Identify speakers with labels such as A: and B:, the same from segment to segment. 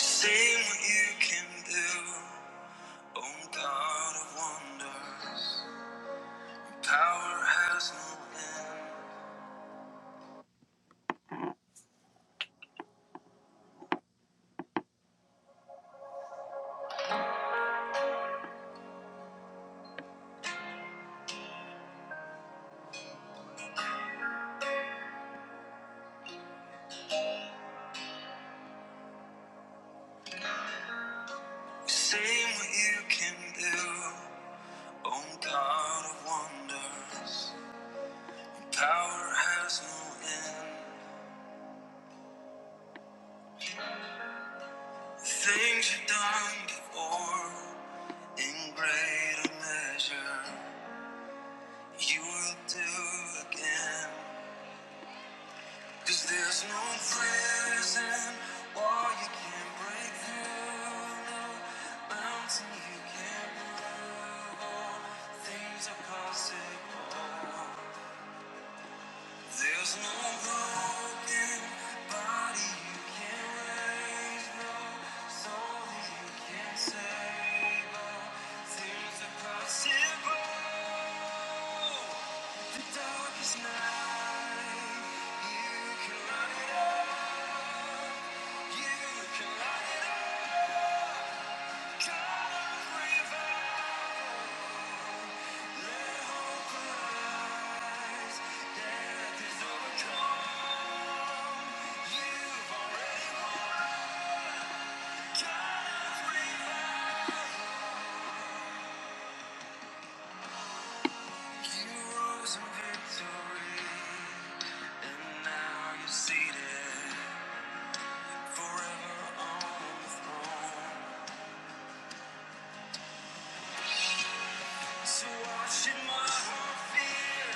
A: Sing what you can do, oh God of wonders. Power has no end. Sing what you can do, oh God of wonders. Power has no end. Things you've done before, in greater measure, you will do again. Cause there's no prison wall you can't break through, no mountain you can't move. All things are possible. There's no broken body you can't raise, no soul that you can't save. All things are possible. The darkest night, you can light it up. You can light it up. You rose victory, and now you're seated forever on the throne. So watch in my heart fear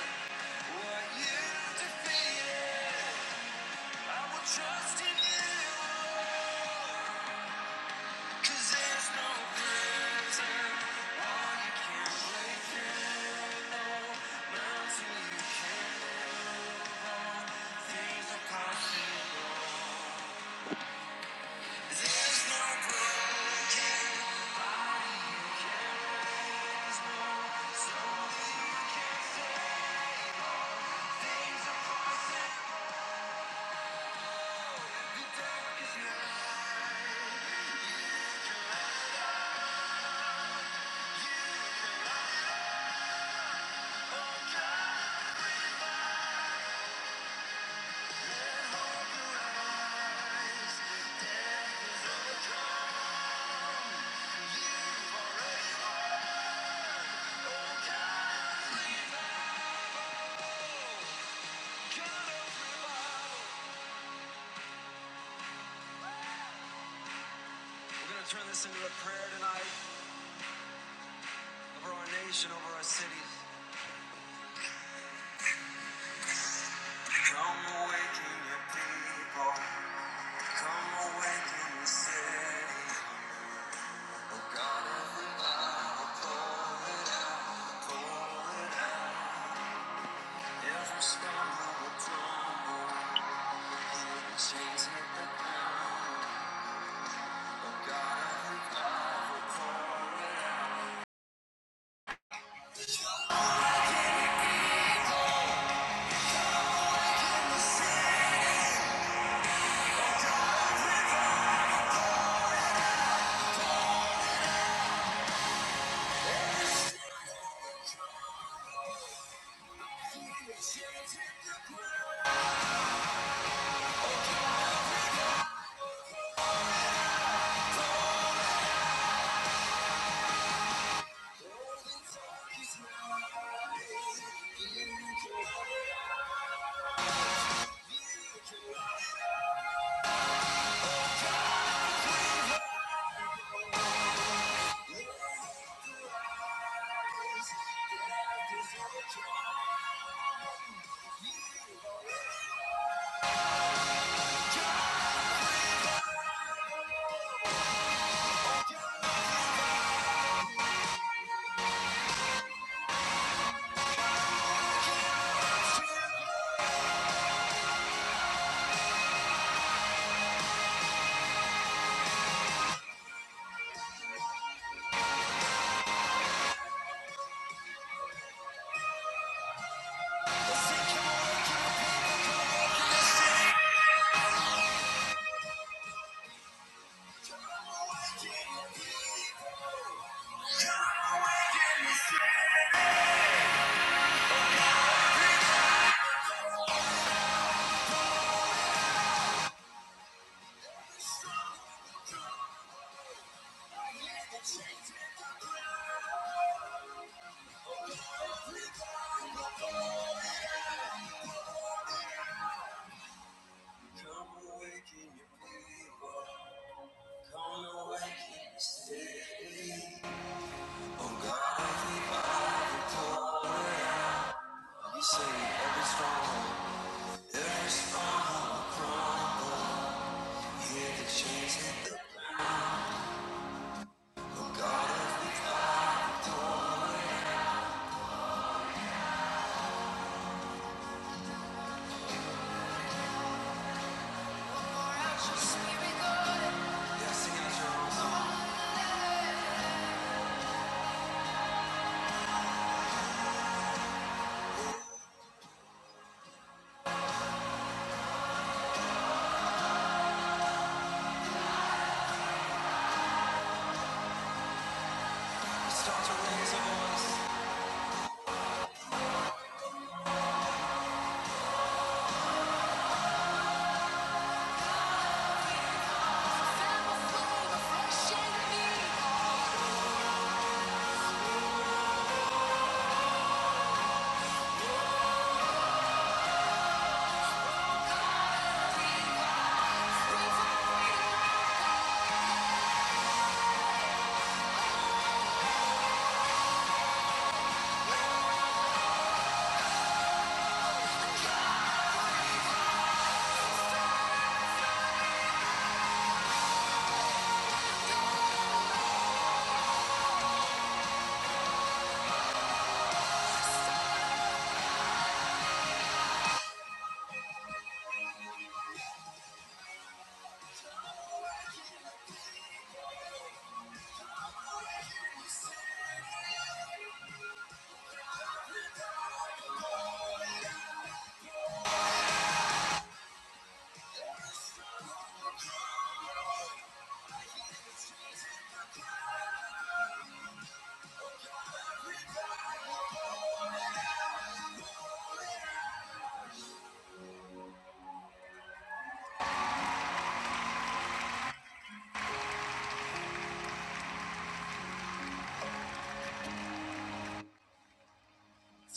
A: what you defeated. I will trust in you, 'cause there's no prison wall you can't break through, mountain you can't think of possible. There's no broken. We're going to turn this into a prayer tonight over our nation, over our cities. Come awaken your people. Come awaken the city. Oh God of holy, every stone will crumble. The chains hit the ground. God of the chains hit the ground. Oh, The dark is mine. You can hold on. Come awaken your people. Come awaken your city. Oh God, I keep on the You say every stronghold, every stronghold crumble. Hear the chains hit the book God of weak. Yeah, sing out your own song. Start to raise a voice.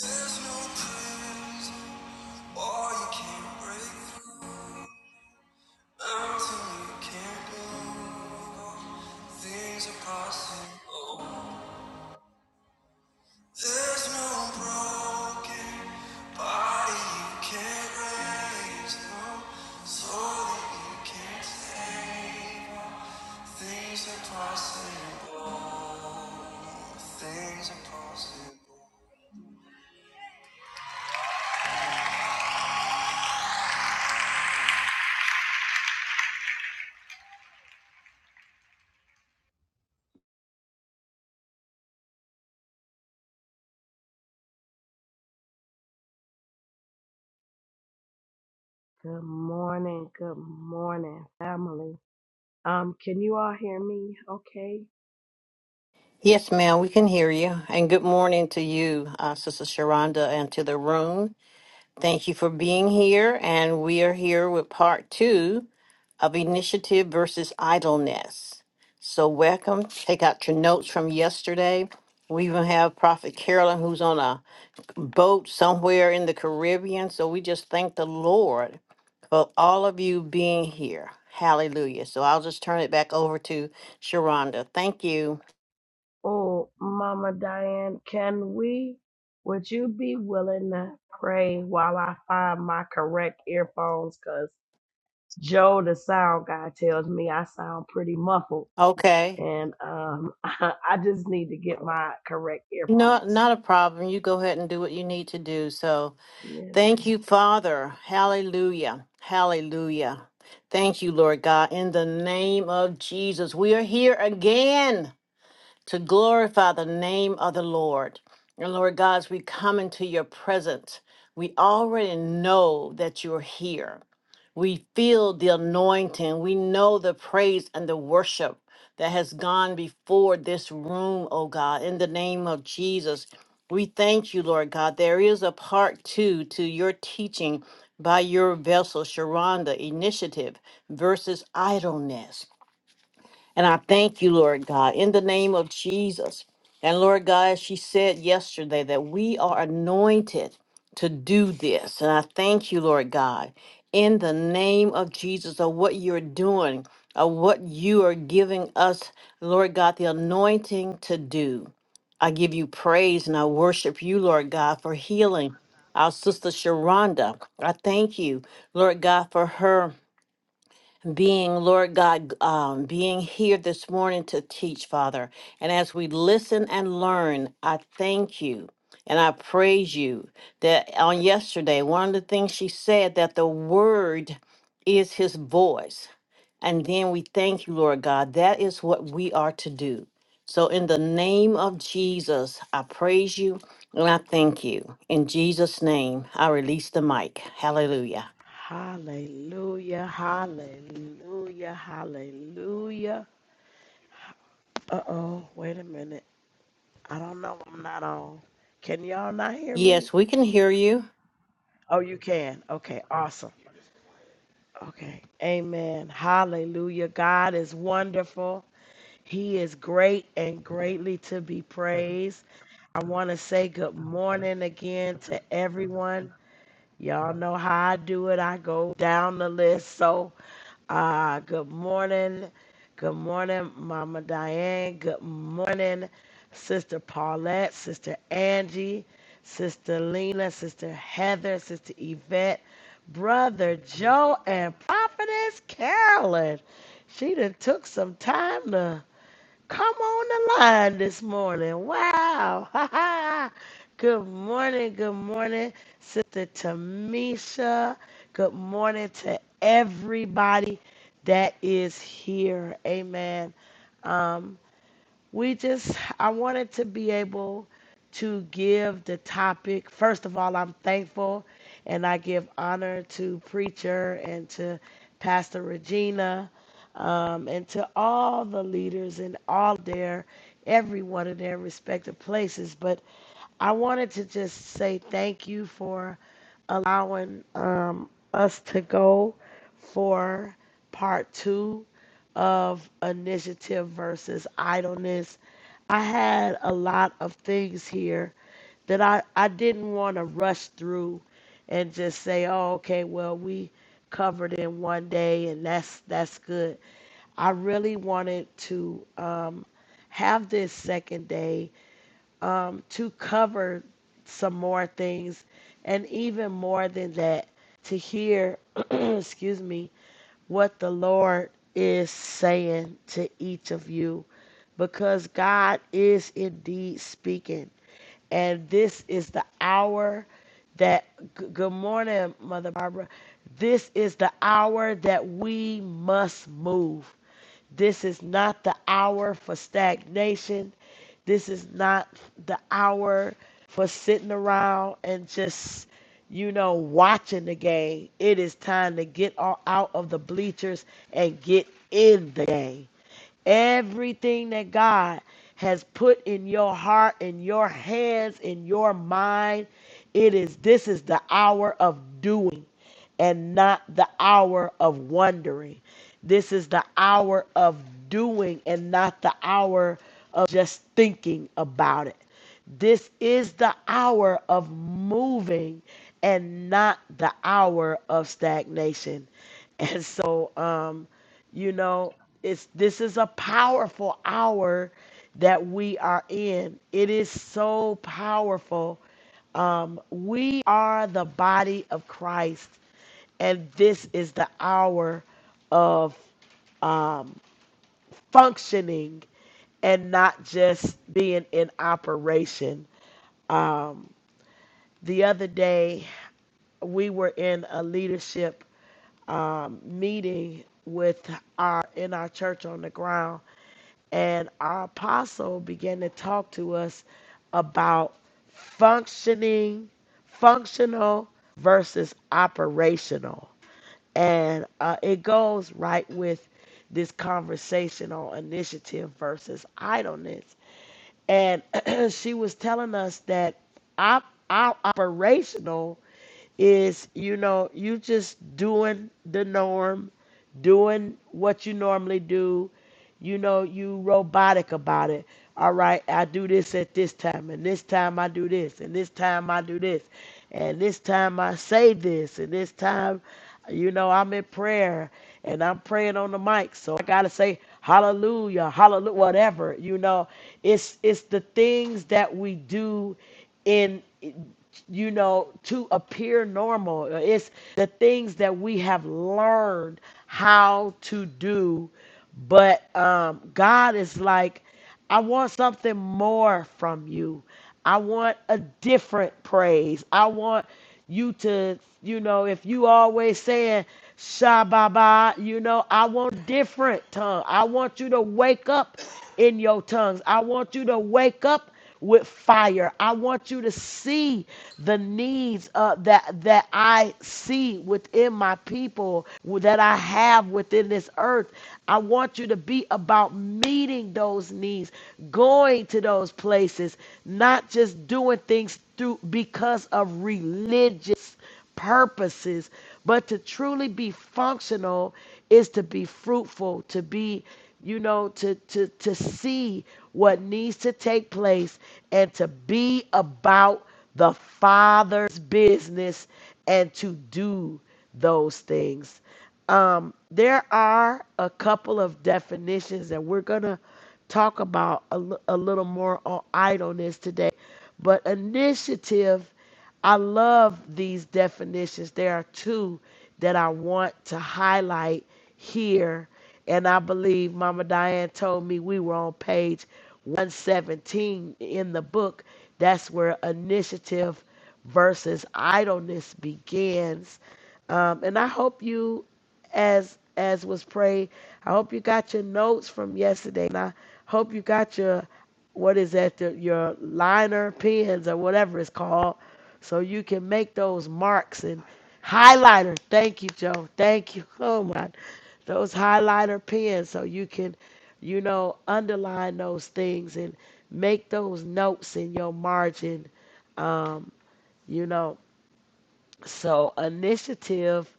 A: There's no praise, or you can't break through. Mountain you can't move. Things are possible. no no
B: Good morning, good morning, family. Um, can you all hear me okay?
C: Yes, ma'am, we can hear you. And good morning to you, uh, Sister Sharonda, and to the room. Thank you for being here. And we are here with part two of Initiative versus Idleness. So, welcome. Take out your notes from yesterday. We even have Prophet Carolyn, who's on a boat somewhere in the Caribbean. So, we just thank the Lord for all of you being here. Hallelujah. So, I'll just turn it back over to Sharonda. Thank you.
B: Oh, Mama Diane, can we, would you be willing to pray while I find my correct earphones? Cause Joe, the sound guy, tells me I sound pretty muffled.
C: Okay.
B: And um, I just need to get my correct
C: No,
B: earphones.
C: not a problem. You go ahead and do what you need to do. So
B: Yes,
C: thank
B: ma'am.
C: you, Father. Hallelujah. Hallelujah. Thank you, Lord God. In the name of Jesus, we are here again to glorify the name of the Lord. And Lord God, as we come into your presence, we already know that you're here. We feel the anointing. We know the praise and the worship that has gone before this room, oh God, in the name of Jesus. We thank you, Lord God. There is a part two to your teaching by your vessel, Sharonda, initiative versus idleness. And I thank you, Lord God, in the name of Jesus. And Lord God, as she said yesterday that we are anointed to do this. And I thank you, Lord God, in the name of Jesus, of what you're doing, of what you are giving us, Lord God, the anointing to do. I give you praise and I worship you, Lord God, for healing our sister Sharonda. I thank you, Lord God, for her being, Lord God, um, being here this morning to teach, Father. And as we listen and learn, I thank you and I praise you that on yesterday, one of the things she said that the word is his voice. And then we thank you, Lord God. That is what we are to do. So in the name of Jesus, I praise you and I thank you. In Jesus' name, I release the mic. Hallelujah.
B: Hallelujah, hallelujah, hallelujah. Uh oh, wait a minute. I don't know. I'm not on. Can y'all not hear me?
C: Yes, we can hear you.
B: Oh, you can. Okay, awesome. Okay. Amen. Hallelujah. God is wonderful. He is great and greatly to be praised. I want to say good morning again to everyone. Y'all know how I do it. I go down the list. So Ah, good morning. Good morning, Mama Diane. Good morning, Sister Paulette, Sister Angie, Sister Lena, Sister Heather, Sister Yvette, Brother Joe, and Prophetess Carolyn. She done took some time to come on the line this morning. Wow. good morning. Good morning, Sister Tamisha. Good morning to everybody that is here. Amen. Um, we just i wanted to be able to give the topic first of all i'm thankful and i give honor to preacher and to pastor regina um, and to all the leaders in all their every one of their respective places but i wanted to just say thank you for allowing um, us to go for part two of initiative versus idleness. I had a lot of things here that I, I didn't want to rush through and just say, oh, okay, well, we covered in one day and that's that's good. I really wanted to um, have this second day um, to cover some more things and even more than that to hear, excuse me, what the Lord is saying to each of you because God is indeed speaking and this is the hour that g- good morning mother barbara this is the hour that we must move this is not the hour for stagnation this is not the hour for sitting around and just you know watching the game it is time to get all out of the bleachers and get in the game Everything that God has put in your heart, in your hands, in your mind, it is this is the hour of doing and not the hour of wondering. This is the hour of doing and not the hour of just thinking about it. This is the hour of moving and not the hour of stagnation. And so, um, you know, it's this is a powerful hour that we are in. It is so powerful. Um, we are the body of Christ, and this is the hour of functioning and not just being in operation. The other day, we were in a leadership um, meeting with our in our church on the ground, and our apostle began to talk to us about functioning, functional versus operational. And uh, it goes right with this conversation on initiative versus idleness and she was telling us that op- our operational is you know you just doing the norm doing what you normally do you know you robotic about it all right i do this at this time and this time i do this and this time i do this and this time i say this and this time you know, I'm in prayer and I'm praying on the mic. So I gotta say hallelujah, hallelujah, whatever. You know, it's it's the things that we do in you know, to appear normal. It's the things that we have learned how to do. But um, God is like, I want something more from you. I want a different praise. I want you to, you know, if you always saying Shababa, you know, I want different tongue. I want you to wake up in your tongues. I want you to wake up with fire. I want you to see the needs uh, that that I see within my people that I have within this earth. I want you to be about meeting those needs, going to those places, not just doing things through because of religious purposes. But to truly be functional is to be fruitful, to be, you know, to to to see what needs to take place and to be about the Father's business and to do those things. Um, there are a couple of definitions that we're gonna talk about a li- a little more on idleness today but initiative, I love these definitions. There are two that I want to highlight here. And I believe Mama Diane told me we were on page 117 in the book. That's where initiative versus idleness begins. Um, and I hope you, as as was prayed, I hope you got your notes from yesterday. And I hope you got your what is that the, your liner pens or whatever it's called so you can make those marks and highlighter thank you joe thank you oh my those highlighter pens so you can you know underline those things and make those notes in your margin um, you know so initiative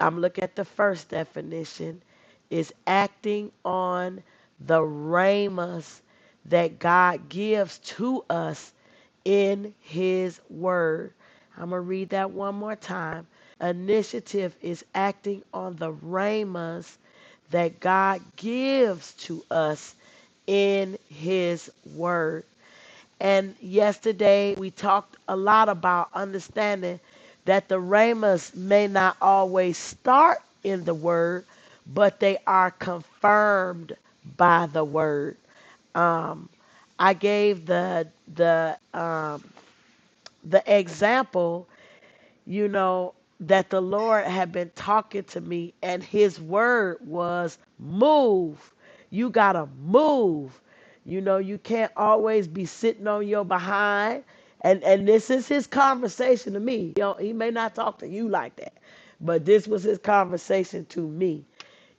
B: I'm looking at the first definition is acting on the ramus that God gives to us in his word. I'm going to read that one more time. Initiative is acting on the ramus that God gives to us in his word. And yesterday we talked a lot about understanding that the ramas may not always start in the word, but they are confirmed by the word. I gave the the the example you know, that the Lord had been talking to me, and his word was move. You gotta move. You know, you can't always be sitting on your behind. And and this is his conversation to me. You know, he may not talk to you like that, but this was his conversation to me.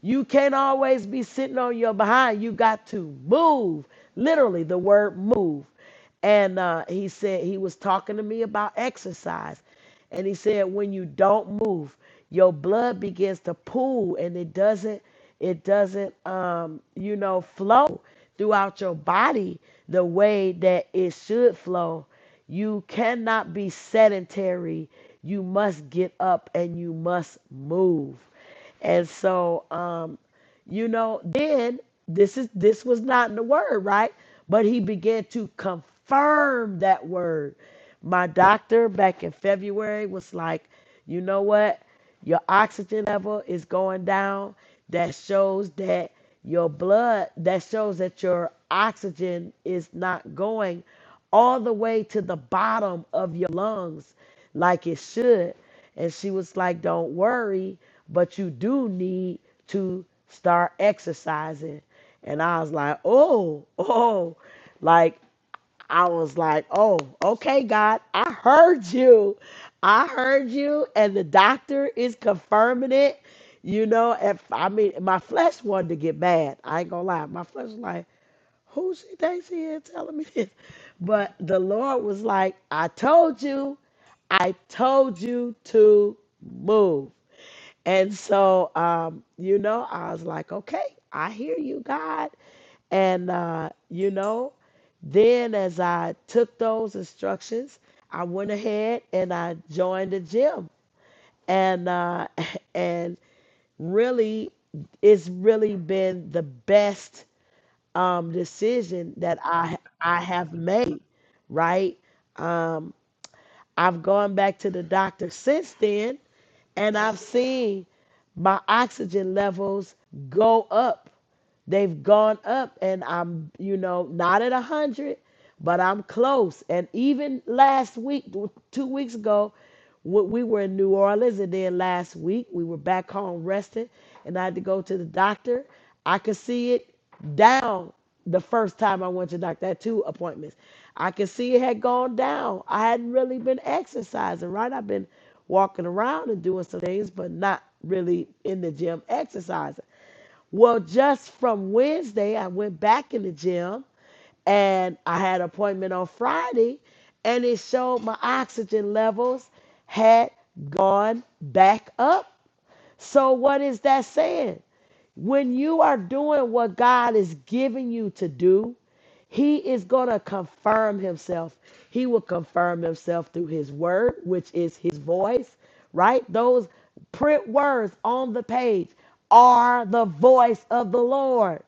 B: You can't always be sitting on your behind. You got to move. Literally, the word move. And uh, he said, he was talking to me about exercise. And he said, when you don't move, your blood begins to pool and it doesn't, it doesn't, um, you know, flow throughout your body the way that it should flow. You cannot be sedentary. You must get up and you must move. And so, um, you know, then this is this was not in the word, right? But he began to confirm that word. My doctor back in February was like, you know what? Your oxygen level is going down. That shows that your blood, that shows that your oxygen is not going all the way to the bottom of your lungs like it should. And she was like, Don't worry, but you do need to start exercising. And I was like, Oh, oh, like I was like, Oh, okay, God, I heard you. I heard you, and the doctor is confirming it. You know, if I mean, my flesh wanted to get mad. I ain't gonna lie. My flesh was like, who she thinks she is telling me this? But the Lord was like, I told you, I told you to move. And so, um, you know, I was like, okay, I hear you, God. And, uh, you know, then as I took those instructions, I went ahead and I joined the gym. And, uh, and really, it's really been the best um, decision that I I have made, right? Um, I've gone back to the doctor since then, and I've seen my oxygen levels go up They've gone up, and I'm, you know, not at a 100, but I'm close. And even last week, two weeks ago, we we were in New Orleans, and then last week we were back home resting, and I had to go to the doctor. I could see it down the first time I went to the doctor, I had two appointments. I could see it had gone down. I hadn't really been exercising, right? I've been walking around and doing some things, but not really in the gym exercising. Well, just from Wednesday, I went back in the gym and I had an appointment on Friday, and it showed my oxygen levels had gone back up. So, what is that saying? When you are doing what God is giving you to do, He is going to confirm Himself. He will confirm Himself through His word, which is His voice, right? Those print words on the page are the voice of the Lord,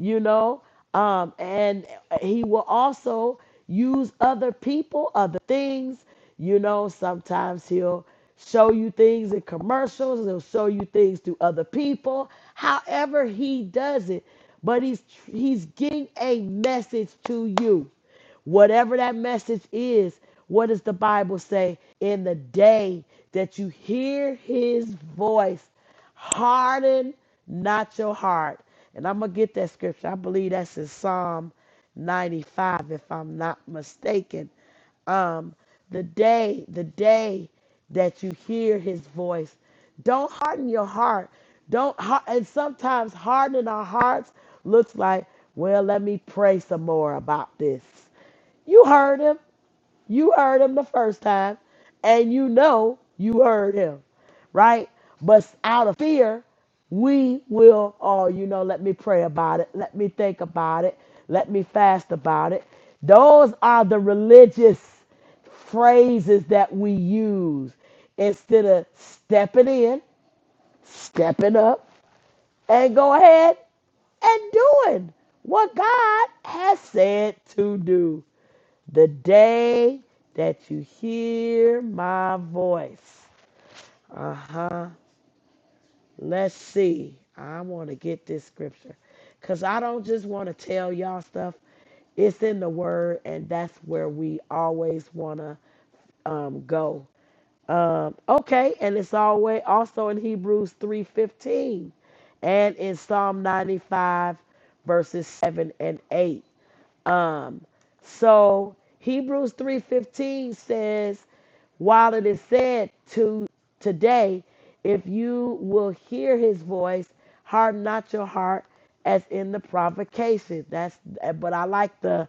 B: you know? Um, and He will also use other people, other things. You know, sometimes he'll show you things in commercials, he'll show you things to other people. However, he does it, but he's he's getting a message to you. Whatever that message is, what does the Bible say? In the day that you hear his voice, harden not your heart. And I'm going to get that scripture. I believe that's in Psalm 95, if I'm not mistaken um, the day, the day that you hear his voice, don't harden your heart. Don't har- and sometimes hardening our hearts looks like, well, let me pray some more about this. You heard him. You heard him the first time, and you know you heard him, right? But out of fear, we will, oh, you know, let me pray about it. Let me think about it. Let me fast about it. Those are the religious phrases that we use instead of stepping in, stepping up, and go ahead and doing what God has said to do. The day that you hear my voice. Uh huh. Let's see. I want to get this scripture because I don't just want to tell y'all stuff. It's in the word, and that's where we always want to um, go. Um, okay, and it's always also in Hebrews 3:15 and in Psalm 95 verses 7 and 8. Um, so Hebrews 3:15 says, while it is said to today, if you will hear his voice, harden not your heart as in the provocation. That's but I like the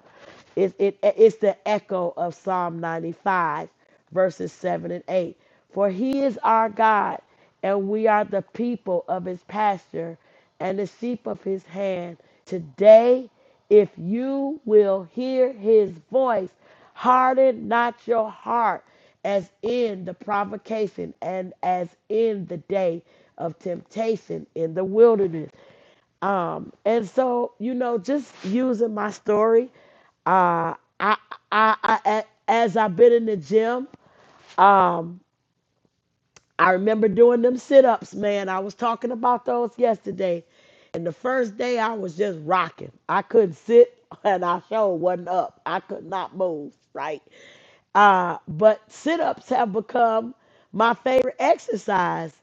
B: it, it it's the echo of Psalm 95 verses 7 and 8. For he is our God and we are the people of his pasture and the sheep of his hand. Today, if you will hear his voice, harden not your heart as in the provocation and as in the day of temptation in the wilderness. Um, and so, you know, just using my story, uh, I, I, I, as I've been in the gym, um. I remember doing them sit ups, man. I was talking about those yesterday. And the first day I was just rocking. I couldn't sit and I sure wasn't up. I could not move, right? Uh, but sit ups have become my favorite exercise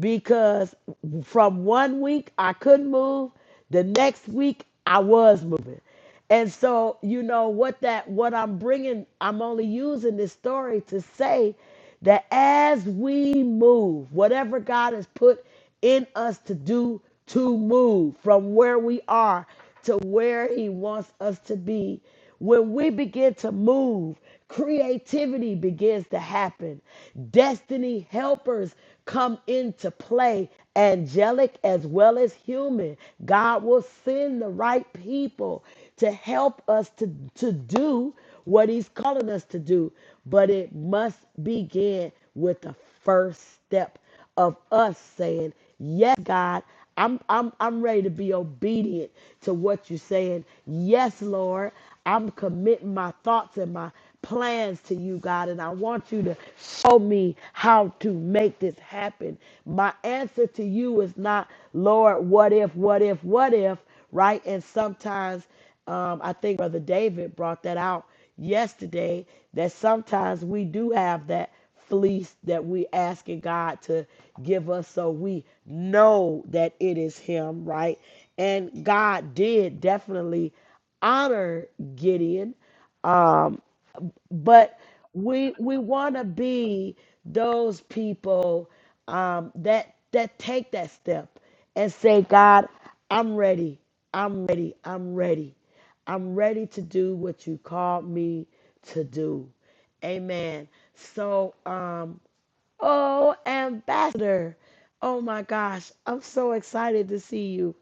B: because from one week I couldn't move, the next week I was moving. And so, you know, what that, what I'm bringing, I'm only using this story to say that as we move, whatever God has put in us to do to move from where we are to where he wants us to be when we begin to move creativity begins to happen destiny helpers come into play angelic as well as human god will send the right people to help us to, to do what he's calling us to do but it must begin with the first step of us saying, Yes, God, I'm I'm I'm ready to be obedient to what you're saying. Yes, Lord, I'm committing my thoughts and my plans to you, God, and I want you to show me how to make this happen. My answer to you is not, Lord, what if, what if, what if, right? And sometimes um, I think Brother David brought that out yesterday that sometimes we do have that fleece that we asking God to give us so we know that it is him, right? And God did definitely honor Gideon, but we we want to be those people um, that that take that step and say, God, I'm ready, I'm ready, I'm ready, I'm ready to do what you called me to do. Amen. So, um, Oh, Ambassador. Oh my gosh. I'm so excited to see you.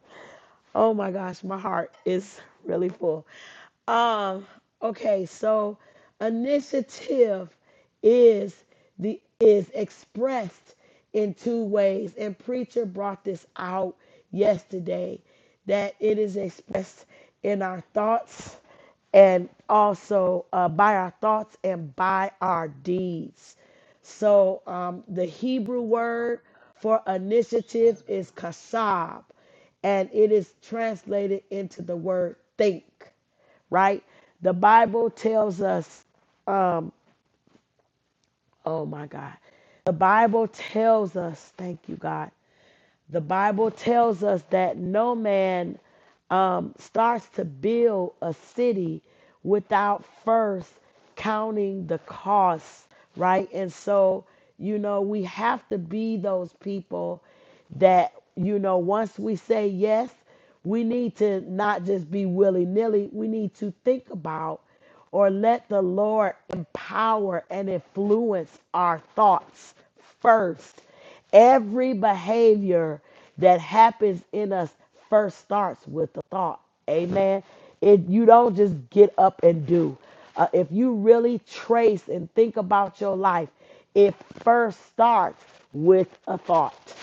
B: Oh my gosh. My heart is really full. Um, okay, so initiative is the is expressed in two ways, and preacher brought this out yesterday that it is expressed in our thoughts and also uh, by our thoughts and by our deeds. So um, the Hebrew word for initiative is kasab, and it is translated into the word think right? The Bible tells us, oh my God, the Bible tells us, thank you, God. The Bible tells us that no man um, starts to build a city without first counting the costs, right? And so, you know, we have to be those people that, you know, once we say yes, we need to not just be willy nilly, we need to think about or let the Lord empower and influence our thoughts first. Every behavior that happens in us first starts with the thought. Amen. It you don't just get up and do. Uh, if you really trace and think about your life, it first starts with a thought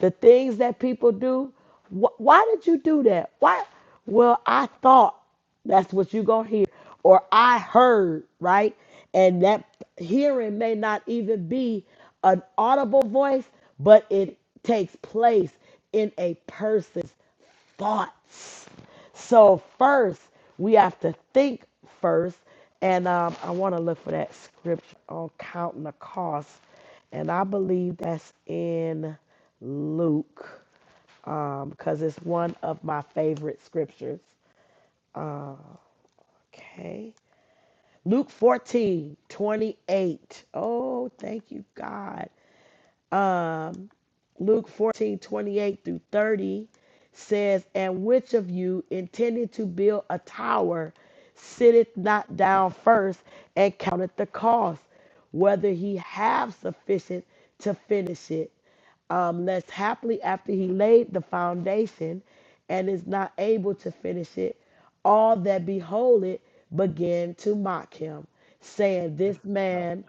B: the things that people do. Wh- why did you do that? Why? Well, I thought that's what you're going to hear, or I heard, right? And that hearing may not even be an audible voice, but it takes place in a person thoughts. So first, we have to think first, and um, I want to look for that scripture on counting the cost, and I believe that's in Luke, um, because it's one of my favorite scriptures. Okay. Luke 14 28. Oh, thank you, God. Um, Luke 14 28 through 30 says, And which of you intending to build a tower sitteth not down first and counteth the cost, whether he have sufficient to finish it? Um, lest happily after he laid the foundation and is not able to finish it, all that behold it begin to mock him, saying, This man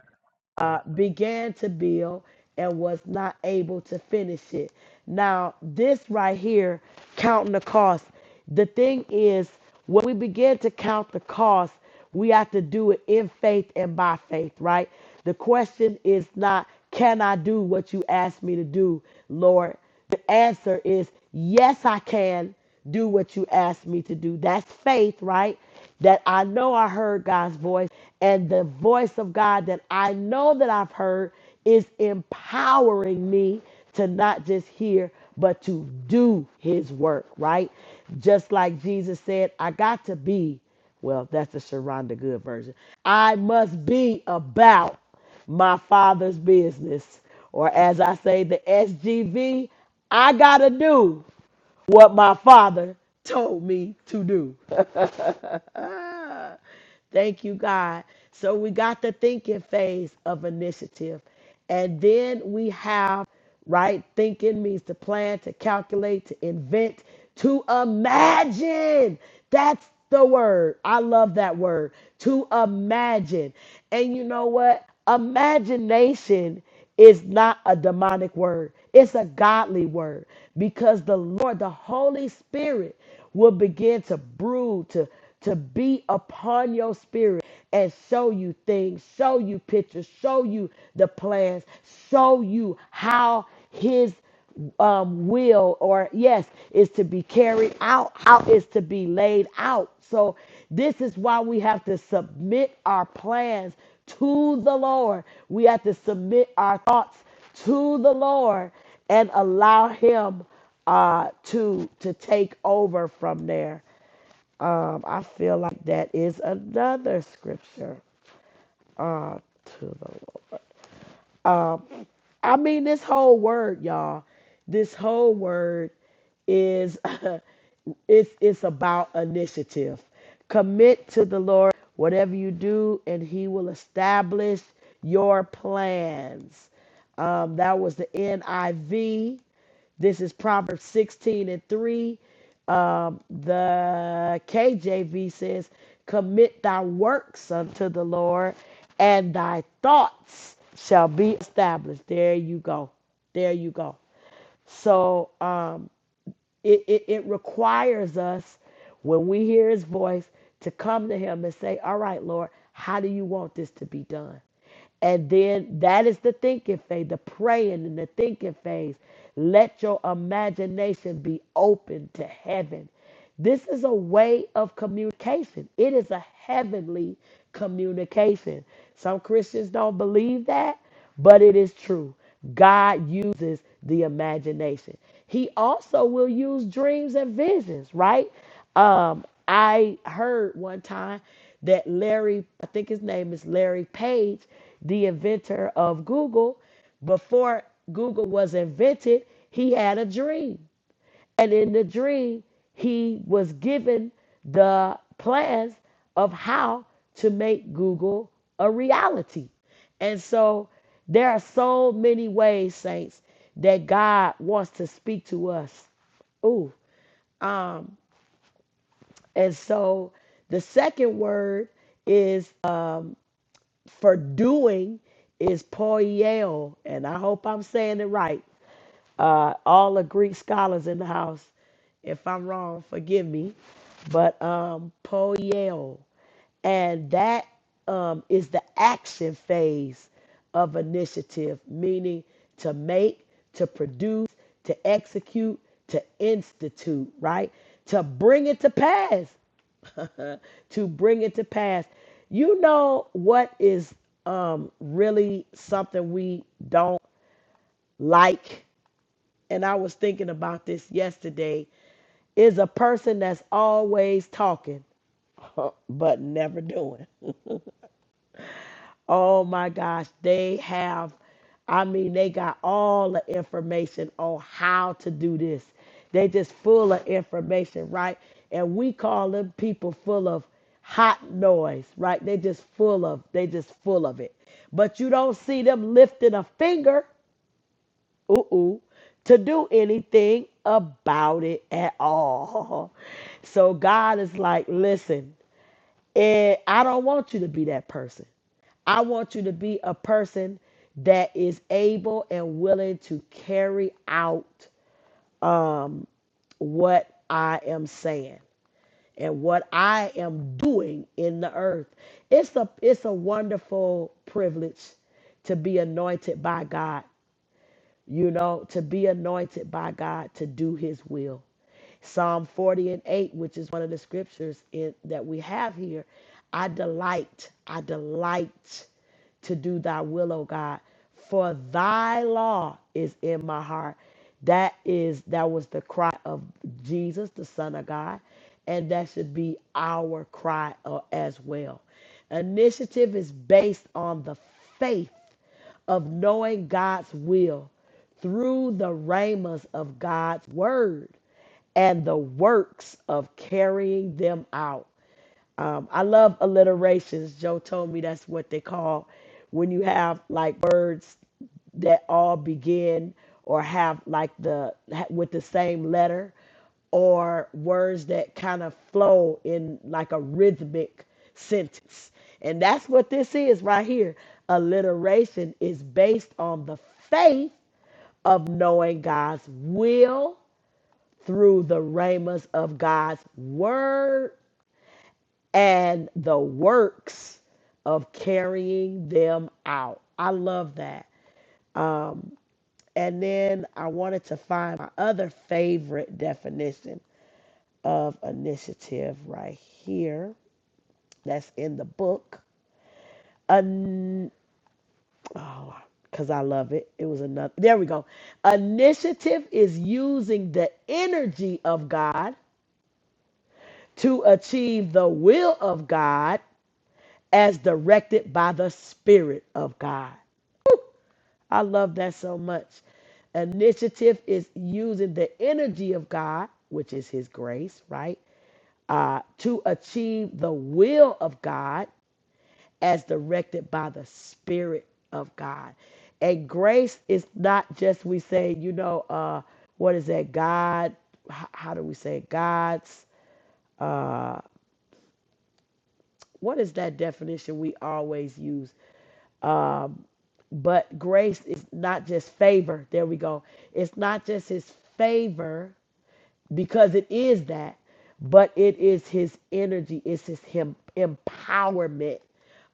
B: uh, began to build and was not able to finish it. Now, this right here, counting the cost, the thing is, when we begin to count the cost, we have to do it in faith and by faith, right? The question is not, can I do what you asked me to do, Lord? The answer is yes, I can do what you asked me to do. That's faith, right? That I know I heard God's voice, and the voice of God that I know that I've heard is empowering me to not just hear, but to do his work, right? Just like Jesus said, I got to be, well, that's the Sharonda Good version. I must be about my father's business. Or as I say, the SGV, I got to do what my father told me to do. Thank you, God. So we got the thinking phase of initiative. And then we have right? Thinking means to plan, to calculate, to invent, to imagine. That's the word. I love that word. To imagine. And you know what? Imagination is not a demonic word, it's a godly word because the Lord, the Holy Spirit, will begin to brood, to, to be upon your spirit and show you things, show you pictures, show you the plans, show you how his um, will or yes is to be carried out, how is to be laid out. So this is why we have to submit our plans to the Lord. We have to submit our thoughts to the Lord and allow Him uh, to to take over from there. Um, I feel like that is another scripture to the I mean this whole word, y'all. This whole word is It's it's about initiative. Commit to the Lord whatever you do, and He will establish your plans. Um, that was the NIV. This is Proverbs 16 and 3. Um, the KJV says, Commit thy works unto the Lord, and thy thoughts shall be established. There you go. There you go. So, um, it, it, it requires us, when we hear his voice, to come to him and say, All right, Lord, how do you want this to be done? And then that is the thinking phase, the praying and the thinking phase. Let your imagination be open to heaven. This is a way of communication, it is a heavenly communication. Some Christians don't believe that, but it is true. God uses the imagination. He also will use dreams and visions, right? Um, I heard one time that Larry, I think his name is Larry Page, the inventor of Google, before Google was invented, he had a dream. And in the dream, he was given the plans of how to make Google a reality. And so there are so many ways, saints, that God wants to speak to us. Ooh, And so the second word is uh, for doing is poieo, and I hope I'm saying it right. Uh, all the Greek scholars in the house, if I'm wrong, forgive me, but um, poieo, and that um, is the action phase of initiative, meaning to make, to produce, to execute, to institute, right? To bring it to pass to bring it to pass. You know what is um, really something we don't like? And I was thinking about this yesterday is a person that's always talking, but never doing. Oh my gosh, they have, I mean, they got all the information on how to do this. They just full of information, right? And we call them people full of hot noise, right? They just full of, they just full of it. But you don't see them lifting a finger, ooh, to do anything about it at all. So God is like, listen. And I don't want you to be that person. I want you to be a person that is able and willing to carry out what I am saying and what I am doing in the earth. It's a it's a wonderful privilege to be anointed by God you know, to be anointed by God to do his will. Psalm 40 and 8, which is one of the scriptures in, that we have here. I delight, I delight to do thy will, O God, for thy law is in my heart. That is, that was the cry of Jesus, the Son of God, and that should be our cry uh, as well. Initiative is based on the faith of knowing God's will through the ramas of God's word and the works of carrying them out. Um, I love alliterations. Joe told me that's what they call when you have like words that all begin or have like the ha- with the same letter or words that kind of flow in like a rhythmic sentence. And that's what this is right here. Alliteration is based on the faith of knowing God's will through the ramas of God's word and the works of carrying them out. I love that. And then I wanted to find my other favorite definition of initiative right here. That's in the book. An- oh, because I love it. It was another. There we go. Initiative is using the energy of God to achieve the will of God as directed by the Spirit of God. I love that so much. Initiative is using the energy of God, which is His grace, right? Uh, to achieve the will of God as directed by the Spirit of God. And grace is not just we say, you know, uh, what is that? God, h- how do we say it? God's? What is that definition we always use? But grace is not just favor. There we go. It's not just His favor because it is that, but it is his energy, it's his him, empowerment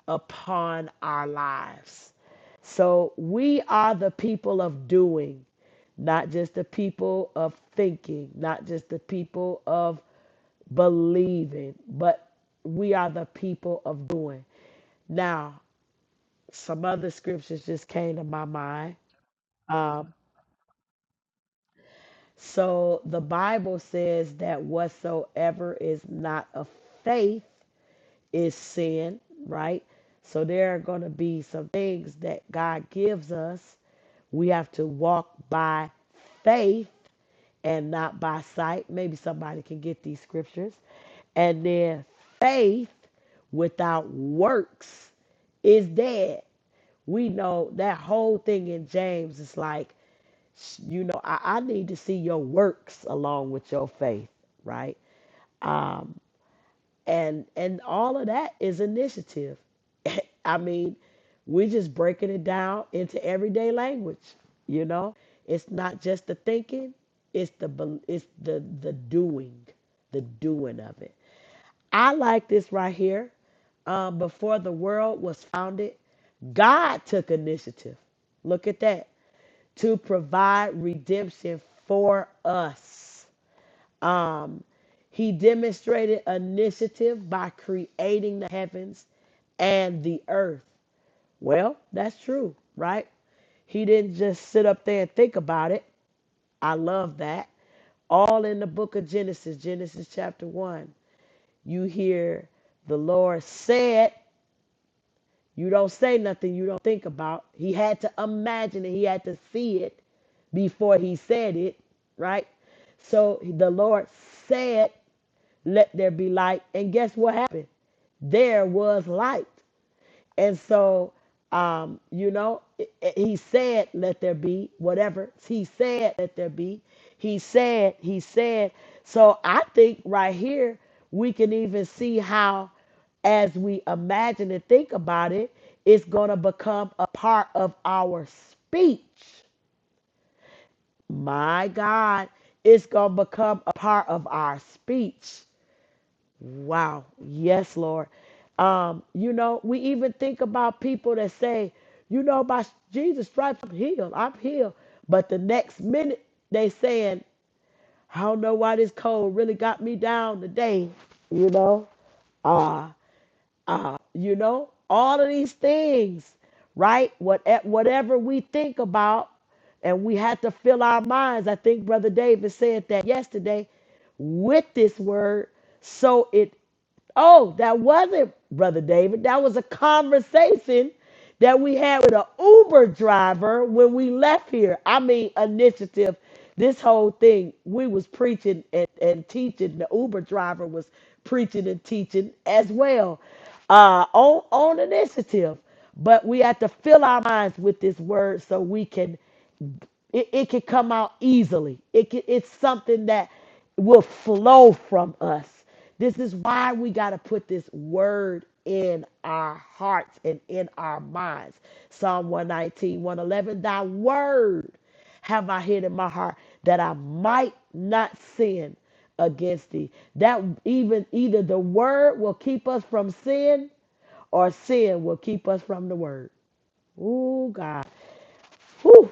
B: upon our lives. So we are the people of doing, not just the people of thinking, not just the people of believing, but we are the people of doing. Now, some other scriptures just came to my mind. Um, so the Bible says that whatsoever is not of faith is sin, right? So there are going to be some things that God gives us. We have to walk by faith and not by sight. Maybe somebody can get these scriptures. And then faith without works is dead. We know that whole thing in James is like, you know, I, I need to see your works along with your faith, right? and and all of that is initiative i mean we're just breaking it down into everyday language you know it's not just the thinking it's the bel- it's the the doing the doing of it i like this right here um, before the world was founded god took initiative look at that to provide redemption for us Um, he demonstrated initiative by creating the heavens and the earth. Well, that's true, right? He didn't just sit up there and think about it. I love that. All in the book of Genesis, Genesis chapter 1, you hear the Lord said, you don't say nothing you don't think about. He had to imagine it, he had to see it before he said it, right? So the Lord said let there be light. And guess what happened? There was light. And so, um, you know, it- it- he said, let there be, whatever. He said, let there be. He said, he said. So I think right here, we can even see how, as we imagine and think about it, it's going to become a part of our speech. My God, it's going to become a part of our speech Wow. Yes, Lord. Um, you know, we even think about people that say, you know, by Jesus' stripes, I'm healed. I'm healed. But the next minute, they saying, I don't know why this cold really got me down today. You know, ah, ah, you know, all of these things, right? What, eh, whatever we think about, and we had to fill our minds. I think Brother David said that yesterday with this word so it Oh, that wasn't Brother David. That was a conversation that we had with an Uber driver when we left here. I mean, initiative. This whole thing, we was preaching and, and teaching. The Uber driver was preaching and teaching as well uh, on, on initiative. But we have to fill our minds with this word so we can it, it can come out easily. It can, it's something that will flow from us. This is why we got to put this word in our hearts and in our minds. Psalm 119, 111, thy word have I hid in my heart that I might not sin against thee. That even either the word will keep us from sin or sin will keep us from the word. Oh God. Whew.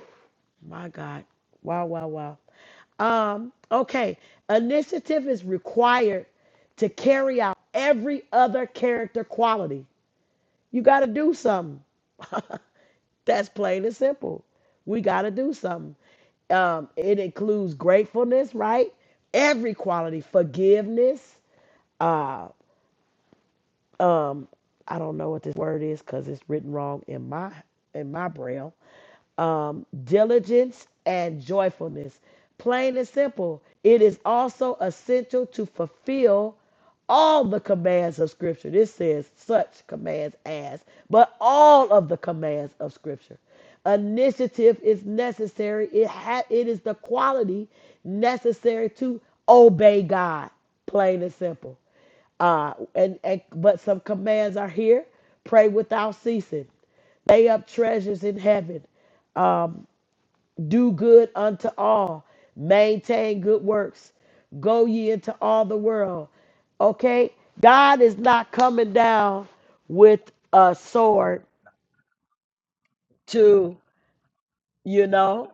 B: My God. Wow, wow, wow. Um, okay. Initiative is required to carry out every other character quality. You got to do something. That's plain and simple. We got to do something. Um, it includes gratefulness, right? Every quality, forgiveness, uh, Um, I don't know what this word is because it's written wrong in my in my braille. Um, diligence and joyfulness. Plain and simple. It is also essential to fulfill all the commands of Scripture. This says such commands as, but all of the commands of Scripture. Initiative is necessary. It ha- it is the quality necessary to obey God. Plain and simple. Uh, and, and but some commands are here: pray without ceasing, lay up treasures in heaven, do good unto all, maintain good works, go ye into all the world. Okay, God is not coming down with a sword to you know.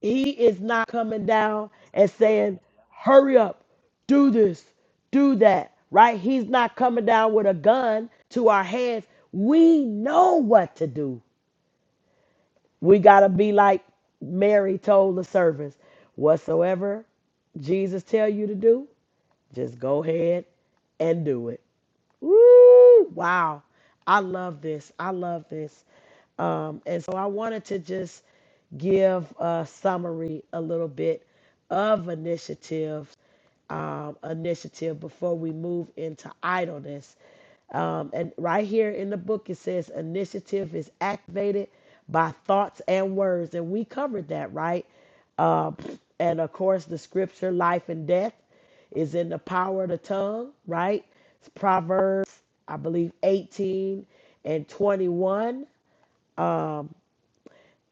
B: He is not coming down and saying, hurry up, do this, do that, right? He's not coming down with a gun to our heads. We know what to do. We got to be like Mary told the servants whatsoever Jesus tell you to do, just go ahead and do it. Woo! Wow. I love this. I love this. Um, and so I wanted to just give a summary a little bit of initiatives um, initiative before we move into idleness. Um, and right here in the book, it says initiative is activated by thoughts and words. And we covered that, right? Um, and of course, the scripture, life and death, is in the power of the tongue, right? It's Proverbs, I believe, 18 and 21.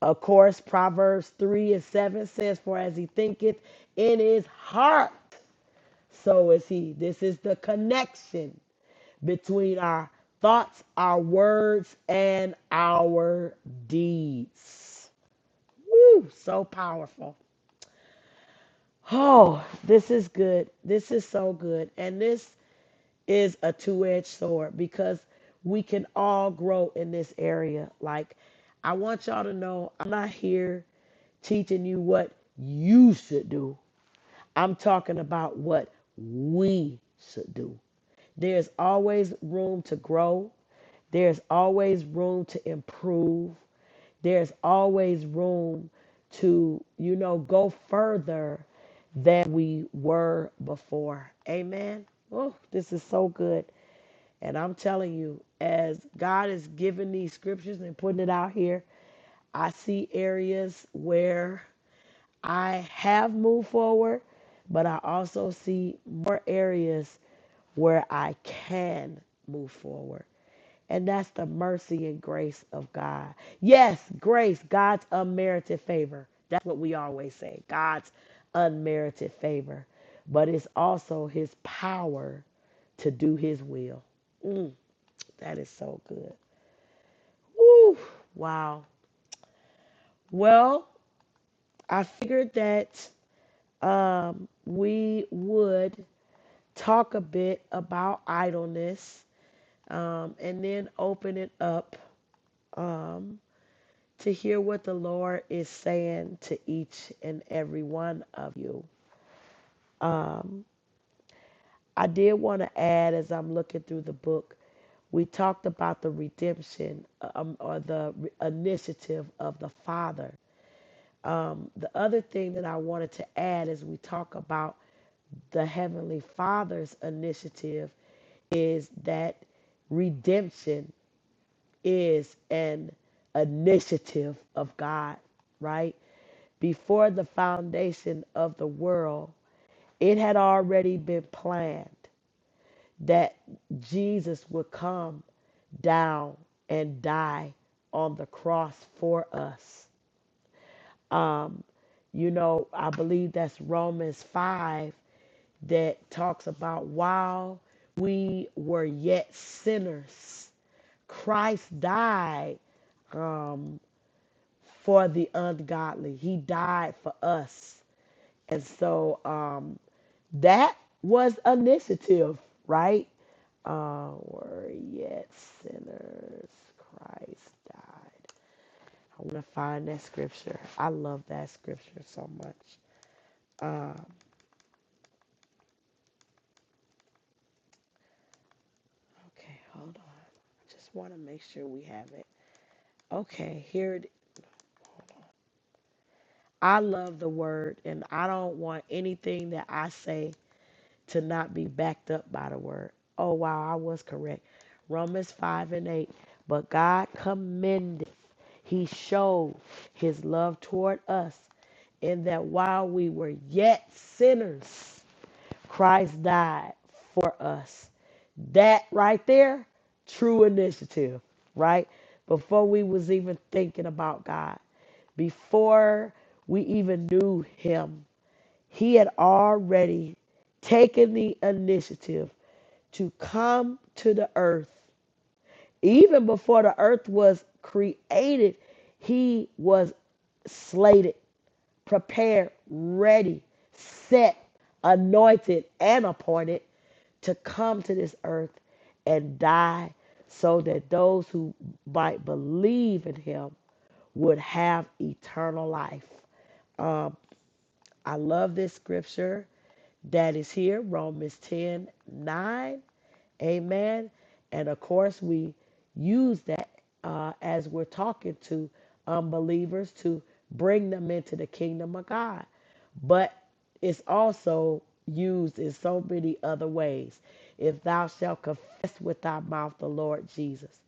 B: Of course, Proverbs 3 and 7 says, For as he thinketh in his heart, so is he. This is the connection between our thoughts, our words, and our deeds. Woo, so powerful. Oh, this is good. This is so good. And this is a two edged sword because we can all grow in this area. Like, I want y'all to know I'm not here teaching you what you should do. I'm talking about what we should do. There's always room to grow. There's always room to improve. There's always room to, you know, go further than we were before. Amen. Oh, this is so good. And I'm telling you, as God is giving these scriptures and putting it out here, I see areas where I have moved forward, but I also see more areas where I can move forward. And that's the mercy and grace of God. Yes, grace, God's unmerited favor. That's what we always say God's unmerited favor. But it's also his power to do his will. Mm, that is so good. Woo, wow. Well, I figured that um, we would talk a bit about idleness um, and then open it up um, to hear what the Lord is saying to each and every one of you. I did want to add as I'm looking through the book, we talked about the redemption um, or the re- initiative of the Father. The other thing that I wanted to add is we talk about. the Heavenly Father's initiative is that redemption is an initiative of God, right? Before the foundation of the world, it had already been planned that Jesus would come down and die on the cross for us. You know, I believe that's Romans 5 that talks about while we were yet sinners, Christ died um, for the ungodly. He died for us. And so um, that was initiative, right? Uh, were yet sinners, Christ died. I want to find that scripture. I love that scripture so much. Um, okay, hold on. I just want to make sure we have it. Okay, here it is. I love the word, and I don't want anything that I say to not be backed up by the word. Oh, wow, I was correct. Romans 5 and 8. But God commendeth, He showed His love toward us, in that while we were yet sinners, Christ died for us. That right there, true initiative, right? Before we was even thinking about God, before we even knew him, he had already taken the initiative to come to the earth. Even before the earth was created, he was slated prepared, ready, set, anointed, and appointed to come to this earth and die so that those who might believe in him would have eternal life. I love this scripture that is here, Romans 10 9, Amen. And of course, we use that uh, as we're talking to unbelievers to bring them into the kingdom of God. But it's also used in so many other ways. If thou shalt confess with thy mouth the Lord Jesus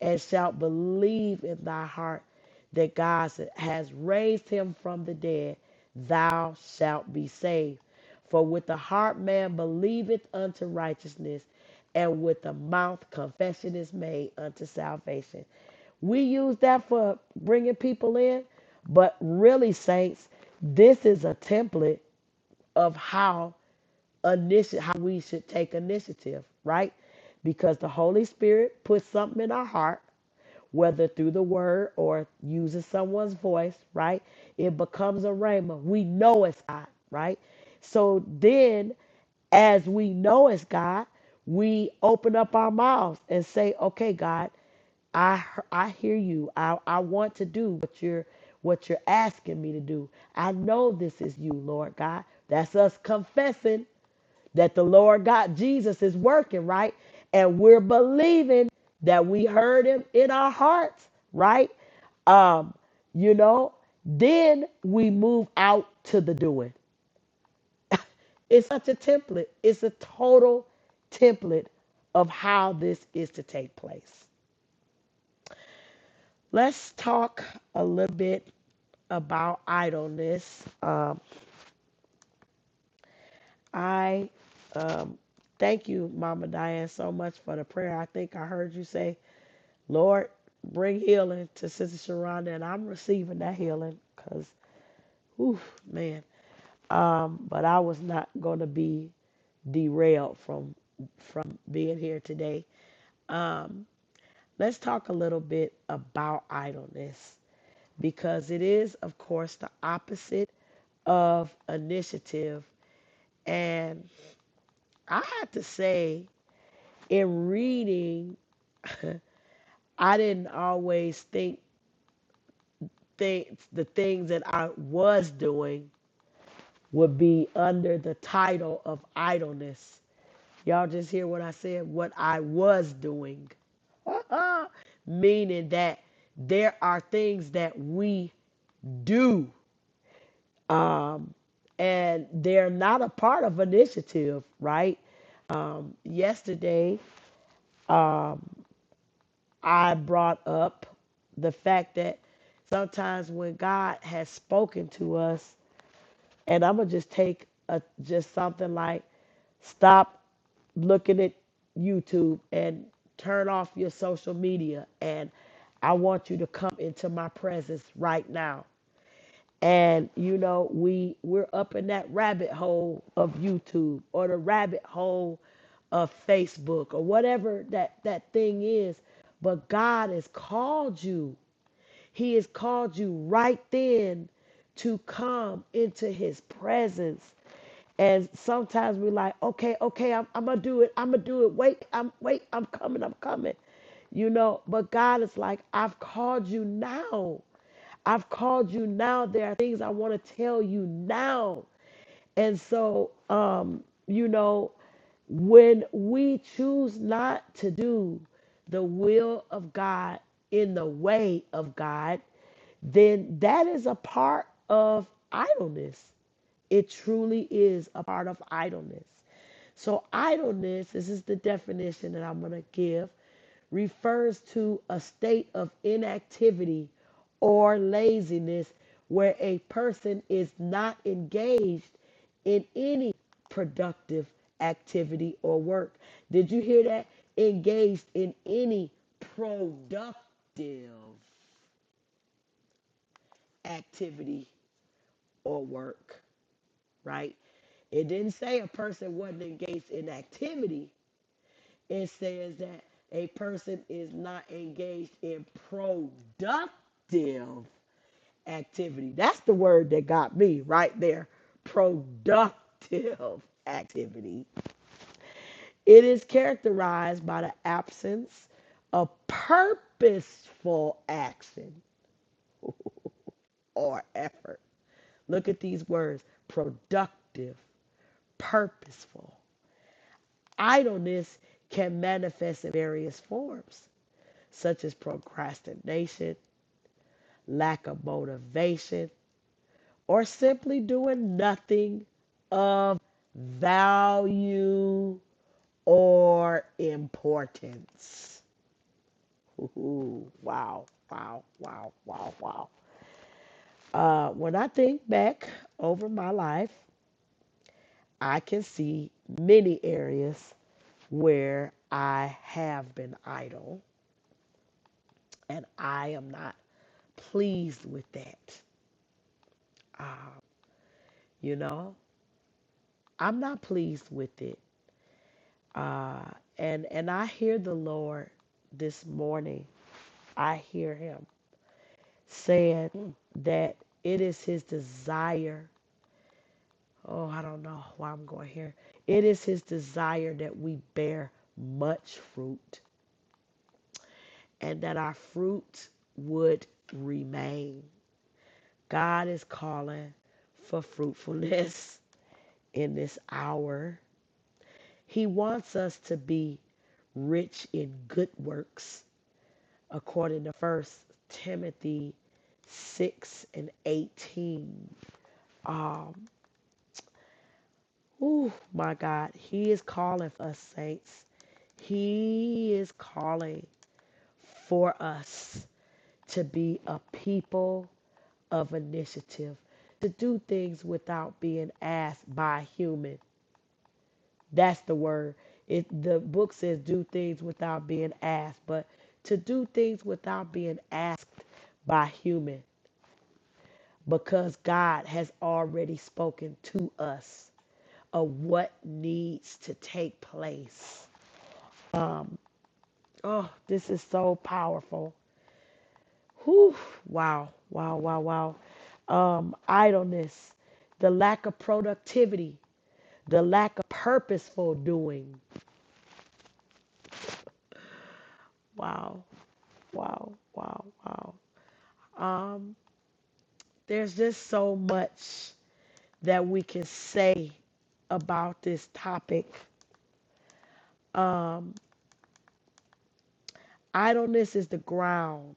B: and shalt believe in thy heart that God has raised him from the dead, thou shalt be saved. For with the heart man believeth unto righteousness, and with the mouth confession is made unto salvation. We use that for bringing people in, but really, saints, this is a template of how initi- how we should take initiative, right? Because the Holy Spirit puts something in our heart, whether through the word or using someone's voice, right? It becomes a rhema. We know it's God, right? So then, as we know it's God, we open up our mouths and say, "Okay, God, I he- I hear you. I I want to do what you're what you're asking me to do. I know this is you, Lord God. That's us confessing that the Lord God Jesus is working, right? And we're believing that we heard him in our hearts, right? Um, you know, then we move out to the doing. It's such a template, it's a total template of how this is to take place. Let's talk a little bit about idleness. Um, I um, thank you, Mama Diane, so much for the prayer. I think I heard you say Lord, bring healing to Sister Sharonda, and I'm receiving that healing because, whew, man. Um, but I was not going to be derailed from from being here today. Um, let's talk a little bit about idleness because it is, of course, the opposite of initiative. And I had to say, in reading, I didn't always think think the things that I was doing would be under the title of idleness. Y'all just hear what I said, what I was doing. Meaning that there are things that we do um, and they're not a part of initiative, right? Um, yesterday, um, I brought up the fact that sometimes when God has spoken to us, And I'm gonna just take a just something like stop looking at YouTube and turn off your social media and I want you to come into my presence right now. And you know, we we're up in that rabbit hole of YouTube or the rabbit hole of Facebook or whatever that that thing is, but God has called you he has called you right then to come into his presence. And sometimes we're like, okay, okay, I'm, I'm gonna do it. I'm gonna do it. Wait, I'm wait, I'm coming, I'm coming. You know, but God is like, I've called you now. I've called you now. There are things I want to tell you now. And so, um, you know, when we choose not to do the will of God in the way of God, then that is a part of idleness. It truly is a part of idleness. So, idleness, this is the definition that I'm going to give, refers to a state of inactivity or laziness where a person is not engaged in any productive activity or work. Did you hear that? Engaged in any productive activity or work, right? It didn't say a person wasn't engaged in activity. It says that a person is not engaged in productive activity. That's the word that got me right there. Productive activity It is characterized by the absence of purposeful action or effort. Look at these words productive, purposeful. Idleness can manifest in various forms, such as procrastination, lack of motivation, or simply doing nothing of value or importance. Ooh, wow, wow, wow, wow, wow. Uh, when I think back over my life, I can see many areas where I have been idle and I am not pleased with that. Um, you know, I'm not pleased with it. Uh, and and I hear the Lord this morning. I hear him saying that it is his desire oh, I don't know why I'm going here. It is his desire that we bear much fruit and that our fruit would remain. God is calling for fruitfulness in this hour. He wants us to be rich in good works, according to First Timothy 6 and 18. Uh, Oh my God. He is calling for us, saints. He is calling for us to be a people of initiative, to do things without being asked by a human. That's the word. It, the book says do things without being asked, but to do things without being asked by human because God has already spoken to us of what needs to take place. Oh, this is so powerful. Whew. Wow, wow, wow, wow. Um, idleness, the lack of productivity, the lack of purposeful doing. Wow, wow, wow, wow. Um, there's just so much that we can say about this topic. Idleness is the ground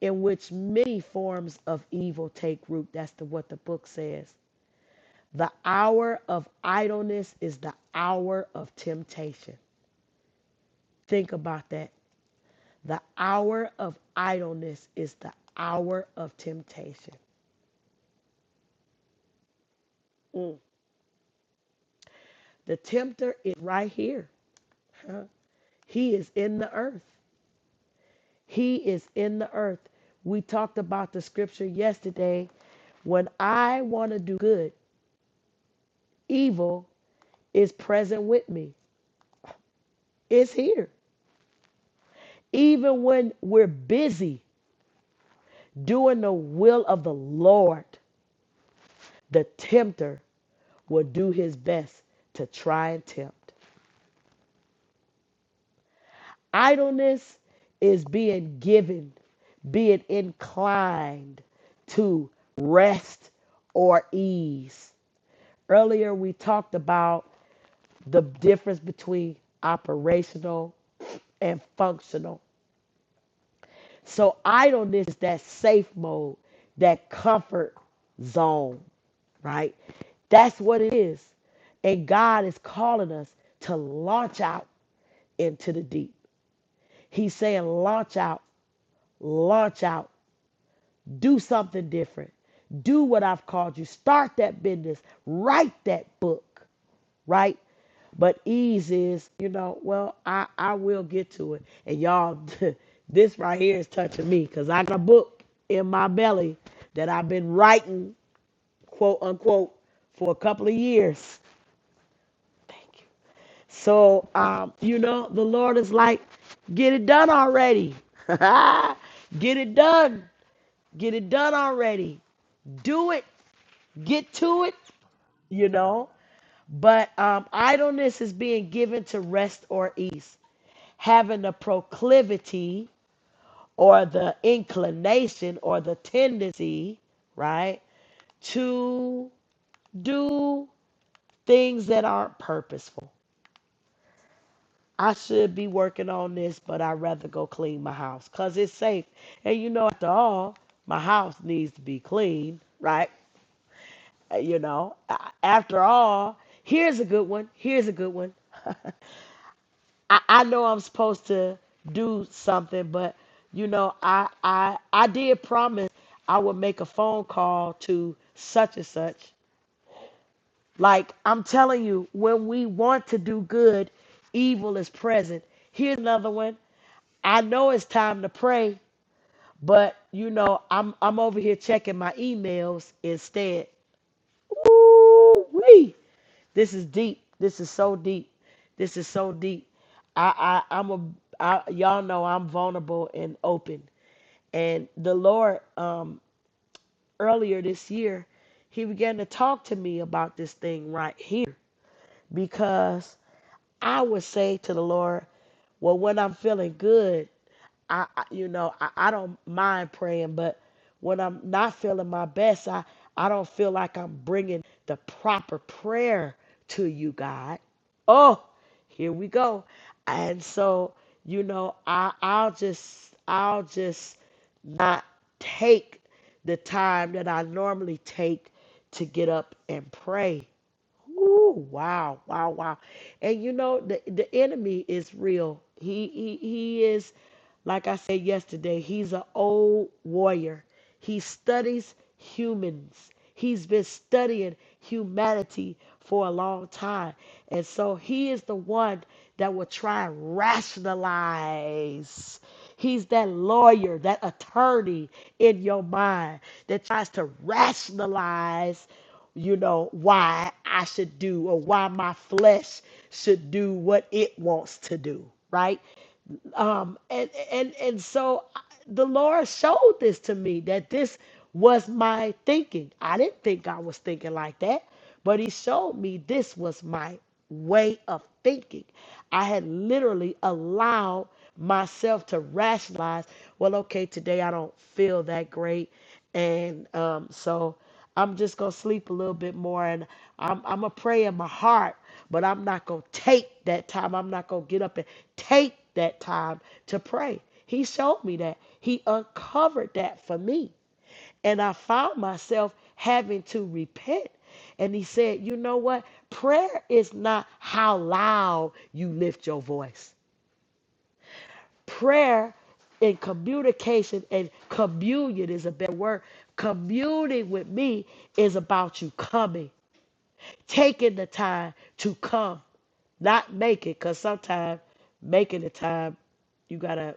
B: in which many forms of evil take root. That's the, what the book says. The hour of idleness is the hour of temptation. Think about that. The hour of idleness is the hour of temptation. Mm. The tempter is right here. huh? He is in the earth. He is in the earth. We talked about the scripture yesterday. When I want to do good, evil is present with me. It's here. Even when we're busy doing the will of the Lord, The tempter will do his best to try and tempt. Idleness is being given, being inclined to rest or ease. Earlier, we talked about the difference between operational and functional. So idleness is that safe mode, that comfort zone, right? That's what it is. And God is calling us to launch out into the deep. He's saying, launch out, launch out, do something different. Do what I've called you. Start that business. Write that book right? But ease is, you know, well, I, I will get to it. And y'all, this right here is touching me because I got a book in my belly that I've been writing, quote unquote, for a couple of years. Thank you. So, um, you know, the Lord is like, get it done already. get it done. Get it done already. Do it. Get to it, you know. But um, idleness is being given to rest or ease. having the proclivity or the inclination or the tendency, right, to do things that aren't purposeful. I should be working on this, but I'd rather go clean my house because it's safe. And you know, after all, my house needs to be clean, right? Uh, You know, a- after all, here's a good one. Here's a good one. I, I know I'm supposed to do something, but you know, I I I did promise I would make a phone call to such and such. Like I'm telling you, when we want to do good, evil is present. Here's another one. I know it's time to pray, but you know, I'm I'm over here checking my emails instead. Ooh wee. This is deep. This is so deep. This is so deep. I, I I'm a I, y'all know I'm vulnerable and open. And the Lord um earlier this year, he began to talk to me about this thing right here because I would say to the Lord, well when I'm feeling good, I, I you know I, I don't mind praying but when i'm not feeling my best i i don't feel like i'm bringing the proper prayer to you god oh here we go and so you know i i'll just i'll just not take the time that i normally take to get up and pray Ooh, wow, wow, wow. And you know the the enemy is real. He he he is like I said yesterday, he's an old warrior. He studies humans. He's been studying humanity for a long time. And so he is the one that will try and rationalize. He's that lawyer, that attorney in your mind that tries to rationalize you know, why I should do or why my flesh should do what it wants to do, right? um, and and and so I- the Lord showed this to me that this was my thinking. I didn't think I was thinking like that, but He showed me this was my way of thinking. I had literally allowed myself to rationalize. Well, okay, today I don't feel that great, and um, so. I'm just gonna sleep a little bit more and I'm I'm gonna pray in my heart, but I'm not gonna take that time. I'm not gonna get up and take that time to pray. He showed me that. He uncovered that for me. And I found myself having to repent. And he said, You know what? Prayer is not how loud you lift your voice. Prayer and communication and communion is a better word. Communing with me is about you coming taking the time to come, not make it, because sometimes making the time, you gotta,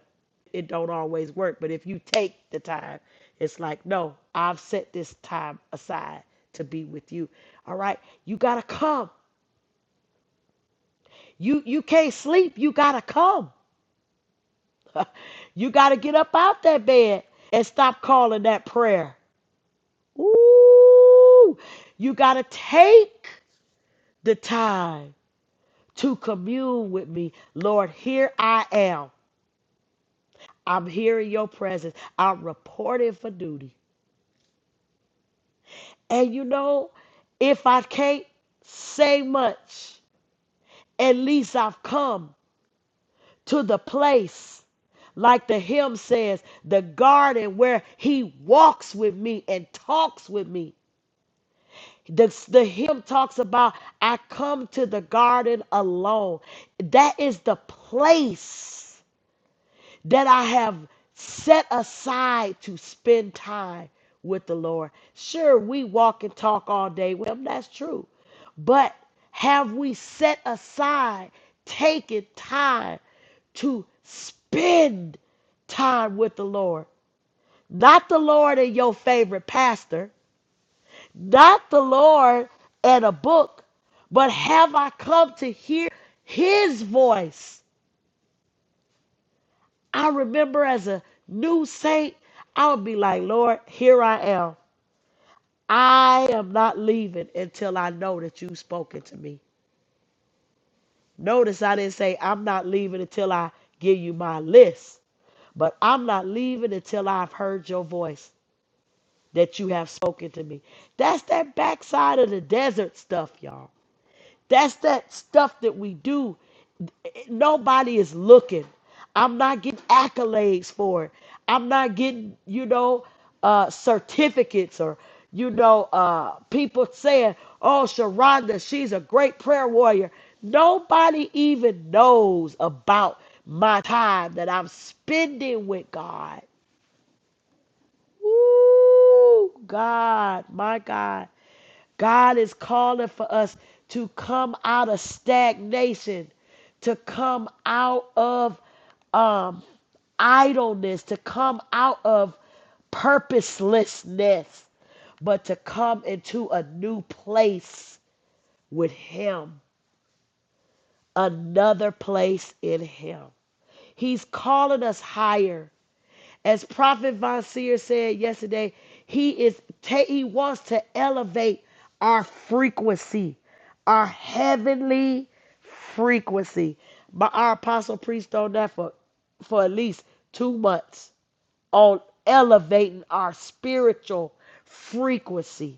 B: it don't always work. But if you take the time, it's like, no, I've set this time aside to be with you. All right, you gotta come. You you can't sleep. You gotta come. you gotta get up out that bed and stop calling that prayer. Ooh, you gotta take the time. to commune with me. Lord, here I am. I'm here in your presence. I'm reporting for duty. And you know, if I can't say much, at least I've come to the place, like the hymn says, the garden where he walks with me and talks with me. The, the hymn talks about, I come to the garden alone. That is the place that I have set aside to spend time with the Lord. Sure, we walk and talk all day. with Him. that's true. But have we set aside, taken time to spend time with the Lord? Not the Lord and your favorite pastor, not the Lord and a book, but have I come to hear his voice? I remember as a new saint, I would be like, Lord, here I am. I am not leaving until I know that you've spoken to me. Notice I didn't say, I'm not leaving until I give you my list, but I'm not leaving until I've heard your voice that you have spoken to me. That's that backside of the desert stuff, y'all. That's that stuff that we do. Nobody is looking. I'm not getting accolades for it. I'm not getting, you know, uh, certificates or, you know, uh, people saying, oh, Sharonda, she's a great prayer warrior. Nobody even knows about my time that I'm spending with God. Woo! God, my God. God is calling for us to come out of stagnation, to come out of um, idleness, to come out of purposelessness, but to come into a new place with Him, another place in Him. He's calling us higher. As Prophet Von Seer said yesterday, he is ta- he wants to elevate our frequency, our heavenly frequency. But our apostle preached on that for, for at least two months on elevating our spiritual frequency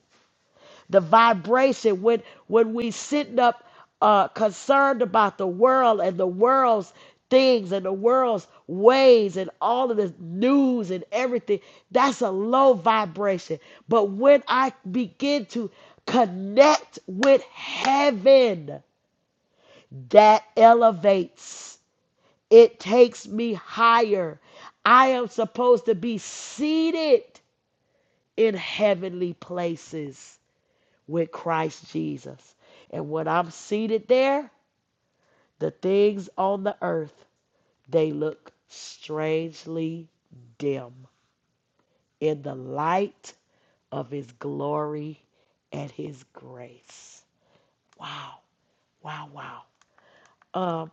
B: the vibration when when we sitting up uh concerned about the world and the world's things and the world's ways and all of the news and everything that's a low vibration but when i begin to connect with heaven that elevates it takes me higher i am supposed to be seated in heavenly places with Christ Jesus. And when I'm seated there, the things on the earth, they look strangely dim in the light of his glory and his grace. Wow, wow, wow. Um,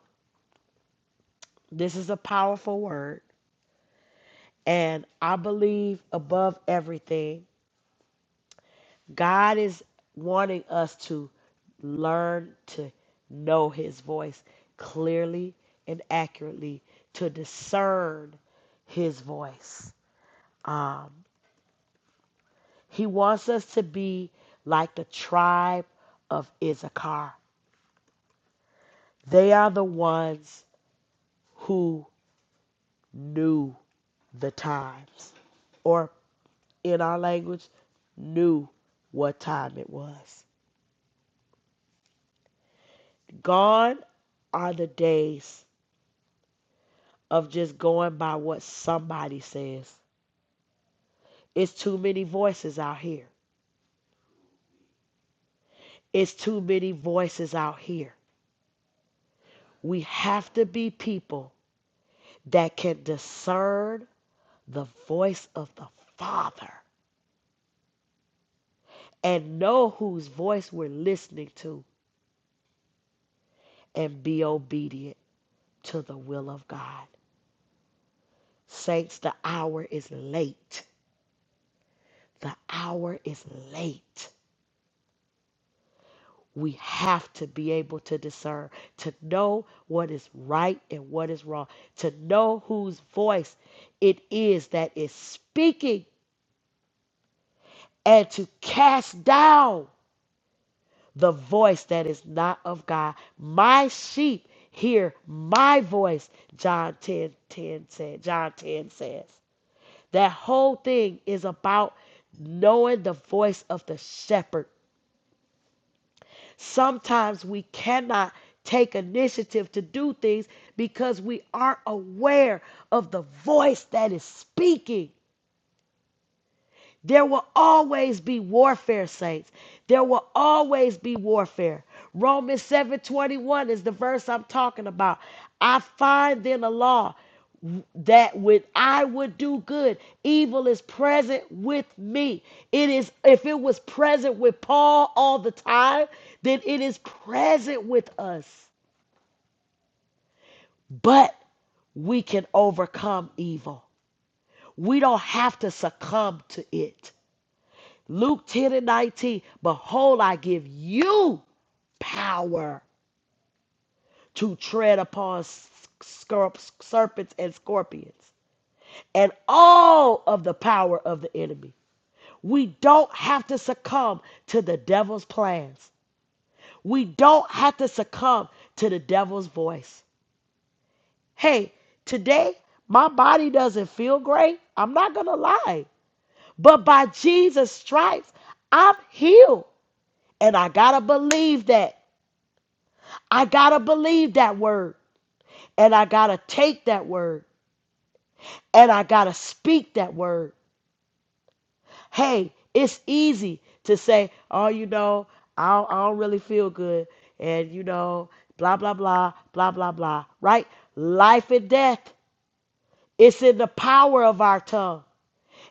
B: this is a powerful word. And I believe above everything God is wanting us to learn to know his voice clearly and accurately, to discern his voice. Um, he wants us to be like the tribe of Issachar. They are the ones who knew the times, or in our language, knew what time it was. Gone are the days of just going by what somebody says. It's too many voices out here. It's too many voices out here. We have to be people that can discern the voice of the Father and know whose voice we're listening to and be obedient to the will of God. Saints, the hour is late. The hour is late. We have to be able to discern, to know what is right and what is wrong, to know whose voice it is that is speaking, and to cast down the voice that is not of God. My sheep hear my voice, John 10 10 said. John 10 says. That whole thing is about knowing the voice of the shepherd Sometimes we cannot take initiative to do things because we aren't aware of the voice that is speaking. There will always be warfare, saints. There will always be warfare. Romans 7:21 is the verse I'm talking about. I find then a law that when I would do good, evil is present with me. It is if it was present with Paul all the time, then it is present with us. But we can overcome evil. We don't have to succumb to it. Luke 10 and 19, behold, I give you power to tread upon scorp- serpents and scorpions and all of the power of the enemy. We don't have to succumb to the devil's plans. We don't have to succumb to the devil's voice. Hey, today my body doesn't feel great. I'm not going to lie. But by Jesus' stripes, I'm healed. And I got to believe that. I got to believe that word and I got to take that word and I got to speak that word. Hey, it's easy to say, oh, you know, I don't, I don't really feel good. And, you know, blah, blah, blah, blah, blah, blah, right? Life and death. It's in the power of our tongue.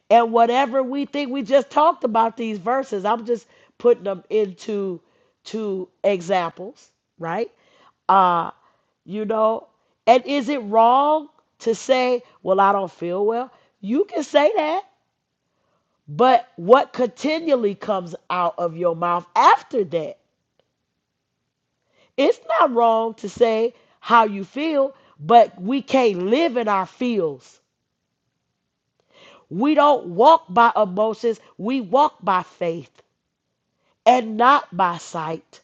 B: And whatever we think, we just talked about these verses. I'm just putting them into two examples, right? Uh, you know, and is it wrong to say, well, I don't feel well? You can say that, but what continually comes out of your mouth after that? It's not wrong to say how you feel, but we can't live in our feels. We don't walk by emotions, we walk by faith. and not by sight.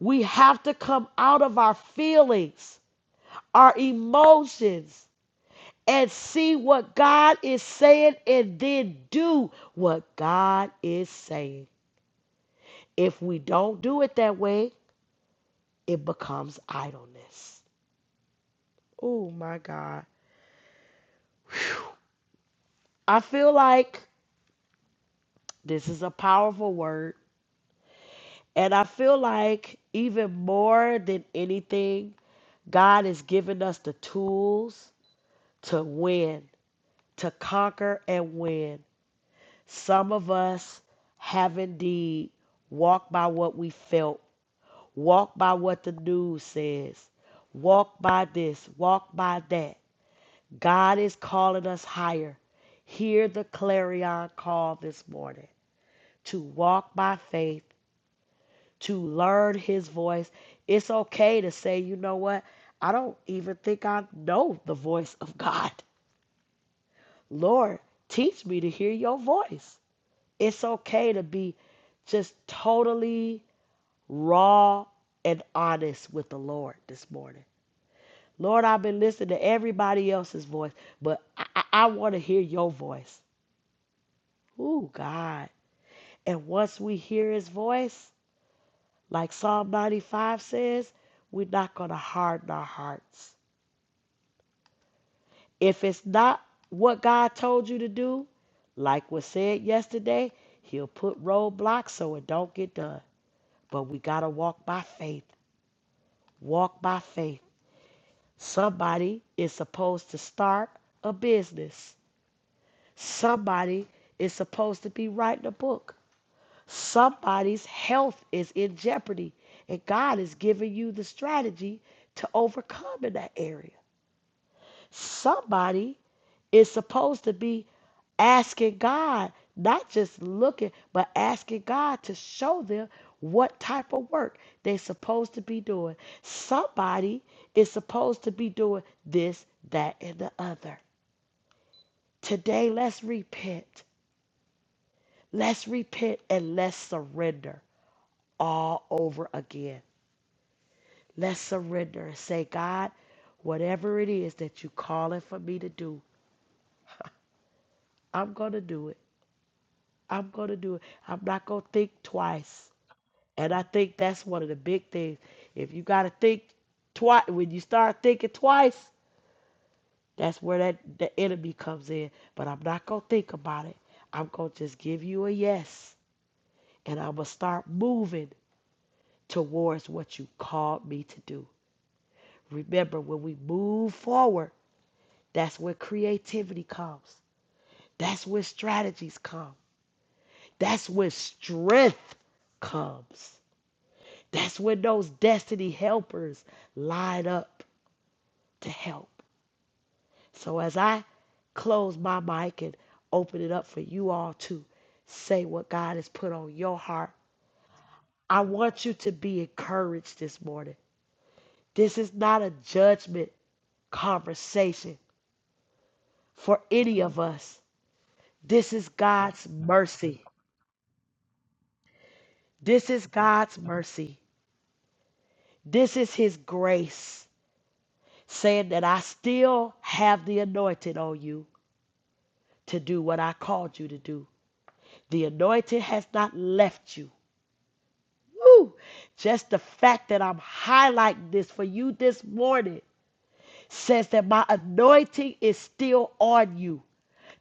B: We have to come out of our feelings, our emotions, and see what God is saying and then do what God is saying. If we don't do it that way, it becomes idleness. Oh my God. Whew. I feel like this is a powerful word. And I feel like even more than anything, God has given us the tools to win to conquer and win. Some of us have indeed walked by what we felt, walked by what the news says, walked by this, walked by that. God is calling us higher. Hear the clarion call this morning to walk by faith, to learn his voice. It's okay to say, you know what? I don't even think I know the voice of God. Lord, teach me to hear your voice. It's okay to be just totally raw and honest with the Lord this morning. Lord, I've been listening to everybody else's voice, but I, I, I want to hear your voice. Ooh, God. And once we hear his voice, like Psalm 95 says, we're not going to harden our hearts. If it's not what God told you to do, like was said yesterday, he'll put roadblocks so it don't get done. But we got to walk by faith Walk by faith. Somebody is supposed to start a business. Somebody is supposed to be writing a book. Somebody's health is in jeopardy, and God is giving you the strategy to overcome in that area. Somebody is supposed to be asking God, not just looking, but asking God to show them what type of work they're supposed to be doing. Somebody is supposed to be doing this, that, and the other. Today, let's repent. Let's repent and let's surrender all over again. Let's surrender and say, God, whatever it is that you calling for me to do, I'm going to do it. I'm going to do it. I'm not going to think twice. And I think that's one of the big things. If you got to think twice, when you start thinking twice, that's where that the enemy comes in. But I'm not gonna think about it. I'm gonna just give you a yes, and I'm gonna start moving towards what you called me to do. Remember, when we move forward, that's where creativity comes. That's where strategies come. That's where strength comes. That's when those destiny helpers line up to help. So as I close my mic and open it up for you all to say what God has put on your heart, I want you to be encouraged this morning. This is not a judgment conversation for any of us. This is God's mercy. This is God's mercy. This is His grace saying that I still have the anointing on you to do what I called you to do. The anointing has not left you. Woo! Just the fact that I'm highlighting this for you this morning says that my anointing is still on you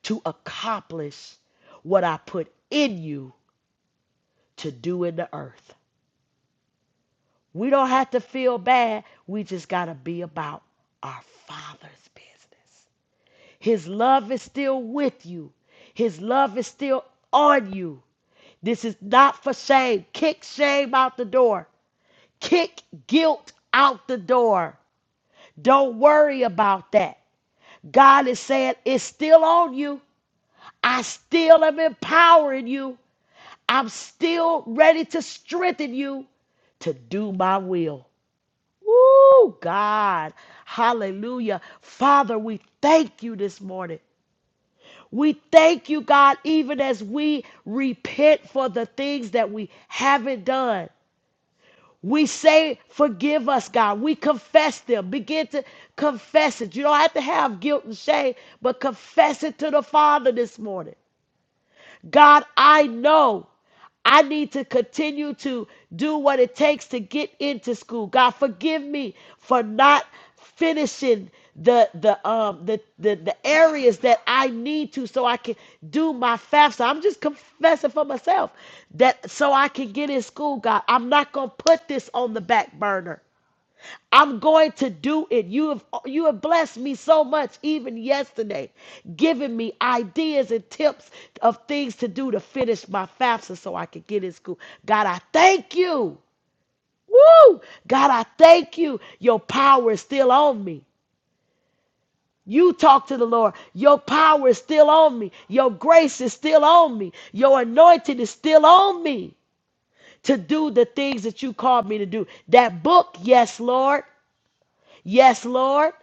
B: to accomplish what I put in you to do in the earth. We don't have to feel bad. We just got to be about our Father's business. His love is still with you, His love is still on you. This is not for shame. Kick shame out the door, kick guilt out the door. Don't worry about that. God is saying, It's still on you. I still am empowering you. I'm still ready to strengthen you to do my will. Woo, God. Hallelujah. Father, we thank you this morning. We thank you, God, even as we repent for the things that we haven't done. We say, forgive us, God. We confess them. Begin to confess it. You don't have to have guilt and shame, but confess it to the Father this morning. God, I know I need to continue to do what it takes to get into school. God, forgive me for not finishing the the um the, the the areas that I need to so I can do my FAFSA. I'm just confessing for myself that so I can get in school, God. I'm not going to put this on the back burner. I'm going to do it. You have you have blessed me so much even yesterday, giving me ideas and tips of things to do to finish my FAFSA so I could get in school. God, I thank you. Woo! God, I thank you. Your power is still on me. You talk to the Lord. Your power is still on me. Your grace is still on me. Your anointing is still on me to do the things that you called me to do. That book, yes, Lord. Yes, Lord.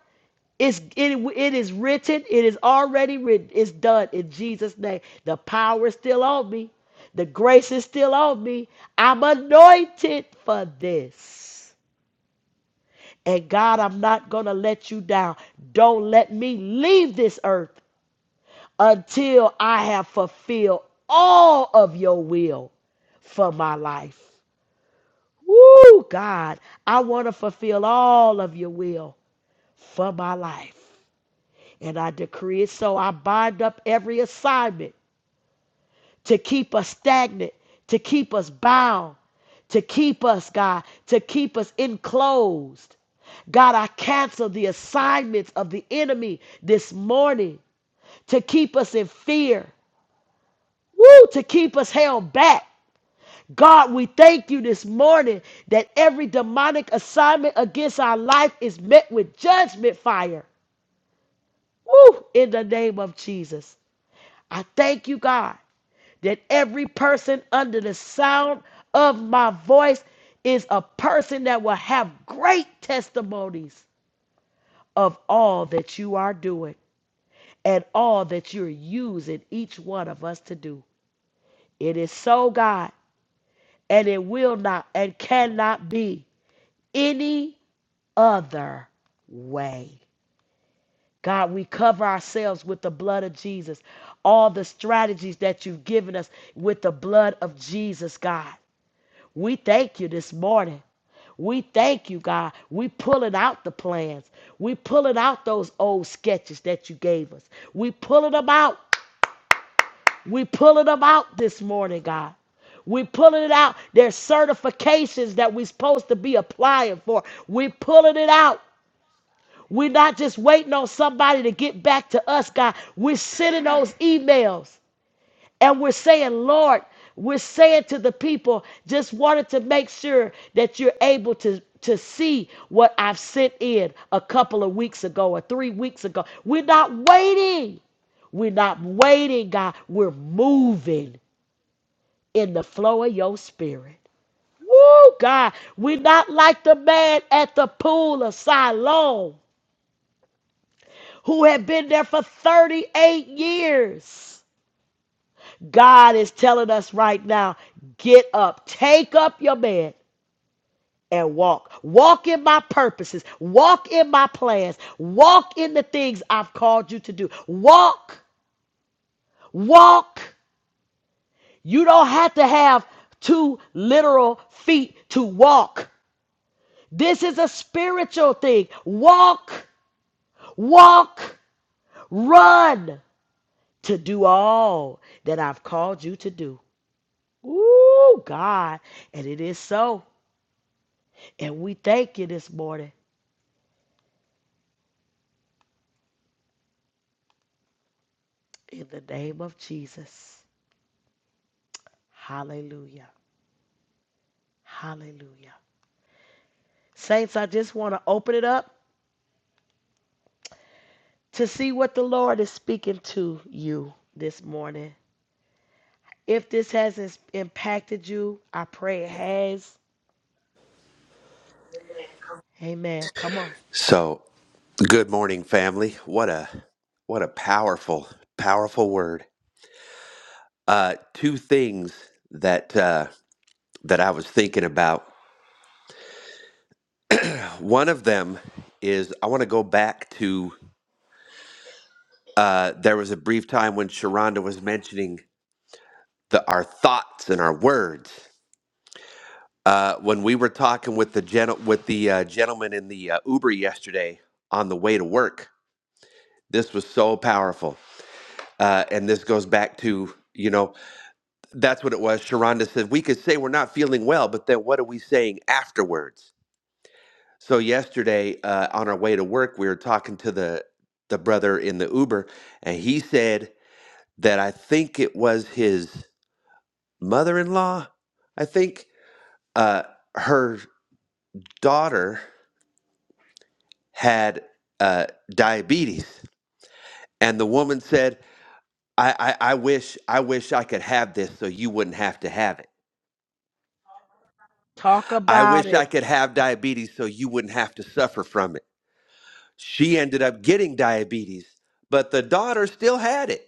B: It's, it, it is written. It is already written. It's done in Jesus' name. The power is still on me. The grace is still on me. I'm anointed for this. And God, I'm not going to let you down. Don't let me leave this earth until I have fulfilled all of your will for my life. Woo, God, I want to fulfill all of your will for my life. And I decree it so. I bind up every assignment to keep us stagnant, to keep us bound, to keep us, God, to keep us enclosed. God, I cancel the assignments of the enemy this morning to keep us in fear, woo, to keep us held back. God, we thank you this morning that every demonic assignment against our life is met with judgment fire. Woo, in the name of Jesus. I thank you, God. that every person under the sound of my voice is a person that will have great testimonies of all that you are doing and all that you're using each one of us to do. It is so, God, and it will not and cannot be any other way. God, we cover ourselves with the blood of Jesus. All the strategies that you've given us with the blood of Jesus, God. We thank you this morning. We thank you, God. We pulling out the plans. We pulling out those old sketches that you gave us. We pulling them out. We pulling them out this morning, God. We pulling it out. There's certifications that we're supposed to be applying for. We pulling it out. We're not just waiting on somebody to get back to us, God. We're sending those emails. And we're saying, Lord, we're saying to the people, just wanted to make sure that you're able to, to see what I've sent in a couple of weeks ago or three weeks ago. We're not waiting. We're not waiting, God. We're moving in the flow of your spirit. Woo, God. We're not like the man at the pool of Siloam who had been there for 38 years God is telling us right now get up, take up your bed. And walk. Walk in my purposes. Walk in my plans. Walk in the things I've called you to do. Walk. Walk. You don't have to have two literal feet to walk. This is a spiritual thing. Walk. Walk. Run to do all that I've called you to do. Ooh, God. And it is so. And we thank you this morning in the name of Jesus. Hallelujah. Hallelujah. Saints, I just want to open it up to see what the Lord is speaking to you this morning. If this has impacted you, I pray it has. Amen. Come on.
D: So, good morning, family. What a what a powerful, powerful word. Uh, two things that uh, that I was thinking about. One of them is I want to go back to uh, there was a brief time when Sharonda was mentioning the our thoughts and our words. Uh, when we were talking with the gen- with the uh, gentleman in the uh, Uber yesterday on the way to work, this was so powerful, uh, and this goes back to you know That's what it was. Sharonda said, We could say we're not feeling well, but then what are we saying afterwards? So, yesterday uh, on our way to work, we were talking to the, the brother in the Uber, and he said that I think it was his mother in law. I think uh, her daughter had uh, diabetes. And the woman said, I, I, I wish I wish I could have this so you wouldn't have to have it.
B: Talk
D: I
B: about
D: wish I
B: it,
D: could have diabetes so you wouldn't have to suffer from it. She ended up getting diabetes, but the daughter still had it.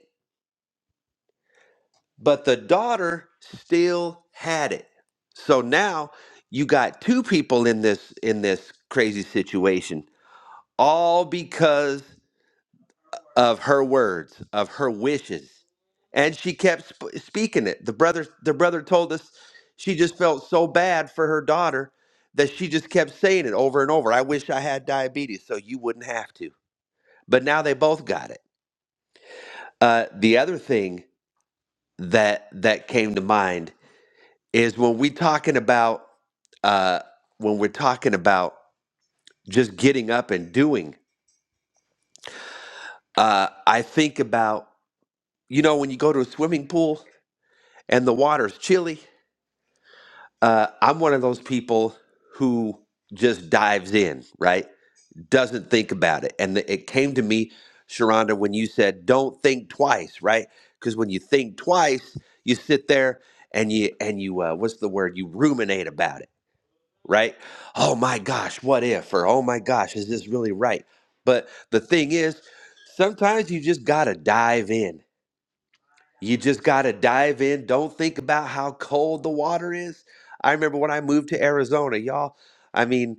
D: But the daughter still had it. So now you got two people in this in this crazy situation, all because of her words, of her wishes. And she kept sp- speaking it. The brother the brother told us she just felt so bad for her daughter that she just kept saying it over and over. I wish I had diabetes so you wouldn't have to. But now they both got it Uh, the other thing that that came to mind is when we talking about uh, when we're talking about just getting up and doing. Uh, I think about you know when you go to a swimming pool and the water's chilly. Uh, I'm one of those people who just dives in, right? doesn't think about it. And it came to me, Sharonda, when you said, "Don't think twice," right? Because when you think twice, you sit there and you and you uh, what's the word? You ruminate about it, right? Oh my gosh, what if? Or oh my gosh, is this really right? But the thing is, sometimes you just gotta dive in. You just gotta dive in. Don't think about how cold the water is. I remember when I moved to Arizona, y'all. I mean,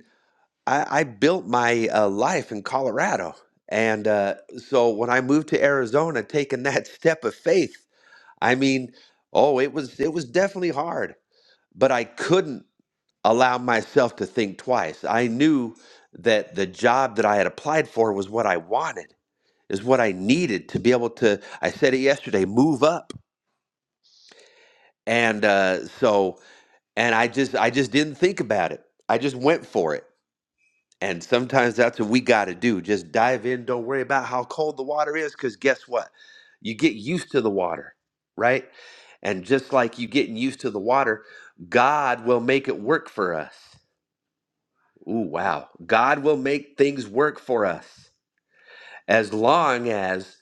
D: I, I built my uh, life in Colorado. And uh, so when I moved to Arizona, taking that step of faith, I mean, oh, it was it was definitely hard, but I couldn't allow myself to think twice. I knew that the job that I had applied for was what I wanted, is what I needed to be able to. I said it yesterday, move up, and uh, so and I just I just didn't think about it. I just went for it And sometimes that's what we got to do. Just dive in. Don't worry about how cold the water is because guess what? You get used to the water, right? And just like you getting used to the water, God will make it work for us. Ooh, wow. God will make things work for us as long as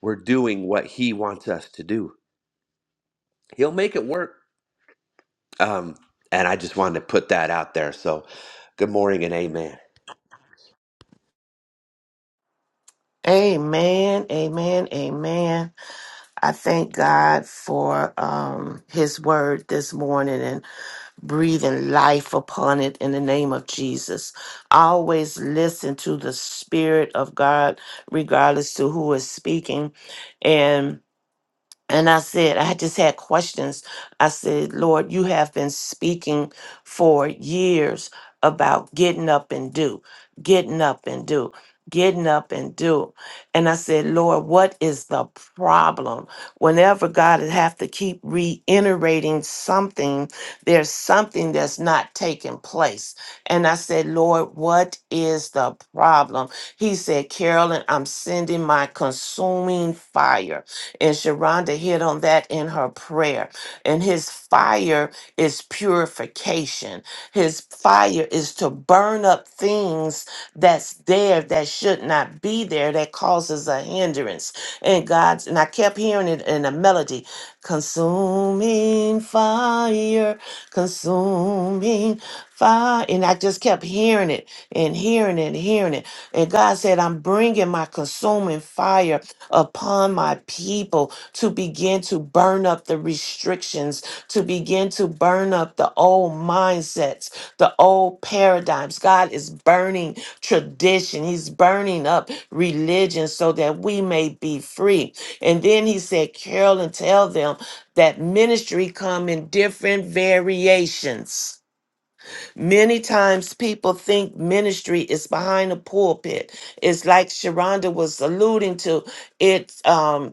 D: we're doing what He wants us to do. He'll make it work. Um, and I just wanted to put that out there. So good morning and amen.
E: Amen, amen, amen. I thank God for um, his word this morning and breathing life upon it in the name of Jesus. Always listen to the Spirit of God, regardless to who is speaking. And and I said, I just had questions. I said, Lord, you have been speaking for years about getting up and do, getting up and do, getting up and do. And I said, Lord, what is the problem? Whenever God would have to keep reiterating something, there's something that's not taking place. And I said, Lord, what is the problem? He said, Carolyn, I'm sending my consuming fire. And Sharonda hit on that in her prayer. And his fire is purification. His fire is to burn up things that's there that should not be there that causes a hindrance. And God's and I kept hearing it in a melody, consuming fire, consuming fire. And I just kept hearing it and hearing it and hearing it. And God said, I'm bringing my consuming fire upon my people to begin to burn up the restrictions, to begin to burn up the old mindsets, the old paradigms. God is burning tradition, He's burning up religion so that we may be free. And then He said, Carol, and tell them that ministry come in different variations Many times people think ministry is behind a pulpit. It's like Sharonda was alluding to. It's um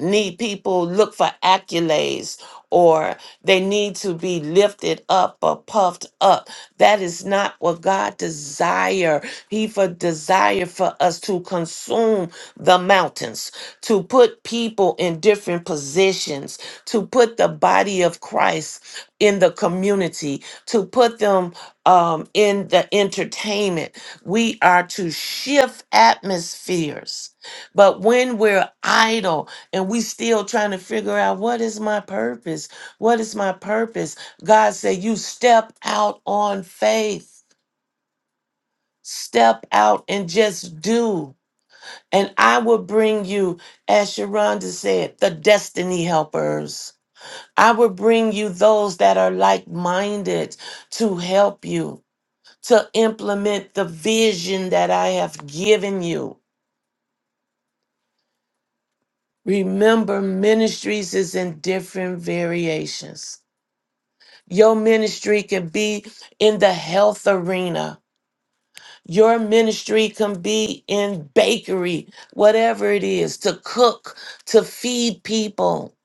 E: need people look for accolades or they need to be lifted up or puffed up that is not what god desire he for desire for us to consume the mountains to put people in different positions to put the body of christ in the community to put them um, in the entertainment we are to shift atmospheres but when we're idle and we still trying to figure out what is my purpose what is my purpose god said you step out on faith step out and just do and i will bring you as sharonda said the destiny helpers i will bring you those that are like-minded to help you to implement the vision that i have given you remember ministries is in different variations Your ministry can be in the health arena. Your ministry can be in bakery, whatever it is, to cook, to feed people.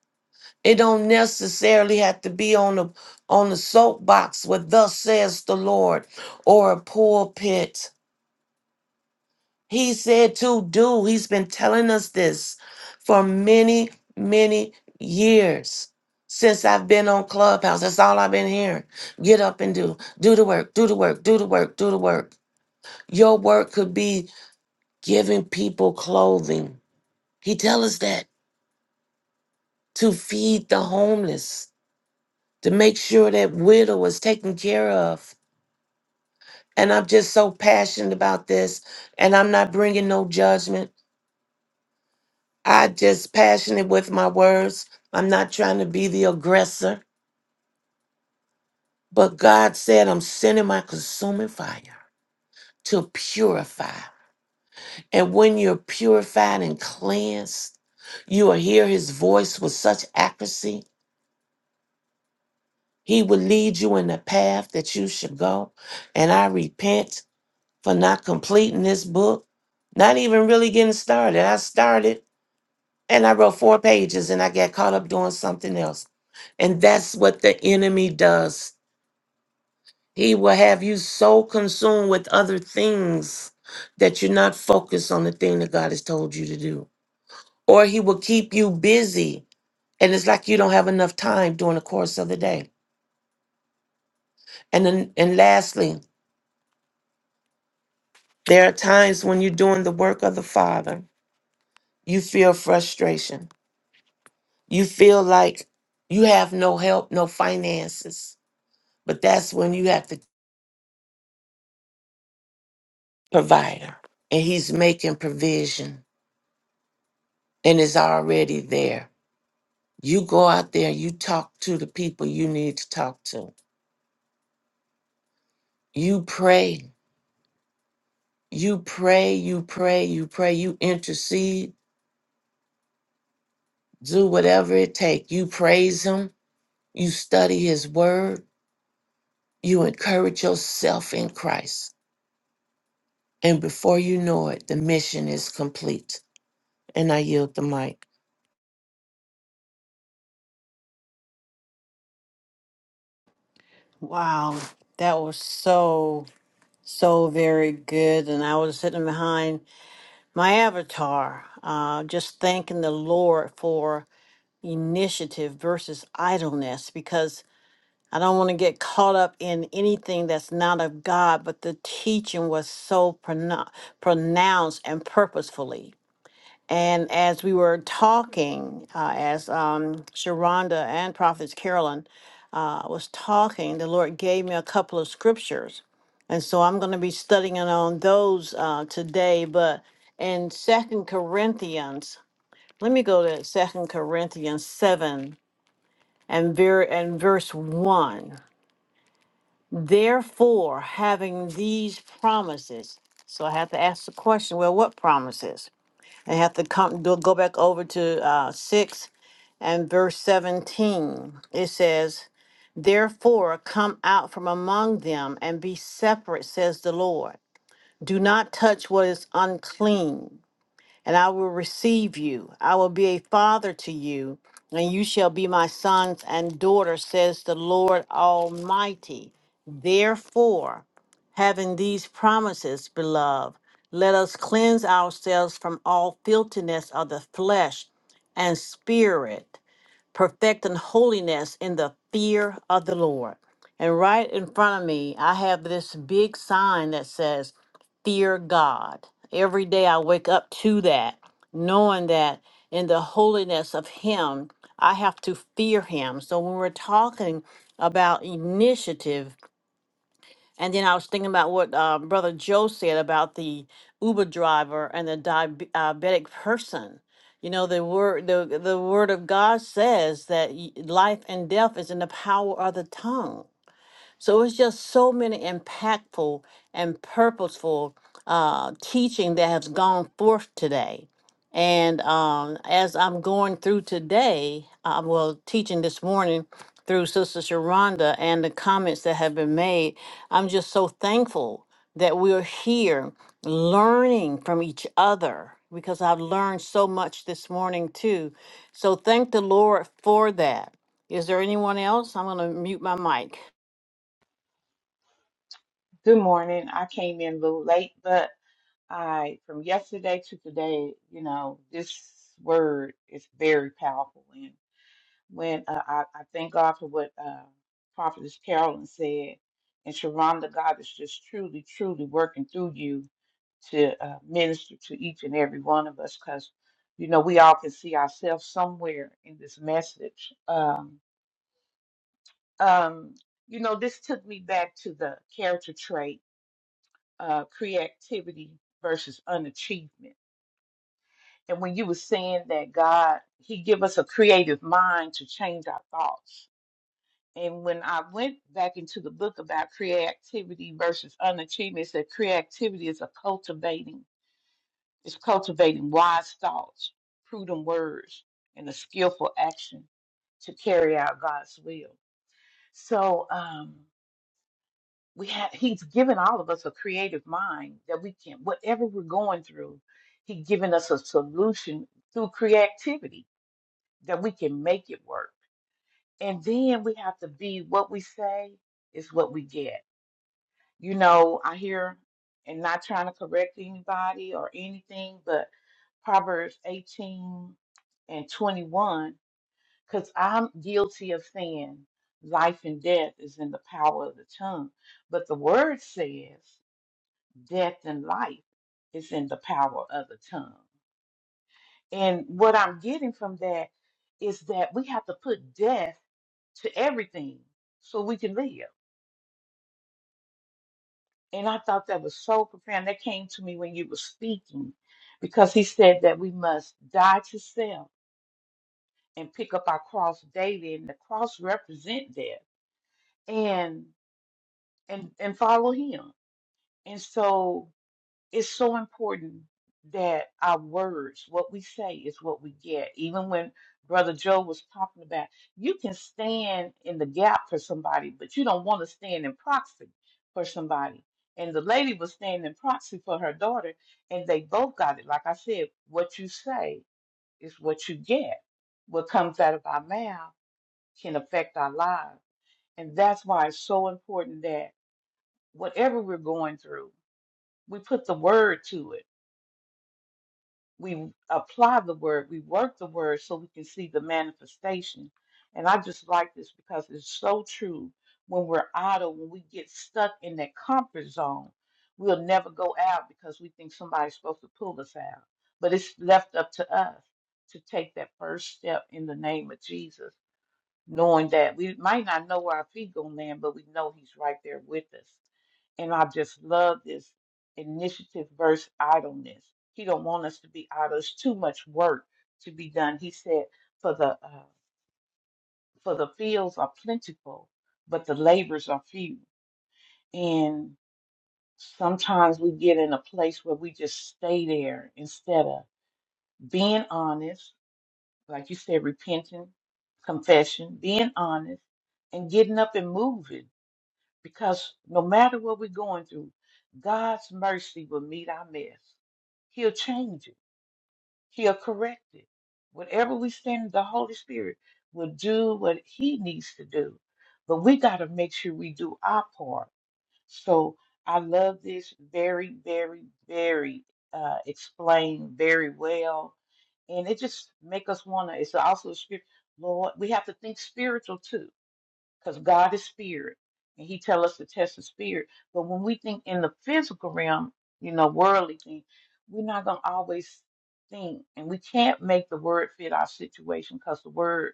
E: It don't necessarily have to be on the on the soapbox with thus says the Lord or a pulpit he said to do. He's been telling us this for many, many years since I've been on Clubhouse. That's all I've been hearing. Get up and do. Do the work, do the work, do the work, do the work. Your work could be giving people clothing. He tells us that to feed the homeless, to make sure that widow is taken care of. And I'm just so passionate about this. And I'm not bringing no judgment. I just passionate with my words. I'm not trying to be the aggressor, but God said I'm sending my consuming fire to purify. And when you're purified and cleansed, you will hear his voice with such accuracy. He will lead you in the path that you should go. And I repent for not completing this book, not even really getting started. I started And I wrote four pages and I got caught up doing something else. And that's what the enemy does. He will have you so consumed with other things that you're not focused on the thing that God has told you to do. Or he will keep you busy. And it's like you don't have enough time during the course of the day. And then, and lastly, there are times when you're doing the work of the Father, you feel frustration. You feel like you have no help, no finances. But that's when you have to provider and he's making provision and is already there. You go out there, you talk to the people you need to talk to. You pray, you pray, you pray, you pray, you intercede, do whatever it takes. You praise him, you study his word, you encourage yourself in Christ. And before you know it, the mission is complete. And I yield the mic.
C: Wow, that was so, so very good. And I was sitting behind my avatar, uh, just thanking the Lord for initiative versus idleness because I don't want to get caught up in anything that's not of God. But the teaching was so prono- pronounced and purposefully. And as we were talking, uh, as um, Sharonda and Prophetess Carolyn uh, was talking, the Lord gave me a couple of scriptures. And so I'm going to be studying on those uh, today. But in Second Corinthians, let me go to Second Corinthians 7 and, ver- and verse 1. Therefore, having these promises, so I have to ask the question well, what promises? I have to come go go back over to uh, 6 and verse 17. It says, Therefore, come out from among them and be separate, says the Lord. Do not touch what is unclean, and I will receive you. I will be a father to you, and you shall be my sons and daughters, says the Lord Almighty. Therefore, having these promises, beloved, let us cleanse ourselves from all filthiness of the flesh and spirit perfecting holiness in the fear of the Lord. And right in front of me, I have this big sign that says, Fear God. Every day I wake up to that, knowing that in the holiness of Him, I have to fear Him. So when we're talking about initiative, and then I was thinking about what uh, Brother Joe said about the Uber driver and the diabe- diabetic person. You know, the word the the word of God says that y- life and death is in the power of the tongue. So it's just so many impactful and purposeful uh, teaching that has gone forth today. And um, as I'm going through today, uh, well, teaching this morning through Sister Sharonda and the comments that have been made, I'm just so thankful that we're here learning from each other because I've learned so much this morning too. So thank the Lord for that. Is there anyone else? I'm going to mute my mic.
F: Good morning. I came in a little late, but I from yesterday to today, you know, this word is very powerful. And when uh, I, I thank God for what uh, Prophetess Carolyn said, and Sharonda, God is just truly, truly working through you to uh, minister to each and every one of us, because you know we all can see ourselves somewhere in this message. Um, um, you know, this took me back to the character trait uh, creativity versus unachievement. And when you were saying that God, He give us a creative mind to change our thoughts. And when I went back into the book about creativity versus unachievement, it said creativity is a cultivating, it's cultivating wise thoughts, prudent words, and a skillful action to carry out God's will. So, um, we have he's given all of us a creative mind that we can whatever we're going through he's given us a solution through creativity that we can make it work and then we have to be what we say is what we get you know i hear and not trying to correct anybody or anything but proverbs 18 and 21 because i'm guilty of saying life and death is in the power of the tongue but the word says death and life is in the power of the tongue. And what I'm getting from that is that we have to put death to everything so we can live. And I thought that was so profound. That came to me when you were speaking because he said that we must die to self and pick up our cross daily and the cross represent death and and and follow him. And so it's so important that our words, what we say, is what we get. Even when Brother Joe was talking about, you can stand in the gap for somebody, but you don't want to stand in proxy for somebody. And the lady was standing in proxy for her daughter, and they both got it. Like I said, what you say is what you get. What comes out of our mouth can affect our lives. And that's why it's so important that whatever we're going through, we put the word to it we apply the word, we work the word so we can see the manifestation. And I just like this because it's so true. When we're idle, when we get stuck in that comfort zone, we'll never go out because we think somebody's supposed to pull us out. But it's left up to us to take that first step in the name of Jesus knowing that we might not know where our feet gonna land, but we know He's right there with us. And I just love this initiative versus idleness. He don't want us to be idle. It's too much work to be done. He said, "For the uh, for the fields are plentiful, but the labors are few." And sometimes we get in a place where we just stay there instead of being honest, like you said, repenting, confession, being honest, and getting up and moving Because no matter what we're going through, God's mercy will meet our mess. He'll change it, He'll correct it. Whatever we send, the Holy Spirit will do what He needs to do. But we got to make sure we do our part. So I love this very, very, very uh, explained very well. And it just make us want to, it's also a spirit, Lord, we have to think spiritual too because God is spirit, and He tell us to test the spirit. But when we think in the physical realm, you know, worldly thing, we're not gonna always think, and we can't make the word fit our situation because the word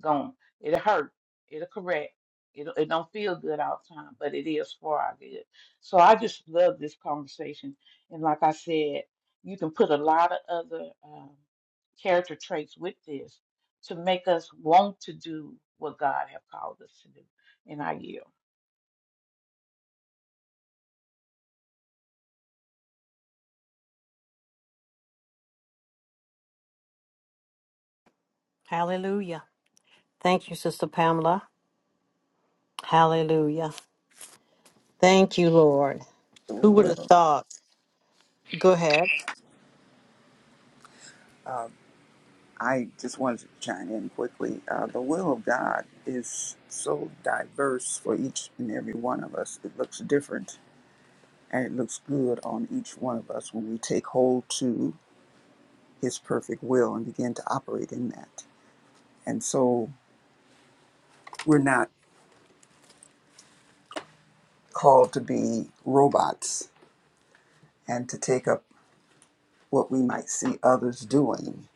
F: Gone. It'll hurt. It'll correct. It, it don't feel good all the time, but it is for our good. So I just love this conversation. And like I said, you can put a lot of other um, character traits with this to make us want to do what God have called us to do in our year.
C: Hallelujah. Thank you, Sister Pamela. Hallelujah. Thank you, Lord.
G: The
C: Who would have
G: will,
C: thought? Go ahead.
G: I just wanted to chime in quickly. Uh, the will of God is so diverse for each and every one of us. It looks different and it looks good on each one of us when we take hold to His perfect will and begin to operate in that. And so we're not called to be robots and to take up what we might see others doing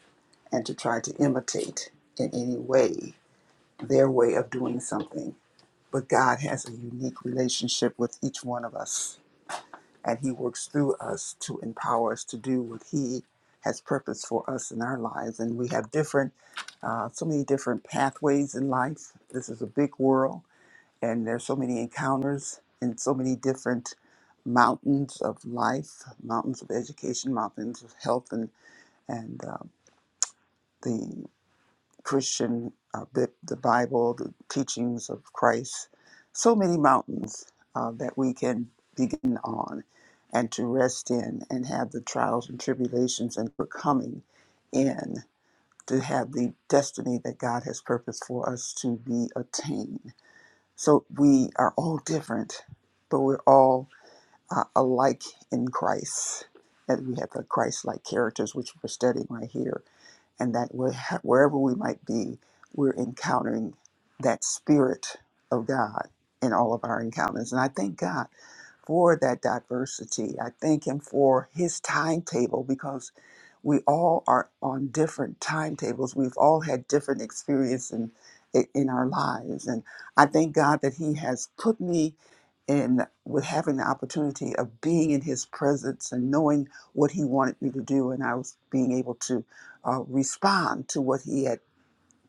G: and to try to imitate in any way their way of doing something But God has a unique relationship with each one of us, and He works through us to empower us to do what He has purpose for us in our lives. And we have different, uh, so many different pathways in life. This is a big world, and there's so many encounters and so many different mountains of life, mountains of education, mountains of health, and and um, the Christian, uh, the, the Bible, the teachings of Christ, so many mountains uh, that we can begin on and to rest in and have the trials and tribulations and we're coming in to have the destiny that God has purposed for us to be attained. So we are all different, but we're all uh, alike in Christ. And we have the Christ like characters, which we're studying right here and that we wherever we might be, we're encountering that spirit of God in all of our encounters. And I thank God for that diversity. I thank him for his timetable because we all are on different timetables. We've all had different experience in, in our lives. And I thank God that he has put me in with having the opportunity of being in his presence and knowing what he wanted me to do. And I was being able to uh, respond to what he had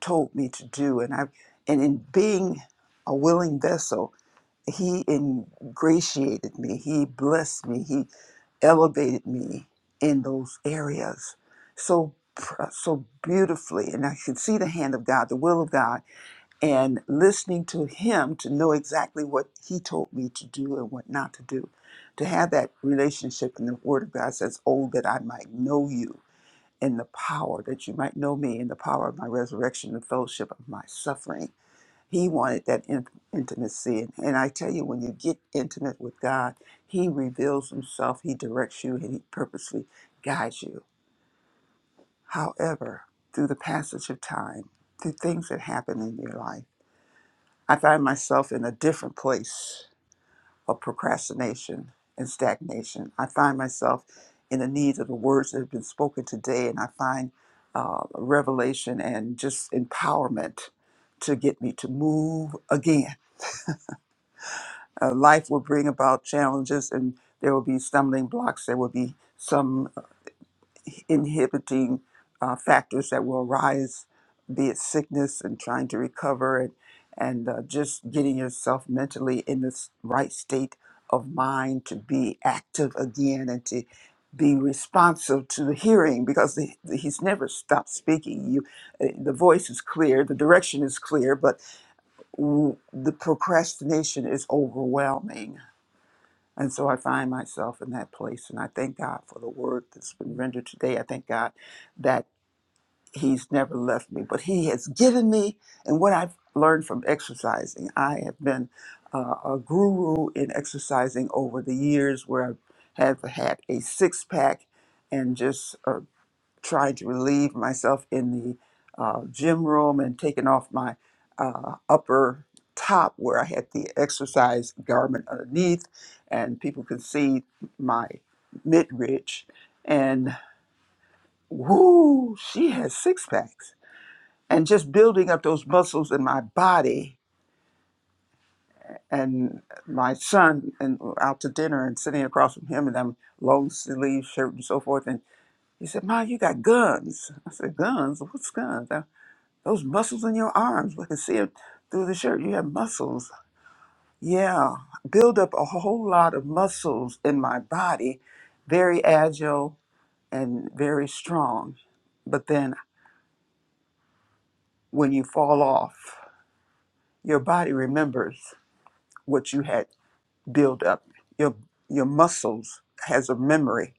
G: told me to do. And I, and in being a willing vessel, he ingratiated me he blessed me he elevated me in those areas so pr- so beautifully and i could see the hand of god the will of god and listening to him to know exactly what he told me to do and what not to do to have that relationship and the word of god says oh that i might know you and the power that you might know me in the power of my resurrection the fellowship of my suffering he wanted that in- intimacy. And, and I tell you, when you get intimate with God, He reveals Himself, He directs you, and He purposely guides you. However, through the passage of time, through things that happen in your life, I find myself in a different place of procrastination and stagnation. I find myself in the need of the words that have been spoken today, and I find uh, revelation and just empowerment to get me to move again Uh, life will bring about challenges and there will be stumbling blocks. There will be some inhibiting uh, factors that will arise, be it sickness and trying to recover and, and uh, just getting yourself mentally in this right state of mind to be active again and to be responsive to the hearing because the, the- he's never stopped speaking. You, uh, the voice is clear, the direction is clear, but w- the procrastination is overwhelming and so I find myself in that place. And I thank God for the word that's been rendered today. I thank God that He's never left me, but He has given me. And what I've learned from exercising, I have been uh, a guru in exercising over the years where I have had a six pack and just uh, trying to relieve myself in the uh, gym room and taking off my uh, upper top where I had the exercise garment underneath, and people could see my midridge. And whoo, she has six packs. And just building up those muscles in my body. And my son, and we're out to dinner and sitting across from him, and I'm long sleeve shirt and so forth. And he said, "Ma, you got guns." I said, "Guns? What's guns?" Those muscles in your arms, we can see it through the shirt. You have muscles. Yeah, build up a whole lot of muscles in my body, very agile and very strong. But then when you fall off, your body remembers what you had built up. Your your muscles has a memory.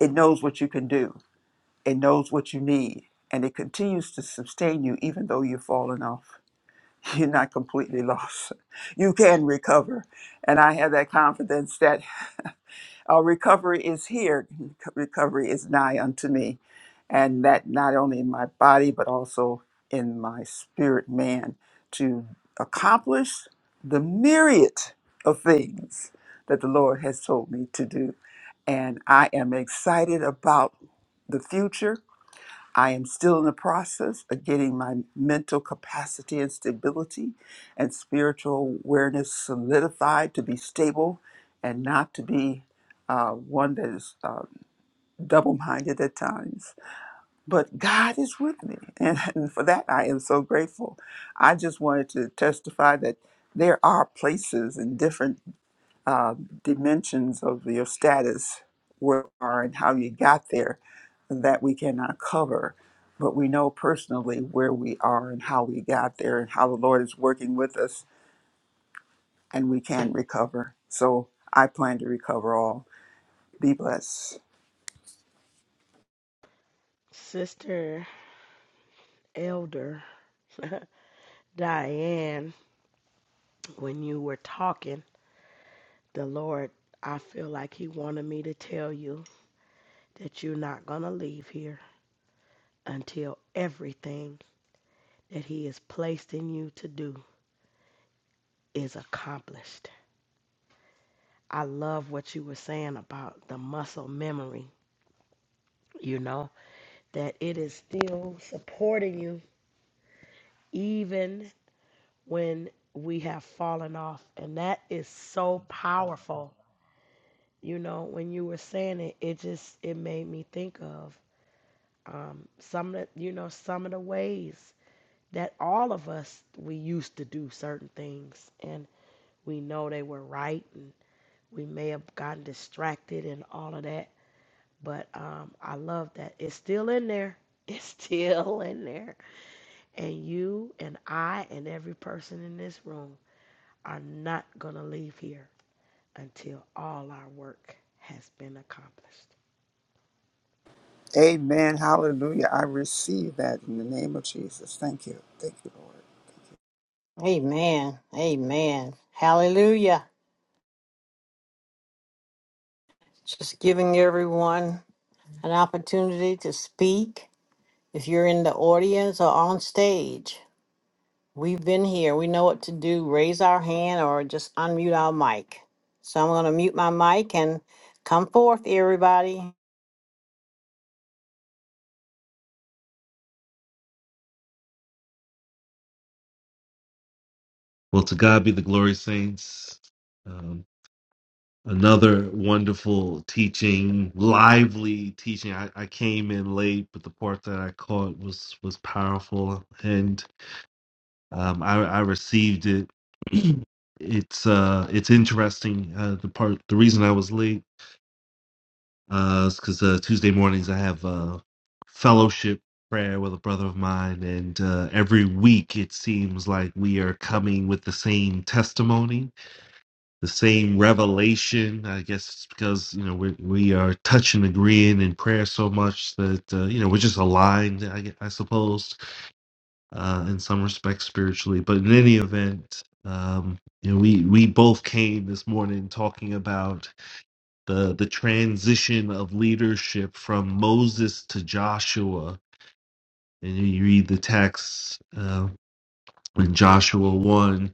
G: It knows what you can do. It knows what you need, and it continues to sustain you even though you've fallen off. you're not completely lost. You can recover. And I have that confidence that uh, recovery is here, recovery is nigh unto me. And that not only in my body, but also in my spirit man to accomplish the myriad of things that the Lord has told me to do. And I am excited about the future. I am still in the process of getting my mental capacity and stability and spiritual awareness solidified to be stable and not to be uh, one that is uh, double minded at times. But God is with me, and, and for that I am so grateful. I just wanted to testify that there are places in different um, dimensions of your status, where you are and how you got there, that we cannot cover. But we know personally where we are and how we got there and how the Lord is working with us and we can recover. So I plan to recover all. Be blessed.
B: Sister Elder Diane. When you were talking, the Lord, I feel like He wanted me to tell you that you're not going to leave here. until everything that He has placed in you to do is accomplished. I love what you were saying about the muscle memory, you know, that it is still supporting you even when we have fallen off. And that is so powerful. You know, when you were saying it, it just it made me think of um, some of the, you know some of the ways that all of us we used to do certain things and we know they were right and we may have gotten distracted and all of that but um, i love that it's still in there it's still in there and you and i and every person in this room are not going to leave here until all our work has been accomplished
G: Amen. Hallelujah. I receive that in the name of Jesus. Thank you. Thank you, Lord.
C: Amen. Amen. Hallelujah. Just giving everyone an opportunity to speak. If you're in the audience or on stage, we've been here. We know what to do. Raise our hand or just unmute our mic. So I'm going to mute my mic and come forth, everybody.
H: Well, to God be the glory, saints. Um, another wonderful teaching, lively teaching. I, I came in late, but the part that I caught was was powerful, and um, I, I received it. it's uh, it's interesting. Uh, the part, the reason I was late uh, is because uh, Tuesday mornings I have uh, fellowship prayer with a brother of mine, and uh, every week it seems like we are coming with the same testimony the same revelation. I guess it's because you know we we are touching, agreeing in prayer so much that uh, you know we're just aligned. I, gue- I suppose uh, in some respects spiritually, but in any event, um, you know we we both came this morning talking about the the transition of leadership from Moses to Joshua, and you read the text uh, in Joshua 1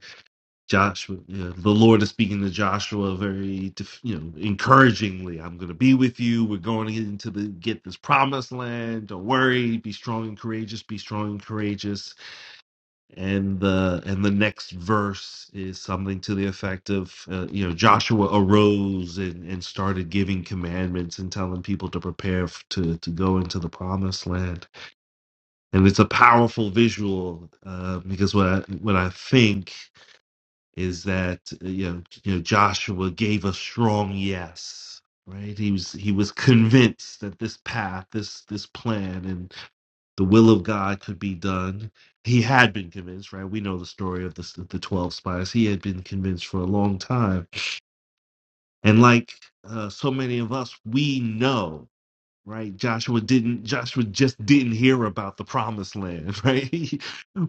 H: Joshua, yeah, the Lord is speaking to Joshua very, def- you know, encouragingly. I'm going to be with you. We're going into the get this promised land. Don't worry. Be strong and courageous. Be strong and courageous. And the and the next verse is something to the effect of, uh, you know, Joshua arose and and started giving commandments and telling people to prepare f- to to go into the promised land. And it's a powerful visual uh, because what I, what I think is that uh, you know, you know Joshua gave a strong yes, right? He was he was convinced that this path, this this plan, and the will of God could be done. He had been convinced, right? We know the story of the s- the twelve spies. He had been convinced for a long time, and like uh, so many of us, we know right joshua didn't joshua just didn't hear about the promised land right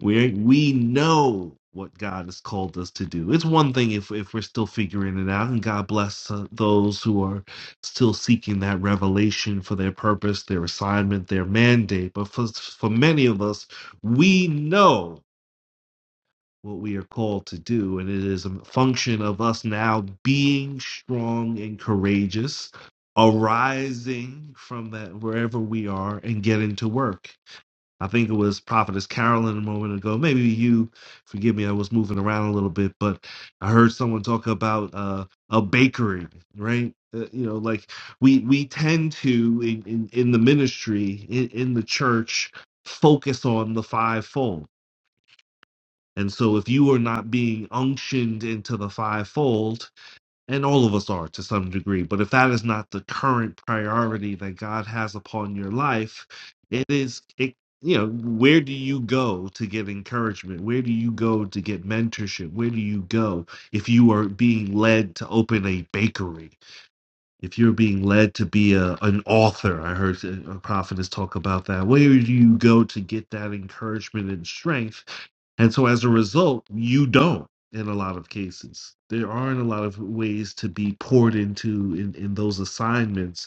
H: we we know what god has called us to do it's one thing if if we're still figuring it out and god bless uh, those who are still seeking that revelation for their purpose their assignment their mandate but for for many of us we know what we are called to do. And it is a function of us now being strong and courageous, arising from that wherever we are and getting to work. I think it was Prophetess Carolyn a moment ago. Maybe you, forgive me, I was moving around a little bit, but I heard someone talk about uh, a bakery, right? Uh, you know, like we we tend to in in, in the ministry in, in the church focus on the fivefold and so, if you are not being unctioned into the fivefold, and all of us are to some degree, but if that is not the current priority that God has upon your life, it is, it, you know, where do you go to get encouragement? Where do you go to get mentorship? Where do you go if you are being led to open a bakery? if you're being led to be a an author i heard a prophetess talk about that where do you go to get that encouragement and strength and so as a result you don't in a lot of cases there aren't a lot of ways to be poured into in, in those assignments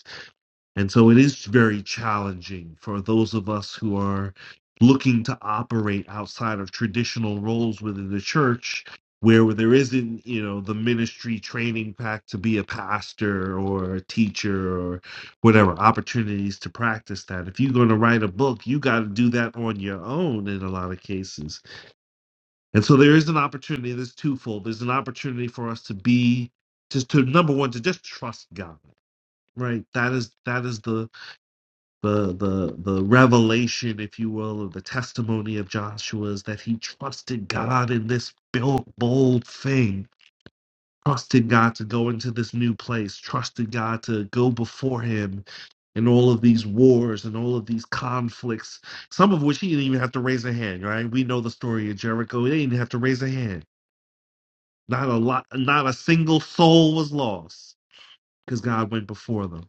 H: and so it is very challenging for those of us who are looking to operate outside of traditional roles within the church where there isn't, you know, the ministry training pack to be a pastor or a teacher or whatever opportunities to practice that. If you're going to write a book, you got to do that on your own in a lot of cases. And so there is an opportunity that's twofold. There's an opportunity for us to be just to number one, to just trust God, right? That is that is the the the the revelation, if you will, of the testimony of Joshua is that he trusted God in this built bold thing, trusted God to go into this new place, trusted God to go before him in all of these wars and all of these conflicts, some of which he didn't even have to raise a hand, right? We know the story of Jericho. He didn't even have to raise a hand. Not a lot not a single soul was lost because God went before them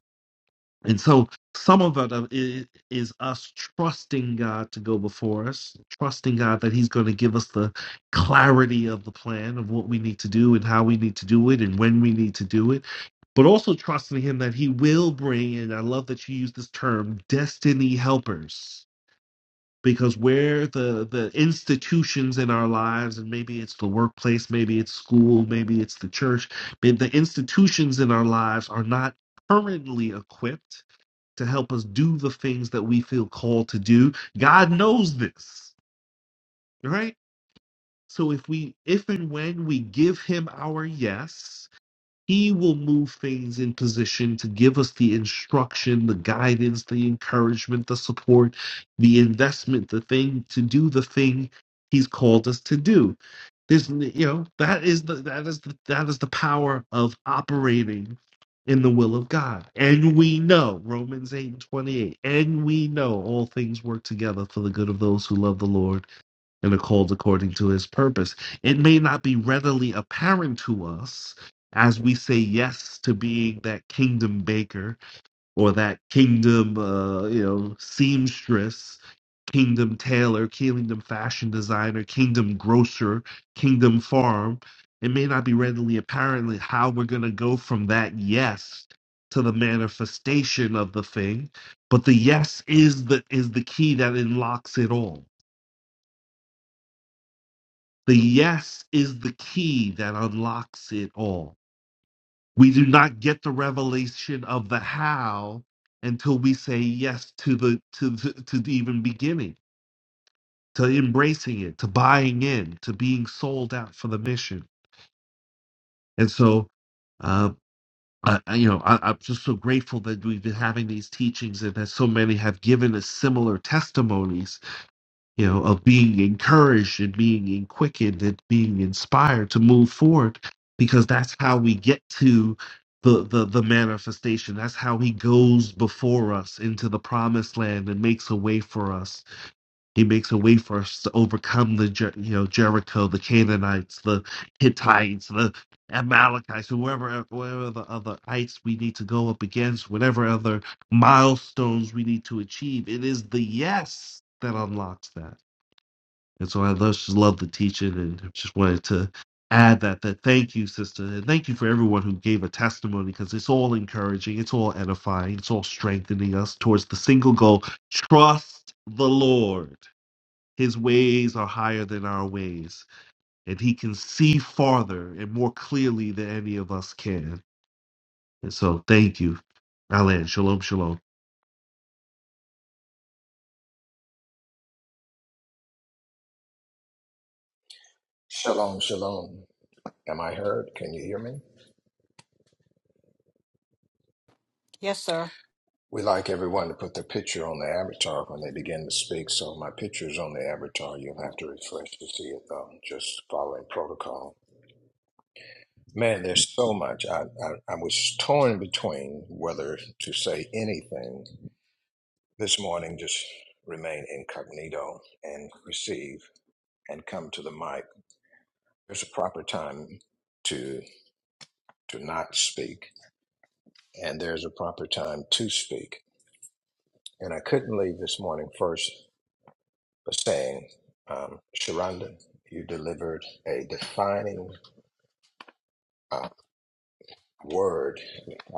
H: and so some of it uh, i- is us trusting God to go before us, trusting God that He's going to give us the clarity of the plan of what we need to do and how we need to do it and when we need to do it, but also trusting Him that He will bring, and I love that you use this term, destiny helpers. Because where the, the institutions in our lives, and maybe it's the workplace, maybe it's school, maybe it's the church, but the institutions in our lives are not currently equipped to help us do the things that we feel called to do. God knows this, right? So if we if and when we give him our yes, he will move things in position to give us the instruction, the guidance, the encouragement, the support, the investment, the thing to do the thing he's called us to do. There's, you know, that is the that is the that is the power of operating in the will of God. And we know, Romans 8 and 28, and we know all things work together for the good of those who love the Lord and are called according to his purpose. It may not be readily apparent to us as we say yes to being that kingdom baker or that kingdom, uh, you know, seamstress, kingdom tailor, kingdom fashion designer, kingdom grocer, kingdom farm. It may not be readily apparent how we're going to go from that yes to the manifestation of the thing, but the yes is the is the key that unlocks it all The yes is the key that unlocks it all. We do not get the revelation of the how until we say yes to the to the, to the even beginning, to embracing it, to buying in, to being sold out for the mission. And so, uh, I, I- you know, I, I'm just so grateful that we've been having these teachings and that so many have given us similar testimonies you know, of being encouraged and being quickened and being inspired to move forward, because that's how we get to the, the the manifestation. That's how He goes before us into the promised land and makes a way for us. He makes a way for us to overcome the Jer- you know Jericho, the Canaanites, the Hittites, the Amalekites, whoever whatever the other ites we need to go up against, whatever other milestones we need to achieve. It is the yes that unlocks that and so I love, just love the teaching and just wanted to add that, that thank you, sister. And thank you for everyone who gave a testimony because it's all encouraging, it's all edifying, it's all strengthening us towards the single goal trust the Lord. His ways are higher than our ways, and he can see farther and more clearly than any of us can. And so thank you. Alan, shalom, shalom.
A: Shalom, shalom. Am I heard? Can you hear me?
C: Yes, sir.
A: We like everyone to put the picture on the avatar when they begin to speak, so my picture is on the avatar. You'll have to refresh to see it, though, just following protocol. Man, there's so much. I, I, I was torn between whether to say anything. This morning, just remain incognito and receive and come to the mic. There's a proper time to to not speak, and there's a proper time to speak. And I couldn't leave this morning first by saying, um, Sharonda, you delivered a defining uh, word.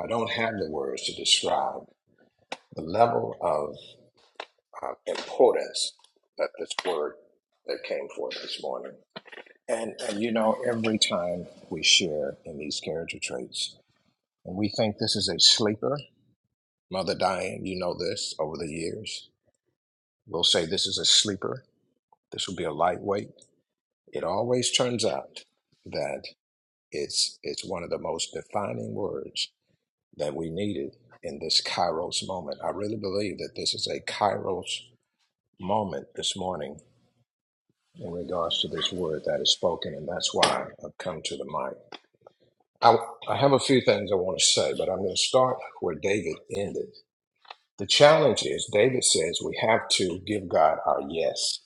A: I don't have the words to describe the level of uh, importance that this word that came forth this morning. And, and you know, every time we share in these character traits, and we think this is a sleeper, Mother Diane, you know this over the years, we'll say this is a sleeper, this will be a lightweight. It always turns out that it's, it's one of the most defining words that we needed in this Kairos moment. I really believe that this is a Kairos moment this morning in regards to this word that is spoken, and that's why I've come to the mic. I, I have a few things I want to say, but I'm going to start where David ended. The challenge is David says we have to give God our yes.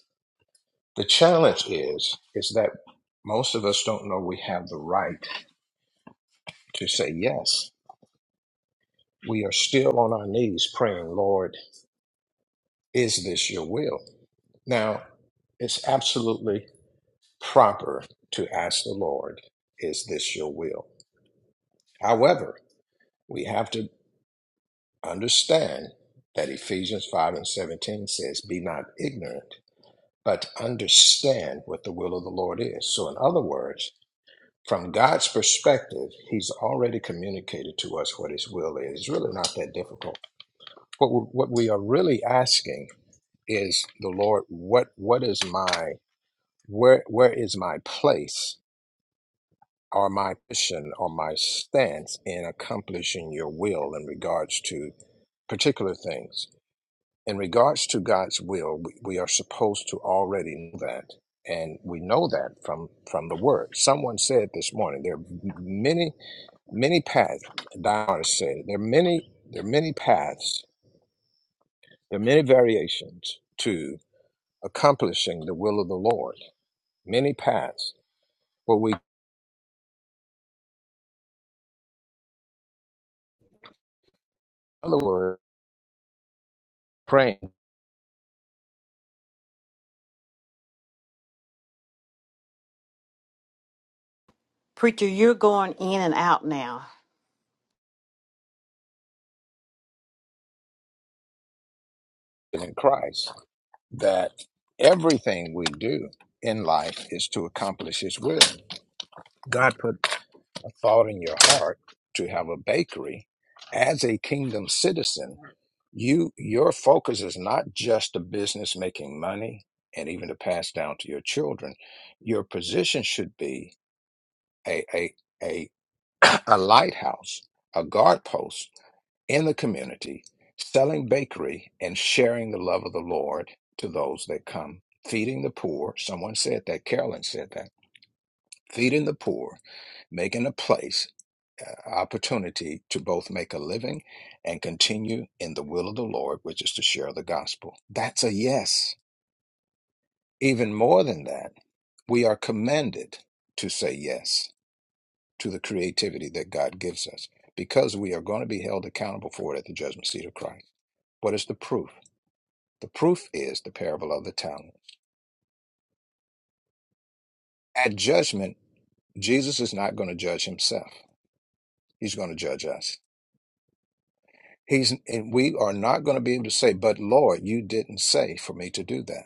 A: The challenge is is that most of us don't know we have the right to say yes. We are still on our knees praying, Lord, is this your will? Now, it's absolutely proper to ask the Lord, is this your will? However, we have to understand that Ephesians 5 and 17 says, Be not ignorant, but understand what the will of the Lord is. So, in other words, from God's perspective, He's already communicated to us what His will is. It's really not that difficult. What we, what we are really asking is the Lord, what what is my where where is my place or my position or my stance in accomplishing your will in regards to particular things? in regards to God's will, we, we are supposed to already know that. And we know that from, from the word. Someone said this morning, there are many, many paths. Diana said it. There are many, there are many paths. There are many variations to accomplishing the will of the Lord. Many paths. But we, in other words, praying
C: Preacher, you're going in and out now.
A: in Christ that everything we do in life is to accomplish His will. God put thought in your heart to have a bakery as a kingdom citizen you your focus is not just a business making money and even to pass down to your children your position should be a a a, a lighthouse a guard post in the community selling bakery and sharing the love of the lord to those that come feeding the poor someone said that carolyn said that feeding the poor, making a place, uh, opportunity to both make a living and continue in the will of the Lord, which is to share the gospel. That's a yes. Even more than that, we are commanded to say yes to the creativity that God gives us because we are going to be held accountable for it at the judgment seat of Christ. What is the proof? The proof is the parable of the talent. At judgment, Jesus is not going to judge himself, he's going to judge us He's and we are not going to be able to say, but Lord, you didn't say for me to do that.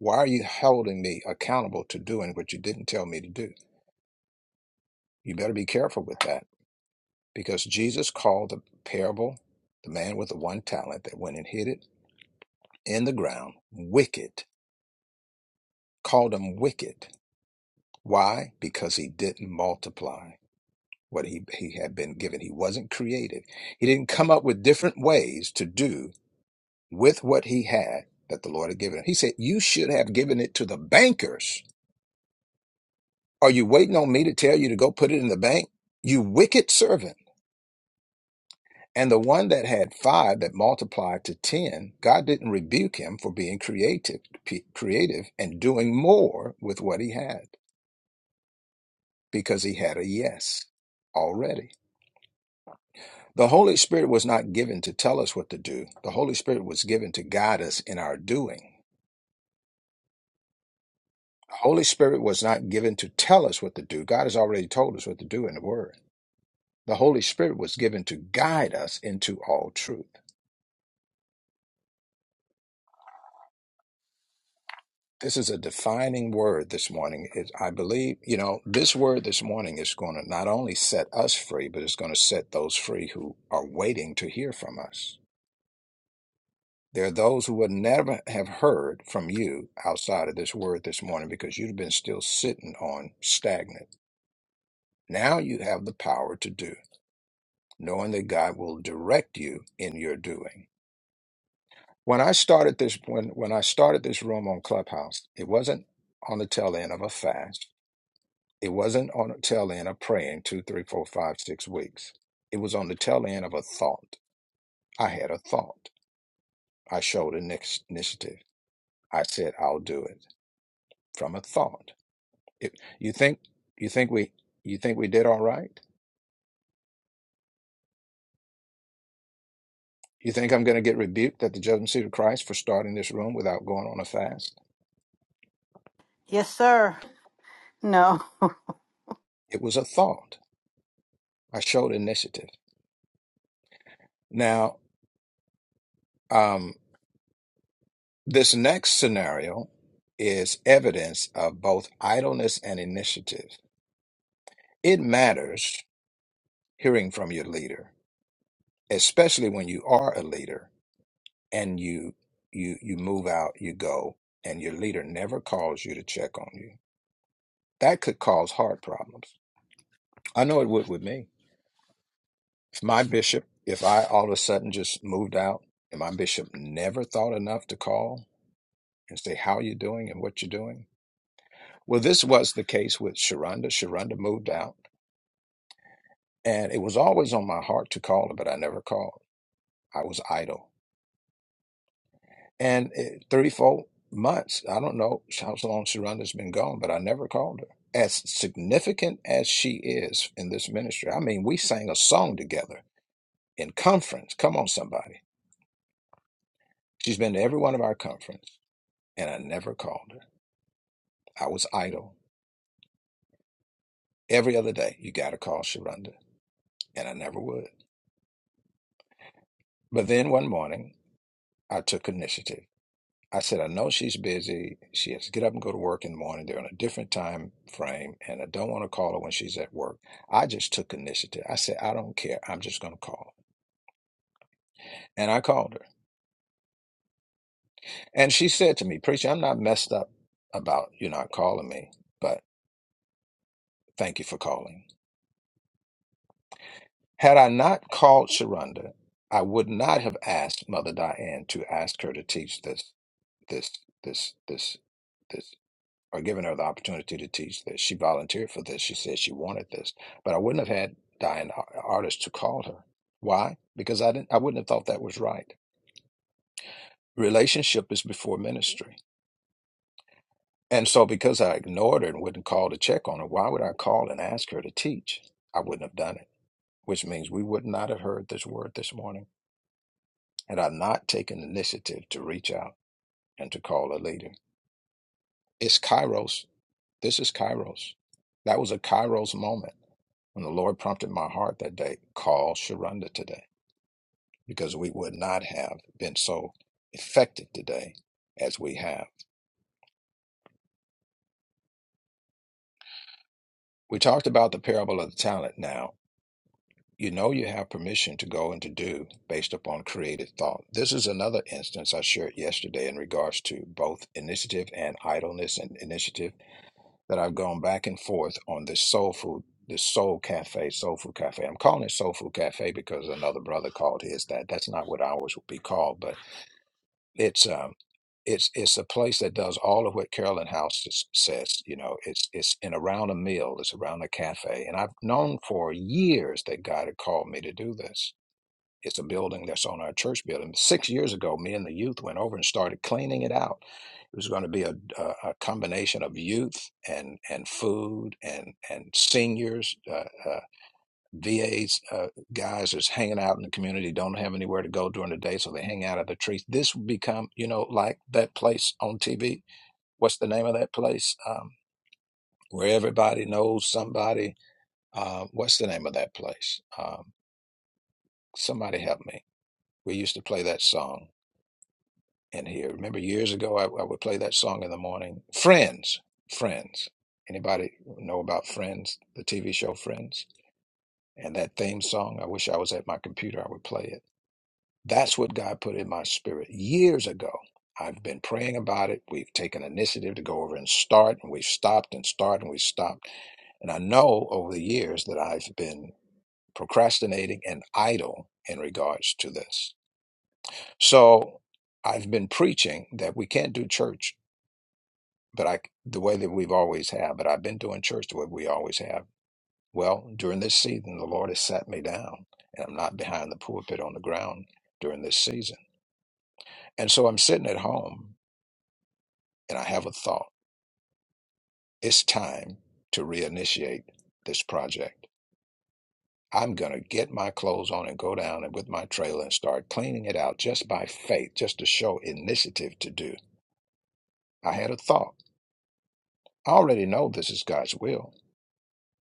A: Why are you holding me accountable to doing what you didn't tell me to do? You better be careful with that because Jesus called the parable, the man with the one talent that went and hid it in the ground, wicked, called him wicked. Why? Because he didn't multiply what he, he had been given. He wasn't creative. He didn't come up with different ways to do with what he had that the Lord had given him. He said, You should have given it to the bankers. Are you waiting on me to tell you to go put it in the bank? You wicked servant. And the one that had five that multiplied to ten, God didn't rebuke him for being creative, p- creative and doing more with what he had because he had a yes already. The Holy Spirit was not given to tell us what to do. The Holy Spirit was given to guide us in our doing. The Holy Spirit was not given to tell us what to do. God has already told us what to do in the Word. The Holy Spirit was given to guide us into all truth. This is a defining word this morning. It, I believe, you know, this word this morning is going to not only set us free, but it's going to set those free who are waiting to hear from us. There are those who would never have heard from you outside of this word this morning because you've been still sitting on stagnant. Now you have the power to do knowing that God will direct you in your doing. When I started this when when I started this room on Clubhouse, it wasn't on the tail end of a fast. It wasn't on the tail end of praying two, three, four, five, six weeks. It was on the tail end of a thought. I had a thought. I showed an ex- initiative. I said I'll do it from a thought. If you think you think we you think we did all right? You think I'm going to get rebuked at the judgment seat of Christ for starting this room without going on a fast?
C: Yes, sir. No.
A: It was a thought. I showed initiative. Now, um, this next scenario is evidence of both idleness and initiative. It matters hearing from your leader, especially when you are a leader and you you you move out, you go, and your leader never calls you to check on you. That could cause heart problems. I know it would with me. If my bishop, if I all of a sudden just moved out and my bishop never thought enough to call and say how you doing and what you're doing, Well, this was the case with Sharonda. Sharonda moved out, and it was always on my heart to call her, but I never called. I was idle. And it, 34 months, I don't know how long Sharonda's been gone, but I never called her. As significant as she is in this ministry, I mean, we sang a song together in conference. Come on, somebody. She's been to every one of our conference, and I never called her. I was idle. Every other day, you got to call Sharonda, and I never would. But then one morning, I took initiative. I said, I know she's busy. She has to get up and go to work in the morning. They're on a different time frame, and I don't want to call her when she's at work. I just took initiative. I said, I don't care. I'm just going to call. her." And I called her. And she said to me, Preacher, I'm not messed up about you not calling me, but thank you for calling. Had I not called Sharonda, I would not have asked Mother Diane to ask her to teach this, this, this, this. this or given her the opportunity to teach this. She volunteered for this. She said she wanted this, but I wouldn't have had Diane Ar- Artist to call her. Why? Because I didn't. I wouldn't have thought that was right. Relationship is before ministry, and so because I ignored her and wouldn't call to check on her, why would I call and ask her to teach? I wouldn't have done it, which means we would not have heard this word this morning had I not taken initiative to reach out and to call a leader. It's Kairos. This is Kairos. That was a Kairos moment When the Lord prompted my heart that day, call Sharonda today, because we would not have been so effective today as we have. We talked about the parable of the talent now. You know you have permission to go and to do based upon creative thought. This is another instance I shared yesterday in regards to both initiative and idleness and initiative that I've gone back and forth on this soul food, this soul cafe, soul food cafe. I'm calling it soul food cafe because another brother called his that. That's not what ours would be called, but it's um it's it's a place that does all of what Carolyn House s- says. You know, it's it's in around a meal, it's around a cafe, and I've known for years that God had called me to do this. It's a building that's on our church building. Six years ago, me and the youth went over and started cleaning it out. It was going to be a, a, a combination of youth and and food and and seniors. Uh, uh, VAs, uh, guys that's hanging out in the community, don't have anywhere to go during the day, so they hang out at the trees. This will become, you know, like that place on TV. What's the name of that place? Um, where everybody knows somebody. Uh, what's the name of that place? Um, somebody help me. We used to play that song in here. Remember years ago, I, I would play that song in the morning. Friends, Friends. Anybody know about Friends, the TV show Friends? And that theme song, I wish I was at my computer, I would play it That's what God put in my spirit years ago. I've been praying about it. We've taken initiative to go over and start, and we've stopped and started and we've stopped. And I know over the years that I've been procrastinating and idle in regards to this. So I've been preaching that we can't do church, but I the way that we've always have. But I've been doing church the way we always have. Well, during this season, the Lord has sat me down, and I'm not behind the pulpit on the ground during this season. And so I'm sitting at home and I have a thought. It's time to reinitiate this project. I'm going to get my clothes on and go down and with my trailer and start cleaning it out just by faith, just to show initiative to do. I had a thought. I already know this is God's will,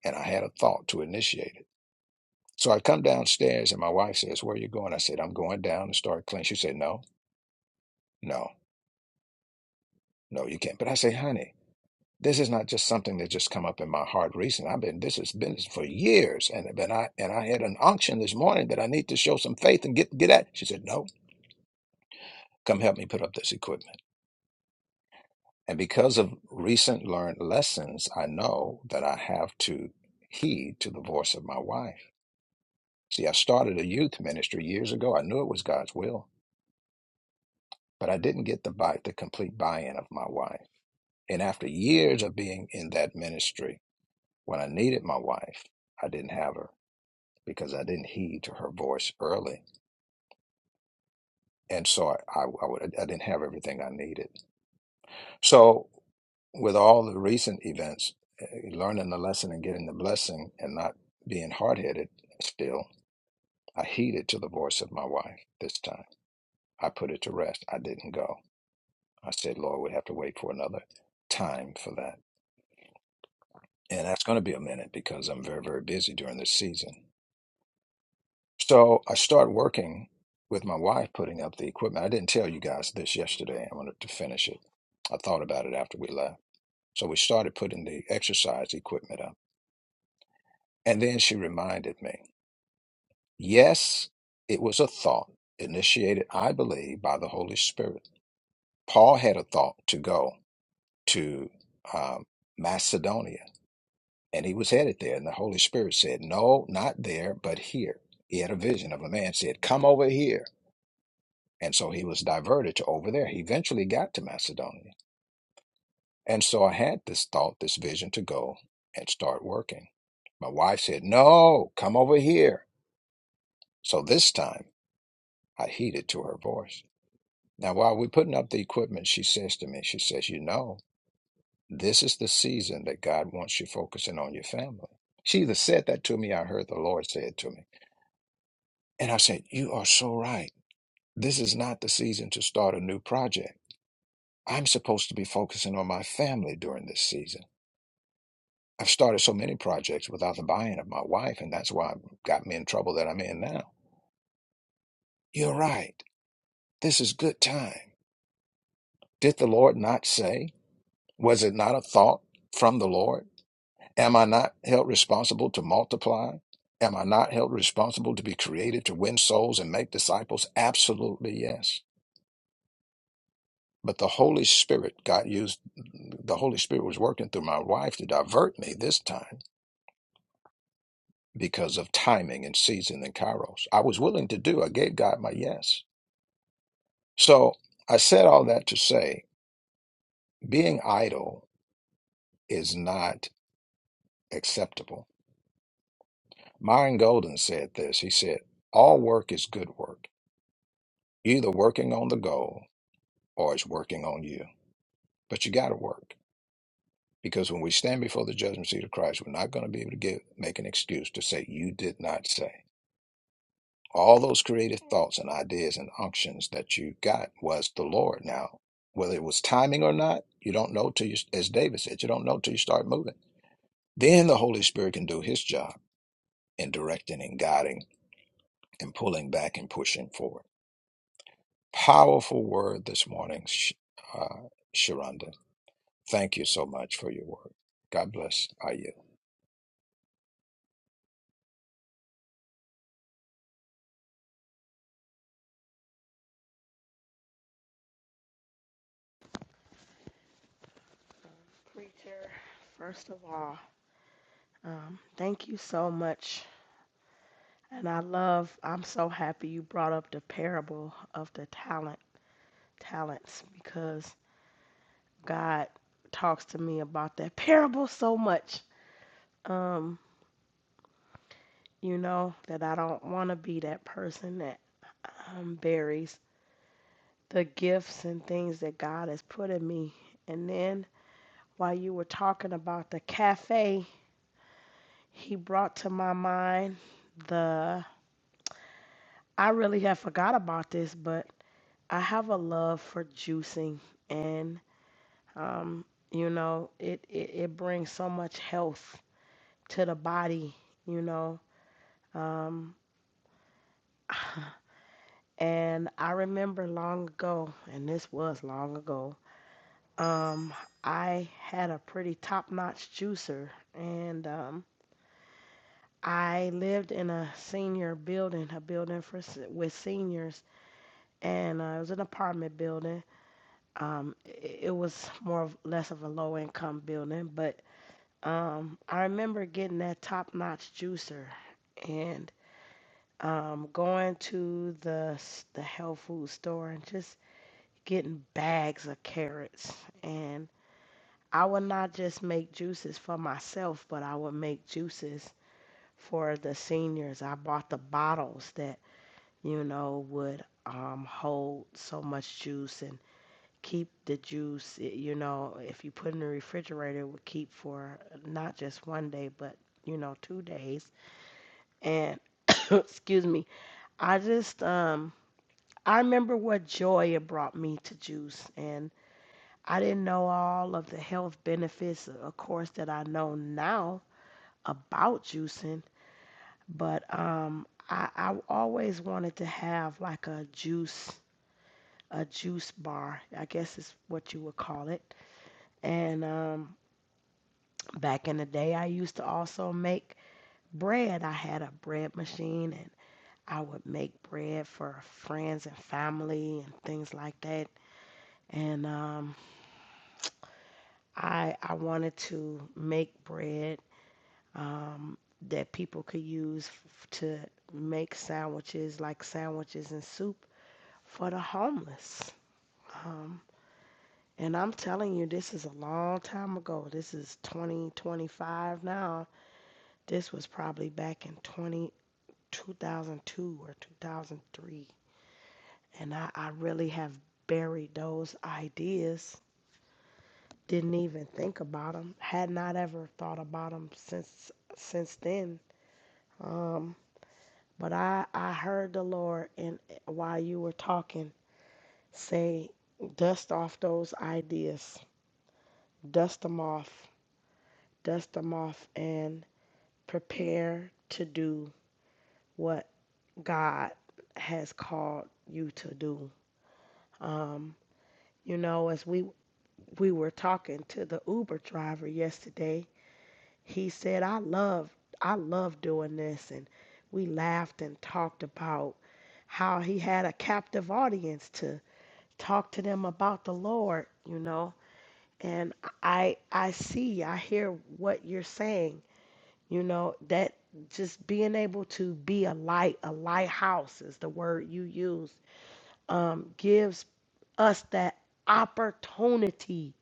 A: and I had a thought to initiate it. So I come downstairs and my wife says, Where are you going? I said, I'm going down to start cleaning. She said, No, no, no, you can't. But I say, honey, This is not just something that just come up in my heart recently. I've been this has been for years, and but I and I had an unction this morning that I need to show some faith and get get at. She said, "No, come help me put up this equipment." And because of recent learned lessons, I know that I have to heed to the voice of my wife. See, I started a youth ministry years ago. I knew it was God's will, but I didn't get the buy, the complete buy-in of my wife. And after years of being in that ministry, when I needed my wife, I didn't have her. because I didn't heed to her voice early, and so I I, I, would, I didn't have everything I needed. So with all the recent events, eh, learning the lesson and getting the blessing, and not being hard headed, still I heeded to the voice of my wife this time. I put it to rest. I didn't go. I said, Lord, we have to wait for another time for that, and that's going to be a minute because I'm very very busy during this season. So I start working with my wife putting up the equipment. I didn't tell you guys this yesterday. I wanted to finish it. I thought about it after we left. So we started putting the exercise equipment up. And then she reminded me yes, it was a thought initiated, I believe, by the Holy Spirit. Paul had a thought to go to um, Macedonia, and he was headed there. And the Holy Spirit said, No, not there, but here. He had a vision of a man said, Come over here And so he was diverted to over there. He eventually got to Macedonia. And so I had this thought, this vision to go and start working. My wife said, No, come over here. So this time I heeded to her voice. Now, while we're putting up the equipment, she says to me, She says, You know, this is the season that God wants you focusing on your family. She either said that to me, I heard the Lord say it to me. And I said, You are so right. This is not the season to start a new project I'm supposed to be focusing on my family during this season. I've started so many projects without the buy in of my wife, and that's why it got me in trouble that I'm in now. You're right. This is good time. Did the Lord not say? Was it not a thought from the Lord? Am I not held responsible to multiply? Am I not held responsible to be created to win souls and make disciples? Absolutely yes. But the Holy Spirit got used, the Holy Spirit was working through my wife to divert me this time because of timing and season and kairos. I was willing to do. I gave God my yes. So I said all that to say being idle is not acceptable. Myron Golden said this. He said, All work is good work. You're either working on the goal or it's working on you. But you gotta work. Because when we stand before the judgment seat of Christ, we're not going to be able to give, make an excuse to say, You did not say. all those creative thoughts and ideas and unctions that you got was the Lord. Now, whether it was timing or not, you don't know till you, as David said, you don't know till you start moving. Then the Holy Spirit can do his job in directing and guiding and pulling back and pushing forward. Powerful word this morning, Sh- uh, Sharonda. Thank you so much for your work. God bless you.
B: preacher first of all um, thank you so much and i love i'm so happy you brought up the parable of the talent talents because God talks to me about that parable so much. Um, you know, that I don't want to be that person that um, buries the gifts and things that God has put in me. And then while you were talking about the cafe, he brought to my mind the I really have forgot about this, but I have a love for juicing and um, you know, it, it, it brings so much health to the body, you know. Um, And I remember long ago, and this was long ago, um, I had a pretty top notch juicer, and um, I lived in a senior building, a building for s- with seniors, and uh, it was an apartment building. Um, it, it was more of, less of a low income building, but um, I remember getting that top notch juicer, and um, going to the s- the health food store and just getting bags of carrots and I would not just make juices for myself, but I would make juices for the seniors. I bought the bottles that, you know, would um, hold so much juice and keep the juice, it- you know, if you put it in the refrigerator, it would keep for not just one day, but, you know, two days. And, excuse me, I just, um, I remember what joy it brought me to juice. and. I didn't know all of the health benefits, of course, that I know now about juicing, but um, I, I always wanted to have like a juice, a juice bar, I guess is what you would call it. And um, back in the day, I used to also make bread. I had a bread machine and I would make bread for friends and family and things like that. And um, I, I wanted to make bread um, that people could use f- to make sandwiches, like sandwiches and soup for the homeless. Um, and I'm telling you, this is a long time ago. This is 2025 now. This was probably back in 20, 2002 or 2003. And I, I really have buried those ideas. Didn't even think about them. Had not ever thought about them since since then. Um, But I, I heard the Lord, and eh, while you were talking, say, dust off those ideas, dust them off, dust them off, and prepare to do what God has called you to do. Um, you know, as we we were talking to the Uber driver yesterday, he said, "I love, I love doing this," and we laughed and talked about how he had a captive audience to. talk to them about the Lord, you know. And I I see, I hear what you're saying, you know, that just being able to be a light, a lighthouse is the word you use, um, gives us that opportunity.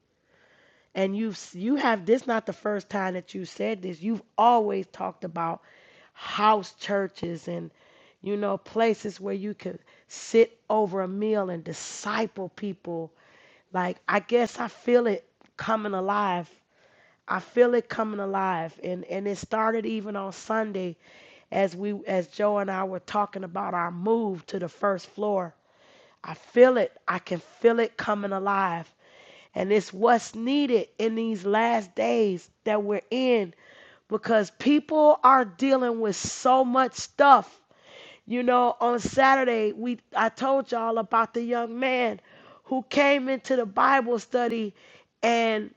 B: And you've you have this not the first time that you said this. You've always talked about house churches and you know places where you could sit over a meal and disciple people like I guess I feel it coming alive. I feel it coming alive, and and it started even on Sunday, as we as Joe and I were talking about our move to the first floor. I feel it. I can feel it coming alive, and it's what's needed in these last days that we're in because people are dealing with so much stuff you know, on Saturday we I told y'all about the young man who came into the Bible study and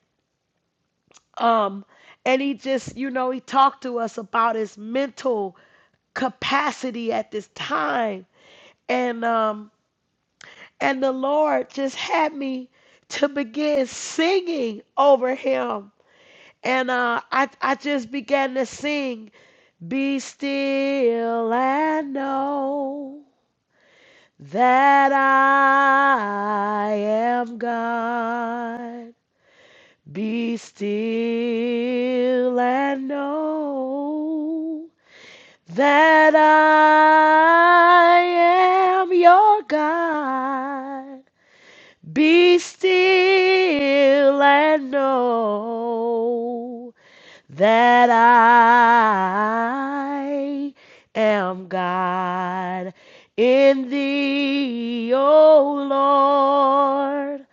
B: um and he just, you know, he talked to us about his mental capacity at this time. And um and the Lord just had me to begin singing over him. And uh, I, I just began to sing, Be still and know. that I am God. Be still and know that I am your God. Be still and know that I am God in thee, O Lord.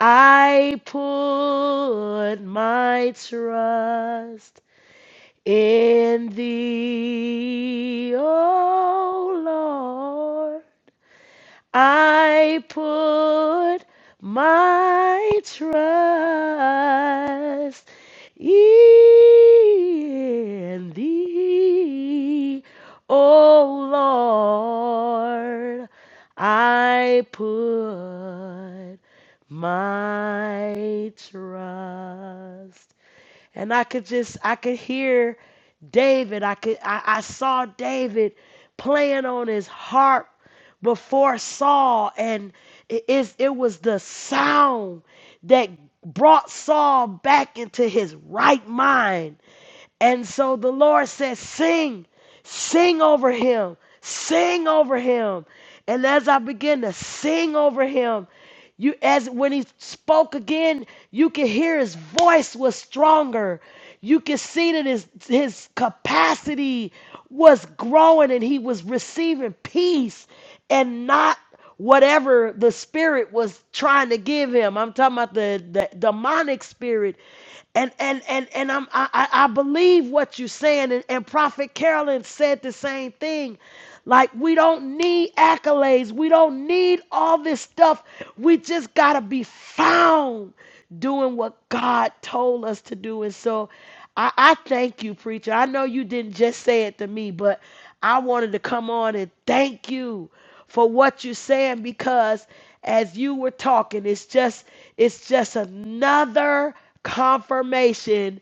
B: I put my trust in thee, O Lord. I put my trust in thee, O Lord. I put my trust and I could just I could hear David. I could I, I saw David playing on his harp before Saul, and it is it was the sound that brought Saul back into his right mind. And so the Lord says, Sing, sing over him, sing over him. And as I begin to sing over him, you as when he spoke again, you could hear his voice was stronger. You could see that his his capacity was growing and he was receiving peace and not whatever the spirit was trying to give him. I'm talking about the, the demonic spirit. And and and and I'm I, I I believe what you're saying. And, and Prophet Carolyn said the same thing. Like we don't need accolades. We don't need all this stuff. We just gotta be found doing what God told us to do. And so I, I thank you, preacher. I know you didn't just say it to me, but I wanted to come on and thank you for what you're saying because as you were talking it's just it's just another confirmation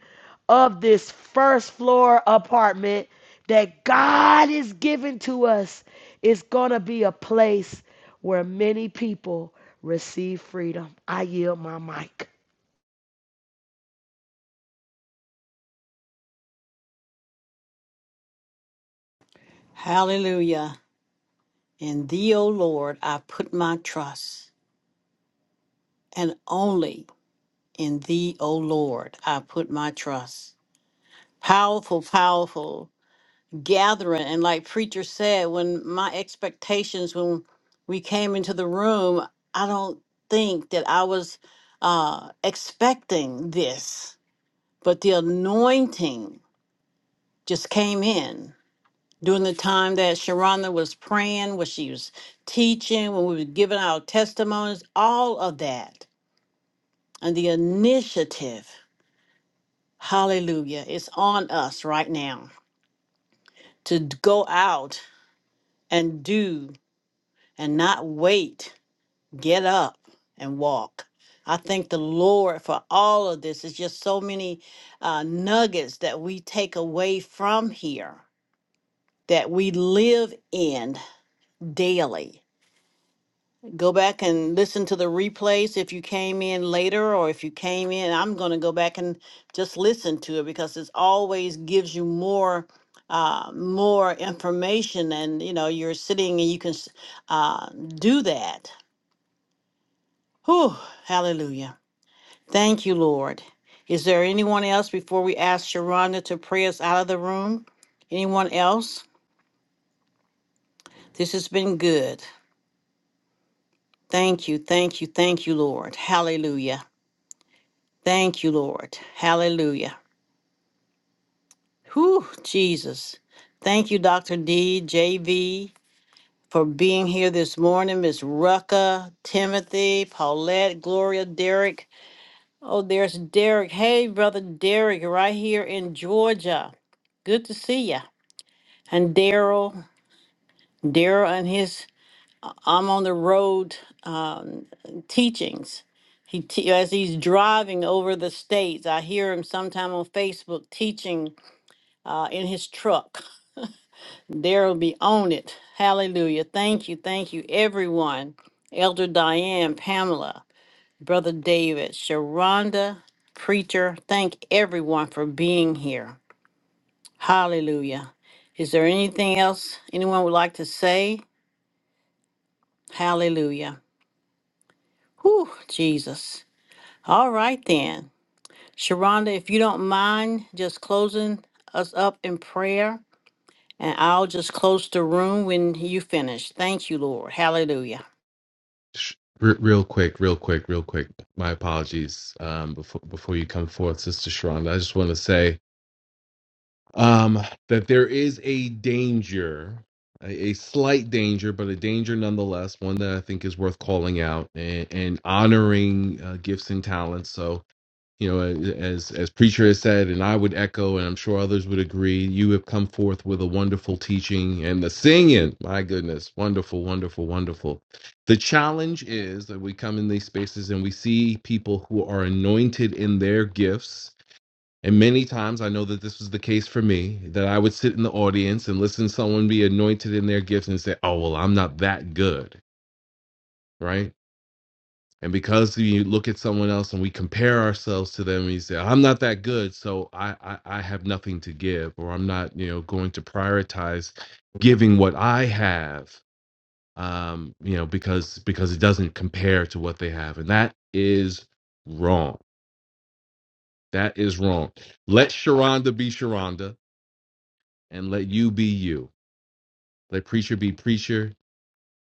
B: of this first floor apartment that God is giving to us It's going to be a place where many people receive freedom. I yield my mic.
C: Hallelujah. In thee, O Lord, I put my trust, and only in thee, O Lord, I put my trust. Powerful, powerful gathering. And like Preacher said, when my expectations, when we came into the room, I don't think that I was uh, expecting this, but the anointing just came in during the time that Sharonda was praying, when she was teaching, when we were giving our testimonies, all of that. And the initiative, hallelujah, is on us right now to d- go out and do and not wait. Get up and walk. I thank the Lord for all of this. It's just so many uh, nuggets that we take away from here that we live in daily Go back and listen to the replays if you came in later or if you came in. I'm going to go back and just listen to it because it's always gives you more uh more information and you know you're sitting and you can s- uh do that Whew, hallelujah thank you lord is there anyone else before we ask sharonda to pray us out of the room anyone else this has been good thank you thank you thank you lord hallelujah Thank you, Lord. Hallelujah. Whew, Jesus. Thank you, Dr. D J V, for being here this morning. Miss Rucka, Timothy, Paulette, Gloria, Derek. Oh, there's Derek. Hey, brother Derek, right here in Georgia. Good to see ya. And Daryl, Daryl and his I'm on the road um, teachings. He te- as he's driving over the states, I hear him sometime on Facebook teaching uh, in his truck. Daryl will be on it. Hallelujah. Thank you. Thank you, everyone. Elder Diane, Pamela, Brother David, Sharonda, Preacher, thank everyone for being here. Hallelujah. Is there anything else anyone would like to say? Hallelujah. Whew, Jesus. All right then. Sharonda, if you don't mind just closing us up in prayer. And I'll just close the room when you finish. Thank you, Lord. Hallelujah.
H: Sh- re- Real quick, real quick, real quick. My apologies. Um, before before you come forth, Sister Sharonda, I just want to say um, that there is a danger, a, a slight danger, but a danger nonetheless. One that I think is worth calling out and, and honoring uh, gifts and talents. So you know as as preacher has said and i would echo and i'm sure others would agree you have come forth with a wonderful teaching and the singing my goodness wonderful wonderful wonderful the challenge is that we come in these spaces and we see people who are anointed in their gifts and many times i know that this was the case for me that i would sit in the audience and listen to someone be anointed in their gifts and say oh well i'm not that good right and because you else and we compare ourselves to them and you say i'm not that good so I, I i have nothing to give or i'm not you know going to prioritize giving i have um you know because because it doesn't compare to what they have and that is wrong that is wrong let sharonda be sharonda and let you be you let preacher be preacher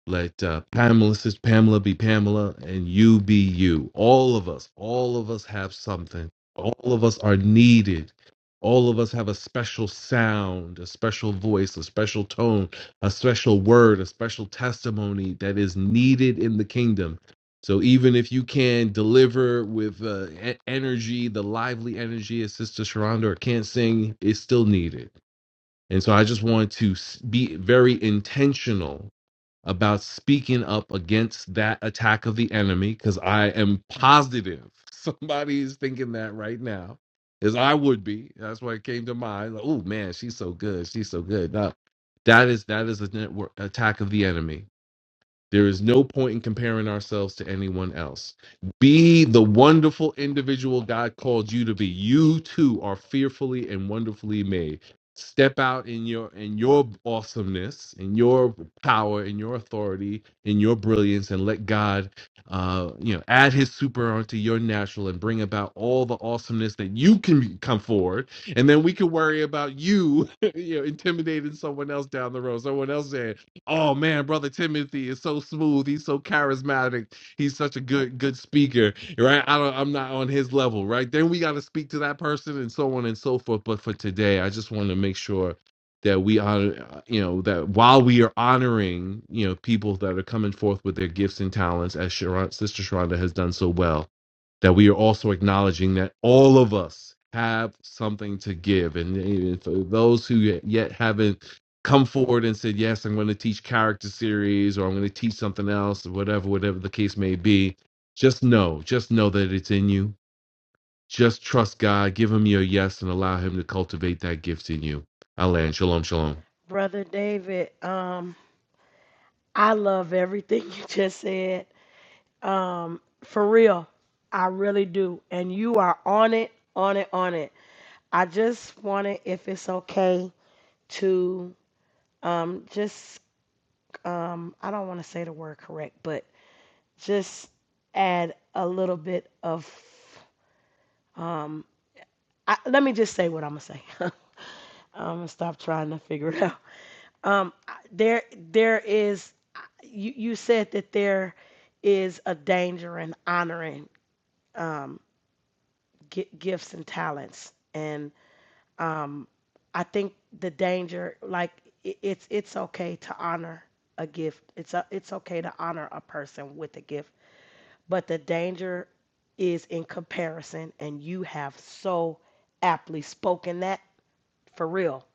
H: Let uh, Pamela, says Pamela, be Pamela, and you be you. All of us, all of us have something. All of us are needed. All of us have a special sound, a special voice, a special tone, a special word, a special testimony that is needed in the kingdom. So even if you can deliver with uh, e- energy, the lively energy as Sister Sharonda, or can't sing, it's still needed. And so I just want to s- be very intentional about speaking up against that attack of the enemy because I am positive somebody is thinking that right now, as I would be. That's why it came to mind. Like, oh man, she's so good. She's so good. Now, that is that is an attack of the enemy there is no point in comparing ourselves to anyone else. Be the wonderful individual God called you to be. You too are fearfully and wonderfully made. Step out in your in your awesomeness, in your power, in your authority, in your brilliance, and let God, uh, you know, add His super onto your natural and bring about all the awesomeness that you can come forward. And then we can worry about you, you know, intimidating someone else down the road. Someone else saying, Oh man, brother Timothy is so smooth. He's so charismatic. He's such a good good speaker, right? I don't, I'm not on his level, right? Then we got to speak to that person and so on and so forth. But for today, I just want to make sure that we honor, uh, you know, that while we are honoring, you know, people that are coming forth with their gifts and talents, as Sharon, Sister Sharonda has done so well, that we are also acknowledging that all of us have something to give, and even for those who yet haven't come forward and said, Yes, I'm going to teach character series or I'm going to teach something else or whatever, whatever the case may be, just know, just know that it's in you. Just trust God, give Him your yes, and allow Him to cultivate that gift in you. Alan, shalom, shalom.
B: Brother David, um I love everything you just said Um, for real, I really do. And you are on it, on it, on it. I just wanted, if it's okay, to um, just, um, I don't want to say the word correct, but just add a little bit of, um, I, let me just say what I'm gonna say. I'm gonna stop trying to figure it out. Um, I- there, there is. You, you said that there is a danger in honoring. Um, gi- gifts and talents and um i think the danger like i it's it's okay to honor a gift it's a, it's okay to honor a person with a gift but the danger is in comparison and you have so aptly spoken that for real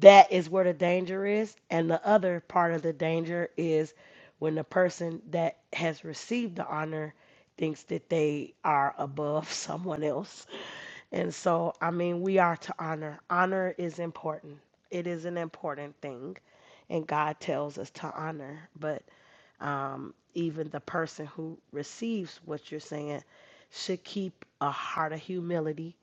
B: that is where the danger is and the other part of the danger is when the person that has received the honor thinks that they are above someone else and so, I mean, we are to honor. Honor is important. It is an important thing, and God tells us to honor. But um, even the person who receives what you're saying should keep a heart of humility.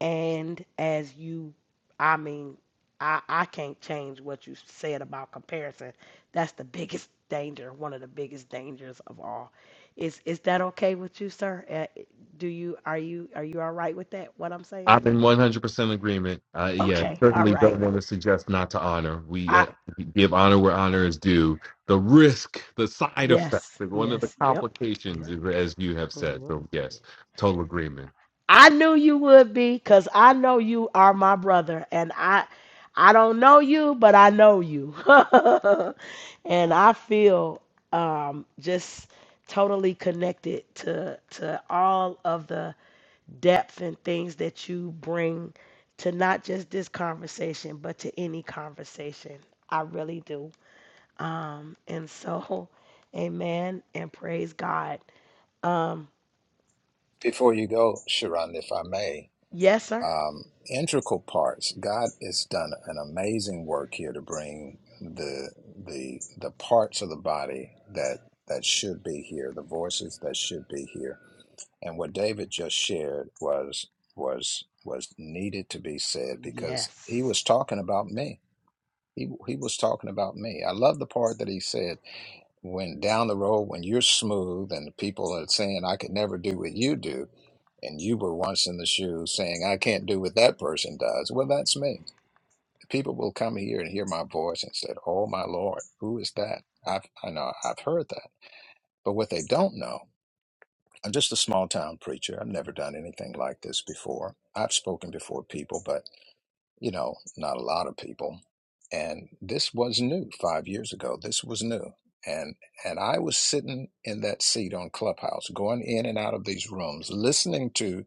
B: And as you, I mean, I, I can't change what you said about comparison. That's the biggest danger, one of the biggest dangers of all. Is is that okay with you, sir? Uh, do you are you are you all right with that? What I'm saying?
H: I'm in 100% agreement. Uh, yeah,
B: Okay, all
H: certainly
B: right.
H: don't want to suggest not to honor. We
B: I
H: uh, give honor where honor is due. The risk, the side effect,
B: yes,
H: one of the
B: yes, yep,
H: complications,
B: yep,
H: is, as you have said.
B: yep.
H: So,
B: yeah.
H: yes, total agreement.
B: I knew you would be, cause I know you are my brother, and I I don't know you, but I know you, and I feel um just totally connected to to all of the depth and things that you bring to not just this conversation, but to any conversation. I really do. Um, and so, amen and praise God. Um,
A: Before you go, Sharonda, if I may,
B: yes, sir.
A: um, integral parts. God has done an amazing work here to bring the the the parts of the body that that should be here, the voices that should be here, and what David just shared was was was needed to be said because he
B: Yes.
A: was talking about me. He he was talking about me. I love the part that he said when down the road when you're smooth and the people are saying i could never do what you do and you were once in the shoes saying i can't do what that person does well that's me people will come here and hear my voice and said oh my lord who is that i've i know i've heard that but what they don't know i'm just a small town preacher i've never done anything like this before i've spoken before people but you know, not a lot of people. And this was new five years ago. This was new. And and I was sitting in that seat on Clubhouse, going in and out of these rooms, listening to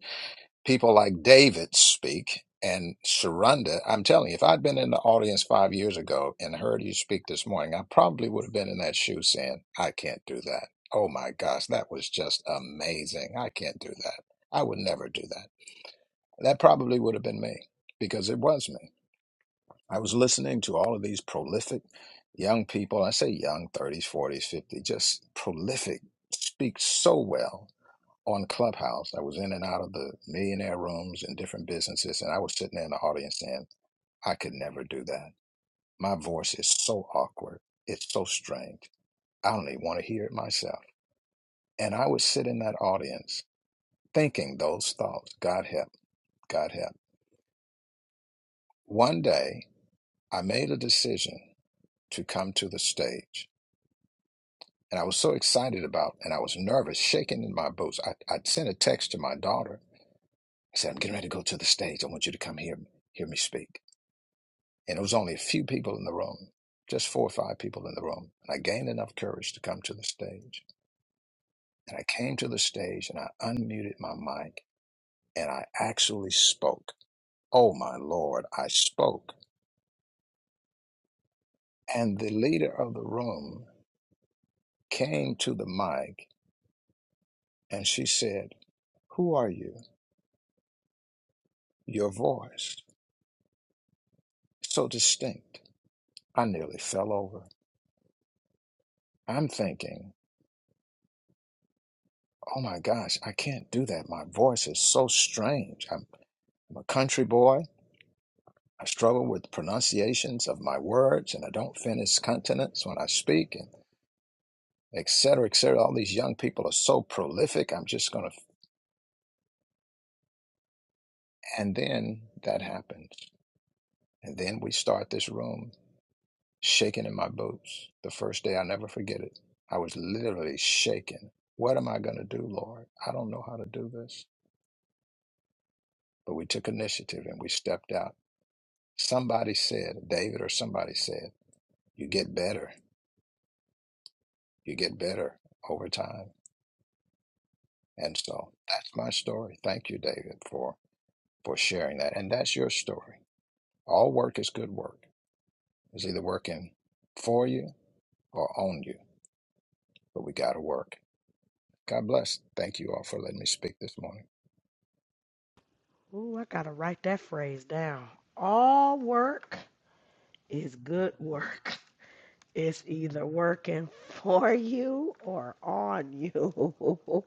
A: people like David speak and Sharonda. I'm telling you, if I'd been in the audience five years ago and heard you speak this morning, I probably would have been in that shoe saying, I can't do that. Oh my gosh, that was just amazing. I can't do that. I would never do that. That probably would have been me because it was me I was listening to all of these prolific young people. I say young, 30s, 40s, 50s, just prolific, speak so well on Clubhouse. I was in and out of the millionaire rooms and different businesses, and I was sitting there in the audience saying, I could never do that. My voice is so awkward. It's so strange. I don't even want to hear it myself. And I would sit in that audience thinking those thoughts God help, God help. One day, I made a decision to come to the stage and I was so excited about, and I was nervous, shaking in my boots. I, I sent a text to my daughter. I said, "I'm getting ready to go to the stage. I want you to come here, hear me speak." And it was only a few people in the room, just four or five people in the room. And I gained enough courage to come to the stage. And I came to the stage, and I unmuted my mic, and I actually spoke. Oh my lord, I spoke. And the leader of the room came to the mic, and she said, "Who are you? Your voice." so distinct. I nearly fell over. I'm thinking, oh my gosh, I can't do that. My voice is so strange. I'm, I'm a country boy. I struggle with pronunciations of my words and I don't finish consonants when I speak and et cetera, et cetera. All these young people are so prolific. I'm just going to. And then that happens. And then we start this room shaking in my boots. The first day, I'll never forget it. I was literally shaking. What am I going to do, Lord? I don't know how to do this. but we took initiative and we stepped out. Somebody said, David or somebody said, you get better, you get better over time. And so that's my story. Thank you, David, for, for sharing that. And that's your story. All work is good work. It's either working for you or on you, but we got to work. God bless. Thank you all for letting me speak this morning.
B: Ooh, I gotta write that phrase down. All work is good work. It's either working for you or on you.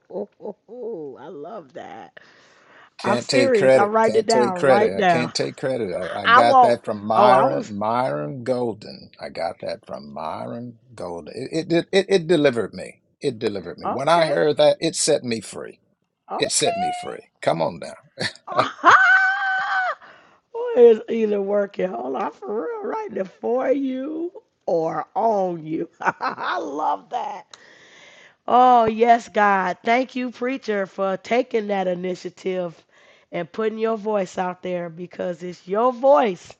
B: I love that. I'm
A: Can't take
B: serious. I
A: credit.
B: write it
A: Can't
B: down
A: take credit.
B: right
A: I
B: now.
A: can't take credit. I, I
B: I
A: got
B: won't.
A: that from
B: Oh, I
A: Myron
B: was
A: Myron Golden. I got that from Myron Golden. It it, it it delivered me. It delivered me. When I
B: okay.
A: heard that, it set me free. It set me
B: Okay.
A: free. Come on now.
B: It's either working, hold on, for real, right now for you or on you. I love that. Oh, yes, God. Thank you, preacher, for taking that initiative and putting your voice out there because it's your voice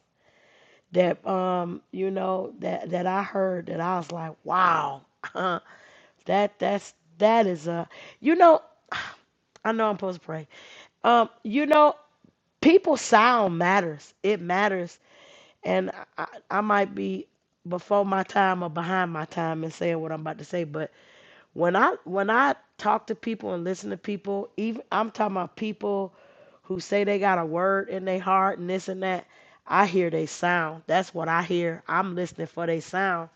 B: that um you know that that I heard that I was like wow that that's that is a you know I know I'm supposed to pray um you know People's sound matters. It matters, and I, I might be before my time or behind my time in saying what I'm about to say, but when I when I talk to people and listen to people, even I'm talking about people who say they got a word in their heart and this and that. I hear they sound. That's what I hear. I'm listening for they sound,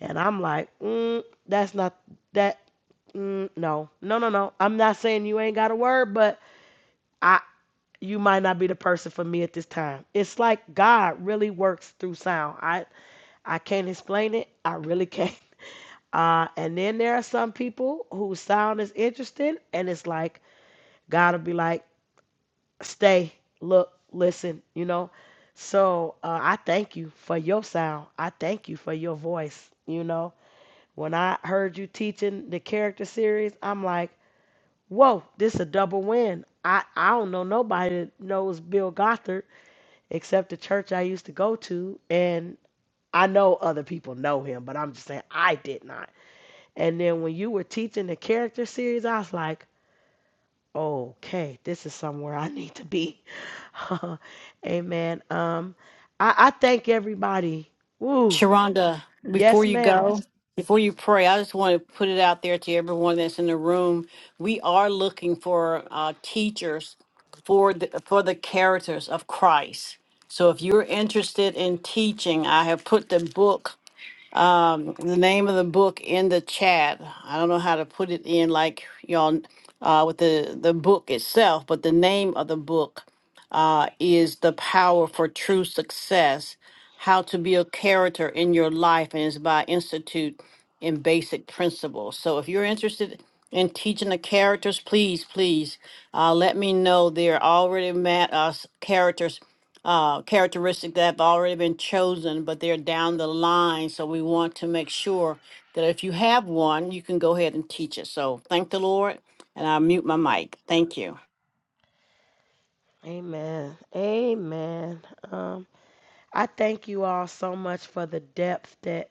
B: and I'm like, mm, that's not that. Mm, no, no, no, no. I'm not saying you ain't got a word, but I you might not be the person for me at this time. It's like God really works through sound. I I can't explain it. I really can't. Uh, and then there are some people whose sound is interesting, and it's like God will be like, "Stay, look, listen," you know. So uh, I thank you for your sound. I thank you for your voice. You know, when I heard you teaching the character series, I'm like, "Whoa, this a double win." I I don't know nobody that knows Bill Gothard except the church I used to go to. And I know other people know him, but I'm just saying I did not. And then when you were teaching the character series, I was like, okay, this is somewhere I need to be. Amen. Um, I, I thank everybody. Woo.
C: Sharonda, before
B: Yes,
C: you
B: ma'am.
C: go, Yes. before you pray, I just want to put it out there to everyone that's in the room. We are looking for uh, teachers for the, for the characters of Christ. So if you're interested in teaching, I have put the book, um, the name of the book in the chat. I don't know how to put it in like y'all uh, with the, the book itself, but the name of the book. uh, is the power for true success, how to build character in your life, and it's by Institute in Basic Principles. So if you're interested in teaching the characters, please, please uh, let me know. There are already met us characters. Uh, characteristics that have already been chosen, but they're down the line. So we want to make sure that if you have one, you can go ahead and teach it. So thank the Lord, and I'll mute my mic. Thank you.
B: Amen. Amen. Um, I thank you all so much for the depth that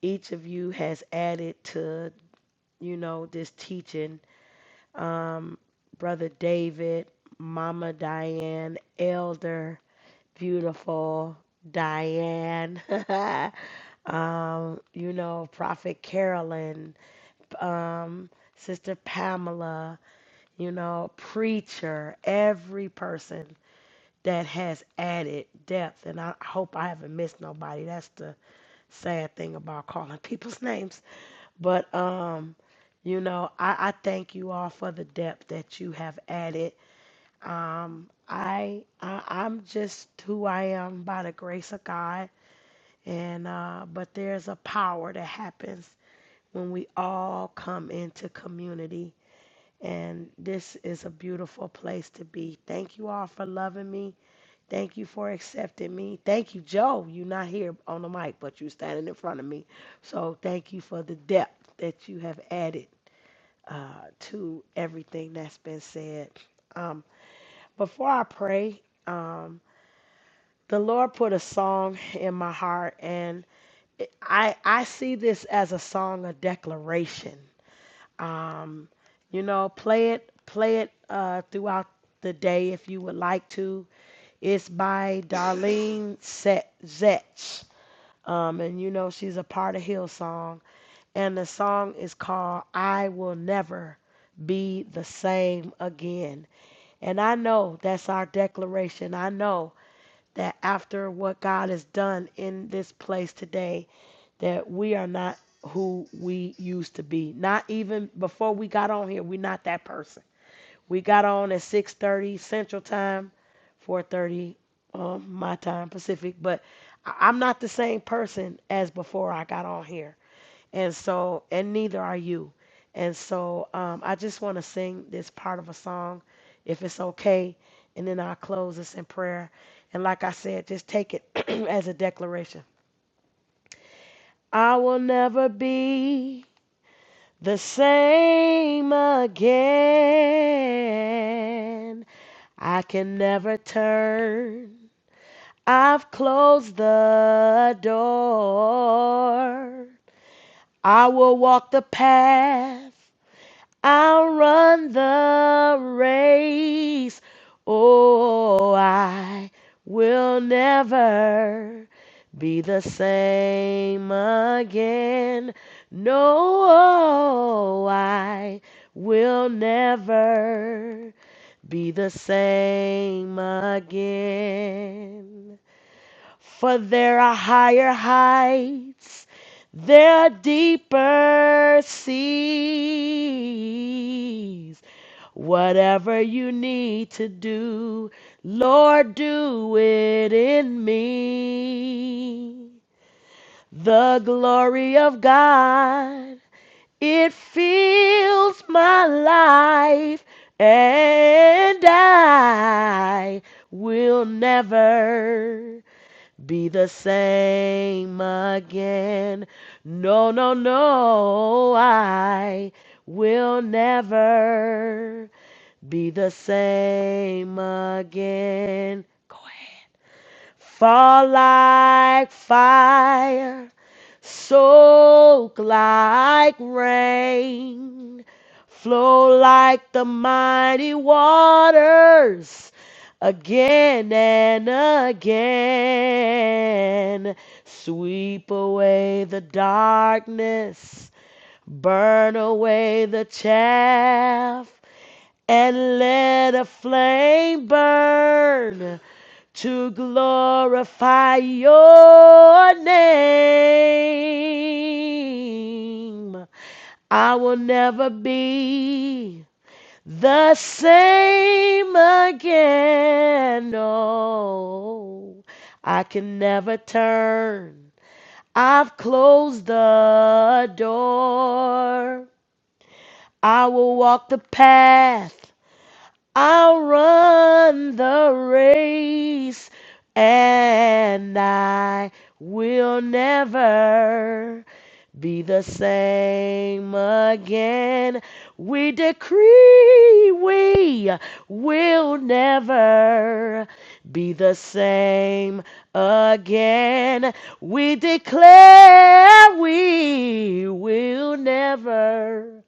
B: each of you has added to, you know, this teaching um, Brother David, Mama Diane, Elder, beautiful Diane, um, you know, Prophet Carolyn, um, Sister Pamela, you know, Preacher, every person that has added depth. And I hope I haven't missed nobody. That's the sad thing about calling people's names. But, um, you know, I, I thank you all for the depth that you have added um, I, I I'm just who I am by the grace of God, and uh, but there's a power that happens when we all come into community, and this is a beautiful place to be. Thank you all for loving me. Thank you for accepting me. Thank you, Joe. You're not here on the mic, but you're standing in front of me, so thank you for the depth that you have added uh, to everything that's been said. Um, before I pray. Um, the Lord put a song in my heart, and I I see this as a song of declaration. Um, you know, play it play it uh, throughout the day if you would like to. It's by Darlene Set Zetch, um, and you know she's a part of Hillsong, and the song is called "I Will Never." Be the same again. And I know that's our declaration. I know that after what God has done in this place today, that we are not who we used to be. Not even before we got on here, we're not that person. We got on at 6:30 Central Time, 4:30 um, my time Pacific, but I- I'm not the same person as before I got on here. And so, and neither are you. And so, um, I just want to sing this part of a song, if it's okay. And then I'll close this in prayer. And like I said, just take it as a declaration. I will never be the same again. I can never turn. I've closed the door. I will walk the path I'll run the race. Oh, I will never be the same again. No, oh, I will never be the same again. For there are higher heights, there are deeper seas. Whatever you need to do, Lord, do it in me. The glory of God, it fills my life, and I will never be the same again. No, no, no, I will never be the same again. Go ahead. Fall like fire Soak like rain, flow like the mighty waters again and again. Sweep away the darkness, burn away the chaff, and let a flame burn to glorify your name. I will never be the same again. No, I can never turn. I've closed the door. I will walk the path I'll run the race and I will never be the same again. We decree we will never be the same again. We declare we will never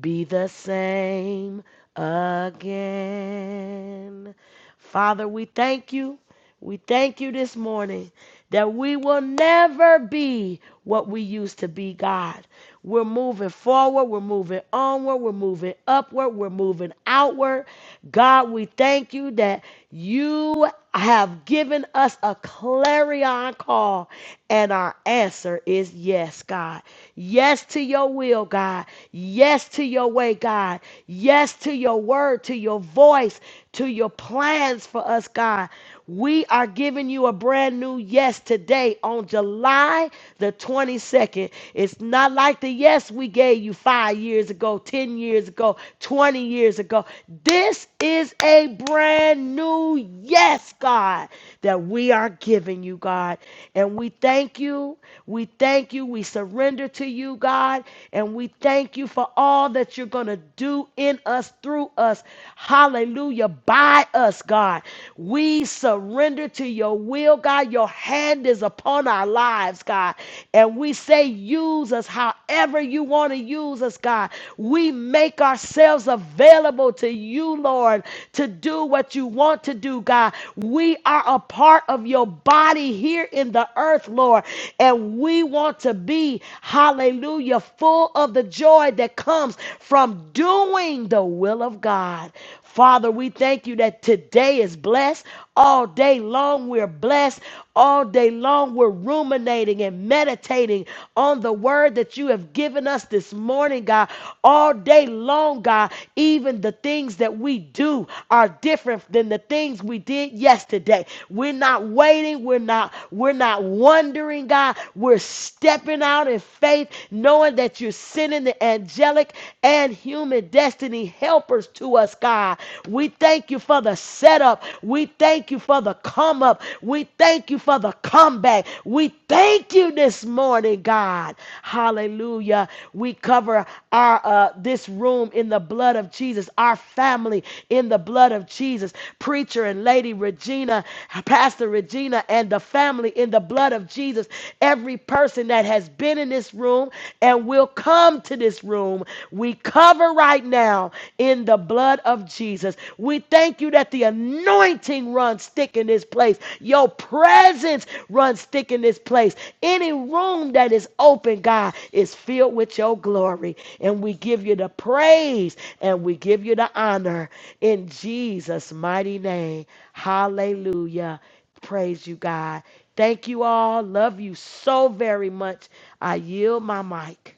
B: be the same again. Father, we thank you. We thank you this morning that we will never be what we used to be, God. We're moving forward, we're moving onward, we're moving upward, we're moving outward. God, we thank you that you have given us a clarion call, and our answer is yes, God. Yes to your will, God. Yes to your way, God. Yes to your word, to your voice, to your plans for us, God. We are giving you a brand new yes today on July the 22nd. It's not like the yes we gave you five years ago, 10 years ago, 20 years ago. This is a brand new yes, God, that we are giving you, God. And we thank you. We thank you. We surrender to you, God. And we thank you for all that you're going to do in us, through us. Hallelujah. By us us, God. We surrender to your will, God. Your hand is upon our lives, God. And we say, use us however you want to use us, God. We make ourselves available to you, Lord, to do what you want to do, God. We are a part of your body here in the earth, Lord. And we want to be, hallelujah, full of the joy that comes from doing the will of God. Father, we thank you that today is blessed. All day long, we're blessed. All day long, we're ruminating and meditating on the word that you have given us this morning, God. All day long, God, even the things that we do are different than the things we did yesterday. We're not waiting. We're not, we're not wondering, God. We're stepping out in faith, knowing that you're sending the angelic and human destiny destiny helpers to us, God. We thank you for the setup. We thank you for the come up. We thank you for the comeback. We thank you this morning, God. Hallelujah. We cover our uh, this room in the blood of Jesus, our family in the blood of Jesus. Preacher and Lady Regina, Pastor Regina, and the family in the blood of Jesus. Every person that has been in this room and will come to this room, we cover right now in the blood of Jesus. We thank you that the anointing runs thick in this place. Your presence runs thick in this place. Any room that is open, God, is filled with your glory. And we give you the praise and we give you the honor in Jesus' mighty name. Hallelujah. Praise you, God. Thank you all. Love you so very much. I yield my mic.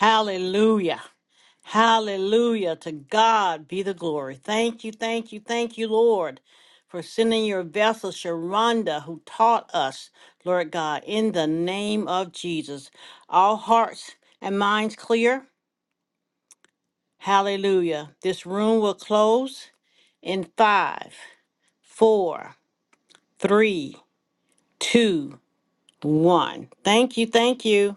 C: Hallelujah. Hallelujah. To God be the glory. Thank you, thank you, thank you, Lord, for sending your vessel, Sharonda, who taught us, Lord God, in the name of Jesus. All hearts and minds clear. Hallelujah. This room will close in five, four, three, two, one. Thank you, thank you.